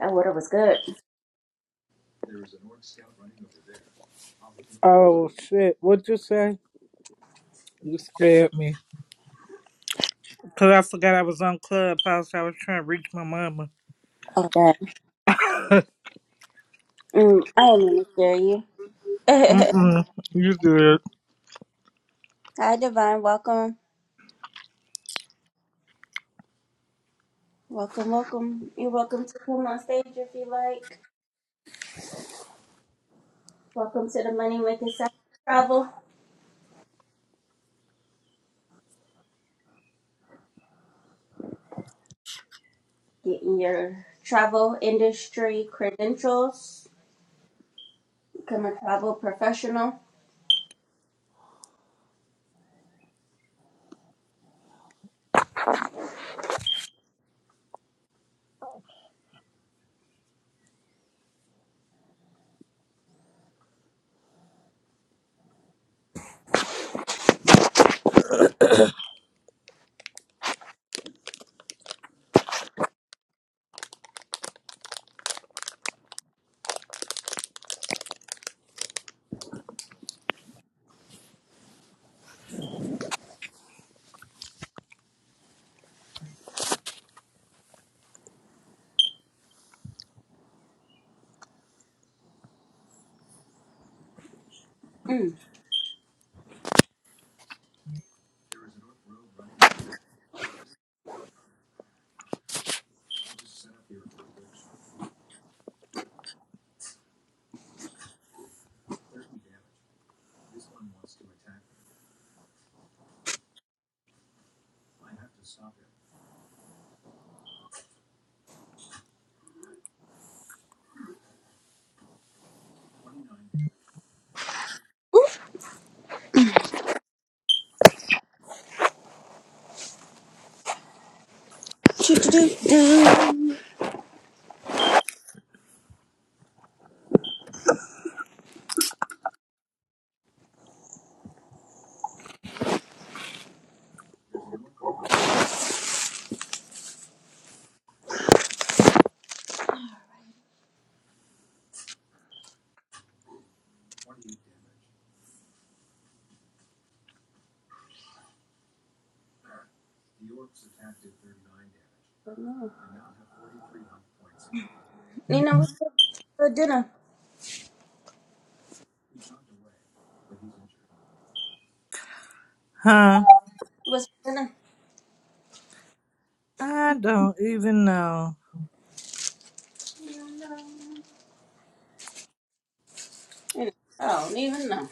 That water was good. Oh, shit. What'd you say? You scared me. Because I forgot I was on Clubhouse. I was trying to reach my mama. Okay. God. Mm, I don't mean to scare you. Mm-mm. You did. Hi, Divine. Welcome. Welcome, welcome. You're welcome to come on stage if you like. Welcome to the Money Making Side Travel. Getting your travel industry credentials. Become a travel professional. Mm. You know, what's for dinner? Huh? What's for dinner? I don't even know. You know, I don't even know.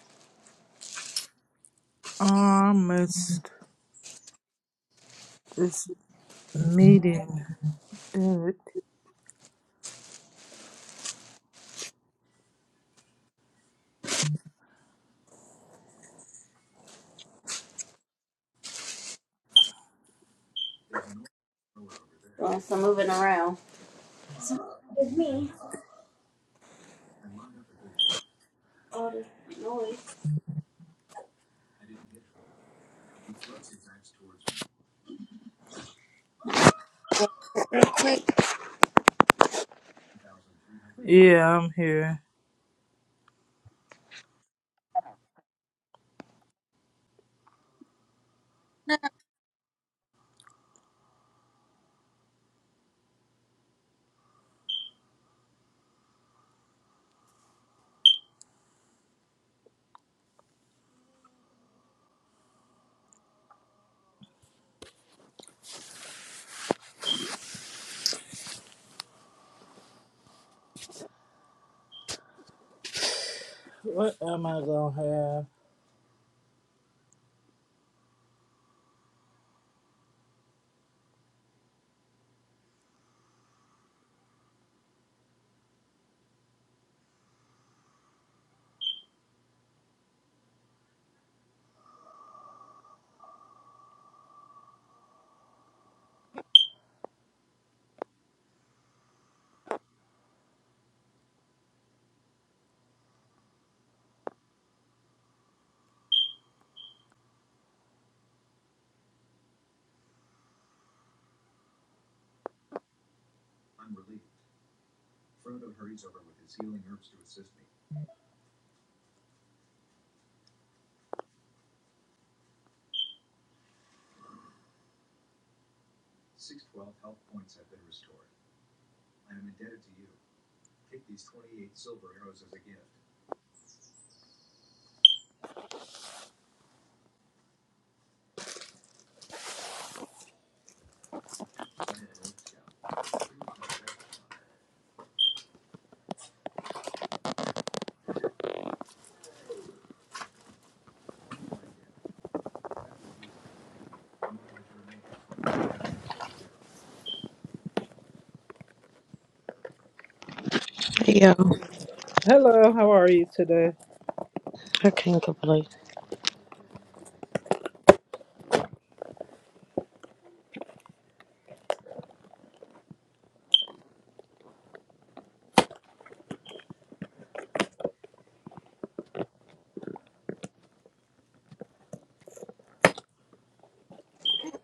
Almost this meeting. Good. Doing some moving around. So, it's me. All this noise. Yeah, I'm here. What am I going to Yo, have? Hello, how are you today? I can't complain.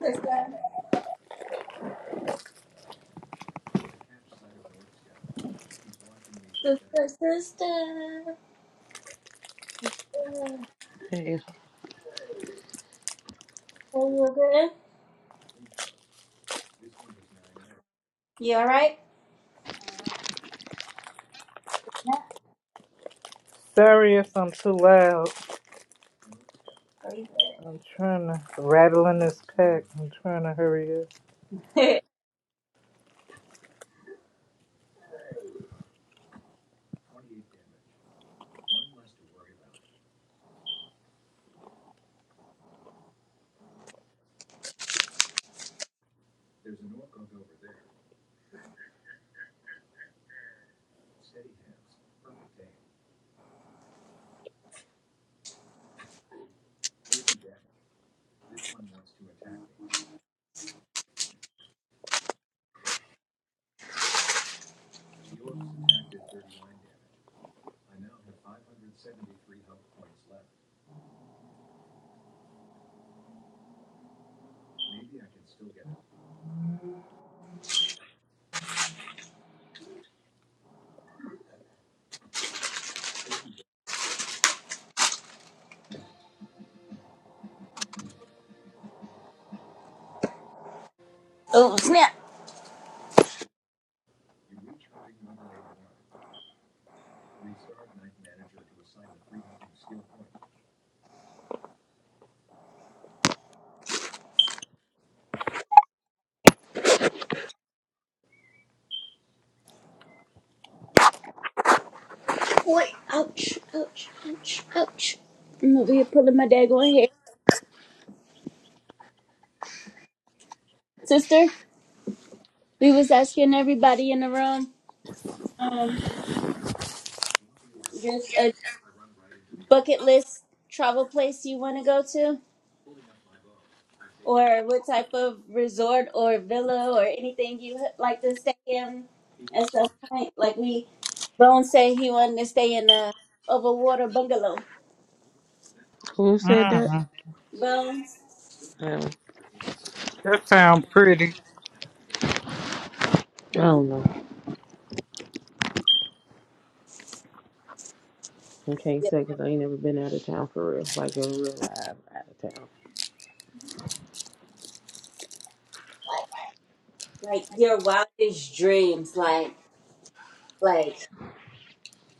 Sister, sister, sister. Hey, Hey, you good? You alright? Yeah. Sorry if I'm too loud. Are you I'm trying to rattle in this pack. I'm trying to hurry up. good? Oh snap! Boy, ouch, ouch, ouch, ouch. I'm over here pulling my daggone hair. Sister, we was asking everybody in the room, um, just a bucket list travel place you want to go to, or what type of resort or villa or anything you would like to stay in at some point. Like we, Bones said he wanted to stay in a overwater bungalow. who said that? Mm, Bones, Um, that sounds pretty. I don't know. I can't yeah, say because I ain't never been out of town for real, like a real life out of town. like your wildest dreams, like, like.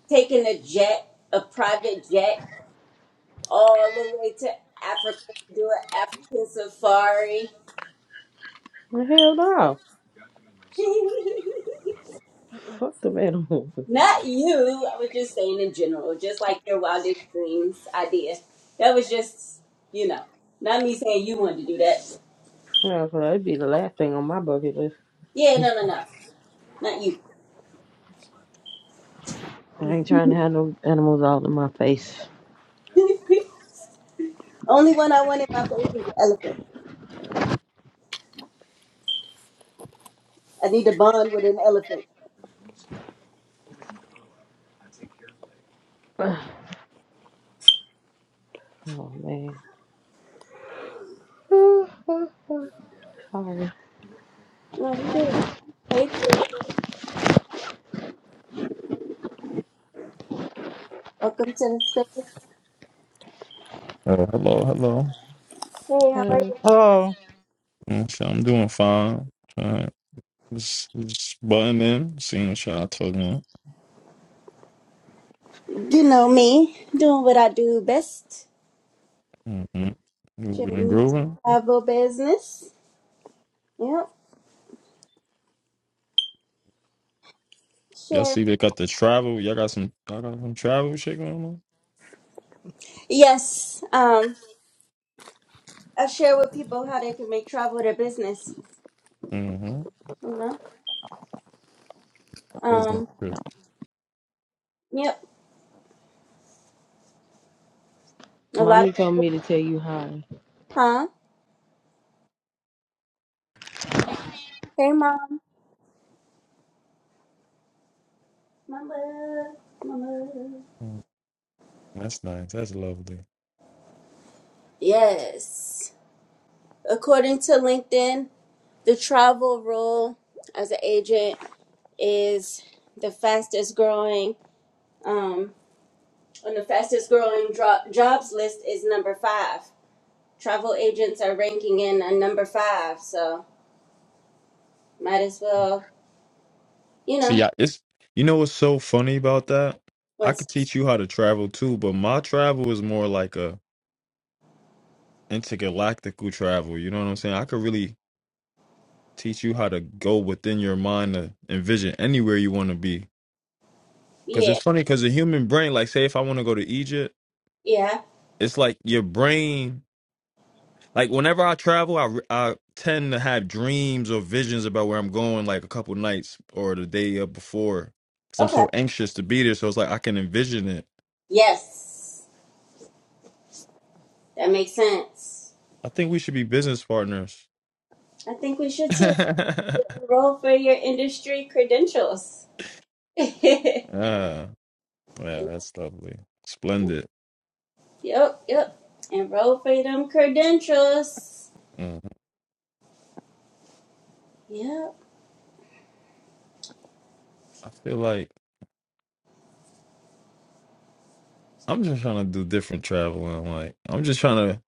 taking a jet, a private jet, all the way to Africa to do an African safari. Well, hell no. Fuck them animals. Not you. I was just saying in general, just like your wildest dreams idea. That was just, you know, not me saying you wanted to do that. Yeah, 'cause that'd be the last thing on my bucket list. Yeah, no, no, no. Not you. I ain't trying to have no animals all in my face. Only one I want in my face is an elephant. I need to bond with an elephant. Oh man. Ooh, Sorry. Oh, you good. Hey, welcome to the space. Hey, Oh, hello, hello. how Uh, are Uh, Mm, So I'm doing fine. Trying just, just button in, seeing what y'all talking you? You know me, doing what I do best. about. hmm Moving and Sharing grooving. travel business. Yep. Y'all Share. see they got the travel. Y'all got some. Y'all got some travel shit going on. Yes. Um, I share with people how they can make travel their business. Mm-hmm. You know. Business Um. trip. Yep. A lot of mommy told me to tell you hi. huh. Hey, mom. Mama. Mama. Mm, That's nice. That's lovely. Yes. According to LinkedIn, the travel role as an agent is the fastest growing. Um. On the fastest growing dro- jobs list is number five. Travel agents are ranking in a number five. So. Might as well, you See, know, I, it's you know what's so funny about that? I could what's, teach you how to travel too, but my travel is more like a intergalactical travel. You know what I'm saying? I could really teach you how to go within your mind to envision anywhere you want to be. Because it's yeah, funny, because the human brain, like, say if I want to go to Egypt, yeah. it's like your brain, like, whenever I travel, I, re- I tend to have dreams or visions about where I'm going, like, a couple nights or the day up before. Because I'm Okay. so anxious to be there. So it's like I can envision it. Yes, that makes sense. I think we should be business partners. I think we should too. ah, Roll for street credentials. yep, yeah, that's lovely. Splendid. yep. And roll for them credentials. Mhm. Yeah. I feel like. I'm just trying to do different traveling. Like I'm just trying to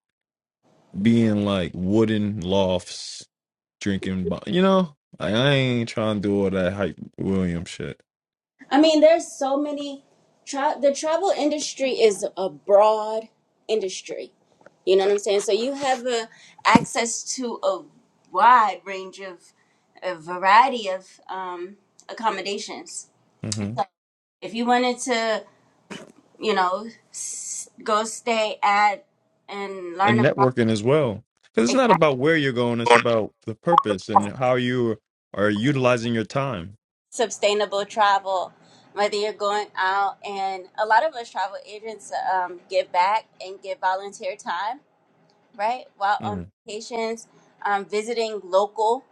be in like wooden lofts, drinking. bo- You know, like I ain't trying to do all that hype William shit. I mean, there's so many. Tra- the travel industry is a broad industry. You know what I'm saying? So you have uh, access to a wide range of, a variety of um, accommodations. So hmm if you wanted to, you know, s- go stay at and learn And about networking as well, because it's not exact- about where you're going. It's about the purpose and how you are utilizing your time. sustainable travel, whether you're going out and a lot of us travel agents um, give back and give volunteer time, right? While on Mm-hmm. vacations, um, visiting local,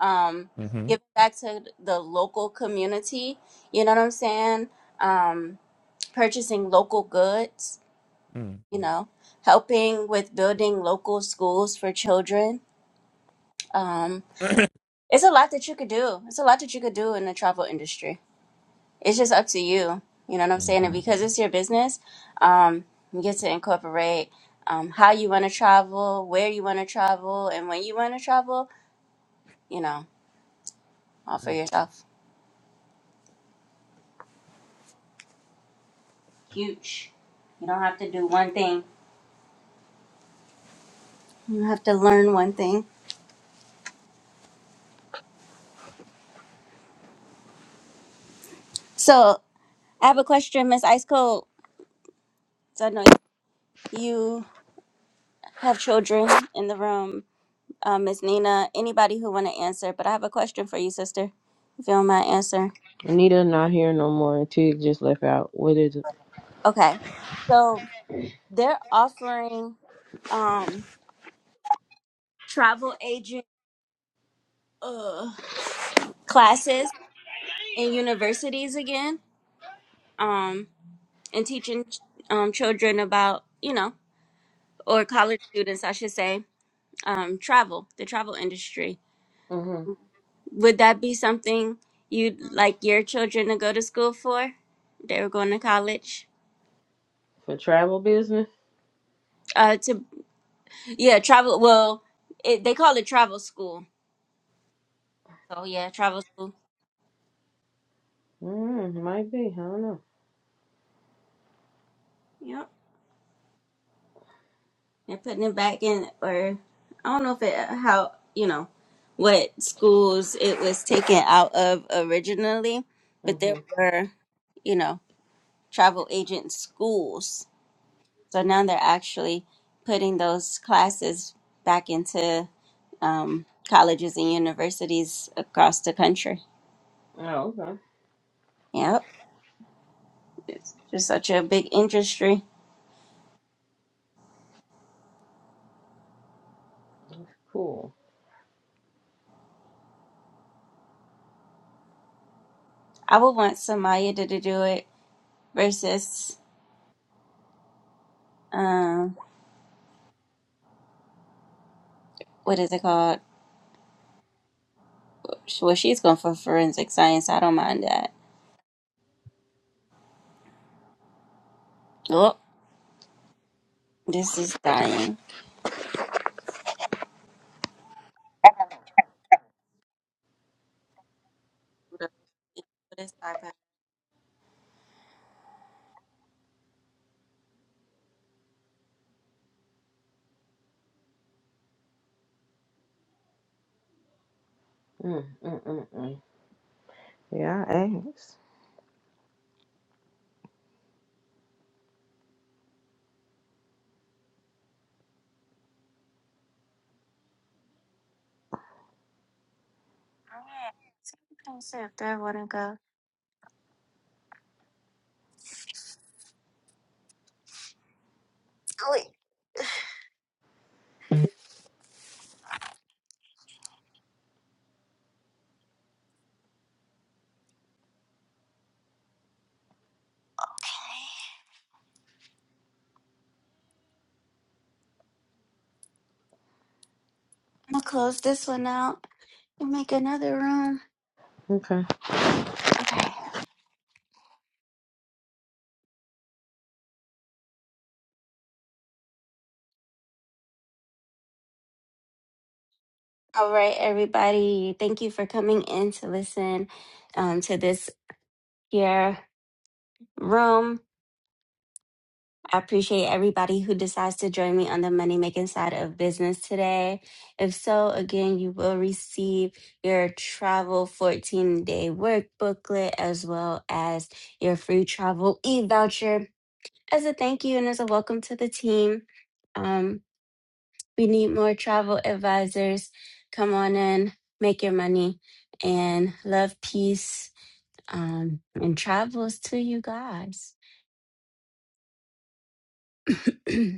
um, giving back to the local community, you know what I'm saying? Um, purchasing local goods, Mm-hmm. you know, helping with building local schools for children Um, it's a lot that you could do. It's a lot that you could do in the travel industry. It's just up to you. You know what I'm saying? And hmm because it's your business, um, you get to incorporate um, how you want to travel, where you want to travel, and when you want to travel. You know, all for yourself. Huge. You don't have to do one thing. You have to learn one thing. So I have a question, Miss Ice Cold. So I know you have children in the room. um, Ms. Nina, anybody who want to answer, but I have a question for you, sister, if you don't mind answering. Anita not here no more. and Tig just left out. What is it? Okay. So they're offering um, travel agent uh, classes in universities again um, and teaching um, children about, you know, or college students, I should say, um, travel, the travel industry. hmm Would that be something you'd like your children to go to school for? They were going to college? For travel business? Uh, to. Yeah, travel. Well, it, they call it travel school. So yeah, travel school. Mm, might be. I don't know. Yep, they're putting it back in, or I don't know if it how you know what schools it was taken out of originally, but Mm-hmm. there were you know travel agent schools. So now they're actually putting those classes back into um, colleges and universities across the country. Oh, okay. Yep, it's just such a big industry. That's cool. I would want Samaya to, to do it versus um what is it called? Well, she's going for forensic science. I don't mind that. Oh, this is dying. What is Mm, mm, mm, mm. Yeah, I Alright, so you can see if there wanna go. asked. I'm gonna close this one out and make another room. Okay. Okay. All right, everybody. Thank you for coming in to listen um, to this here room. I appreciate everybody who decides to join me on the money making side of business today. If so, again, you will receive your travel 14 day work booklet as well as your free travel e voucher as a thank you and as a welcome to the team. Um, we need more travel advisors. Come on in, make your money, and love, peace, um, and travels to you guys.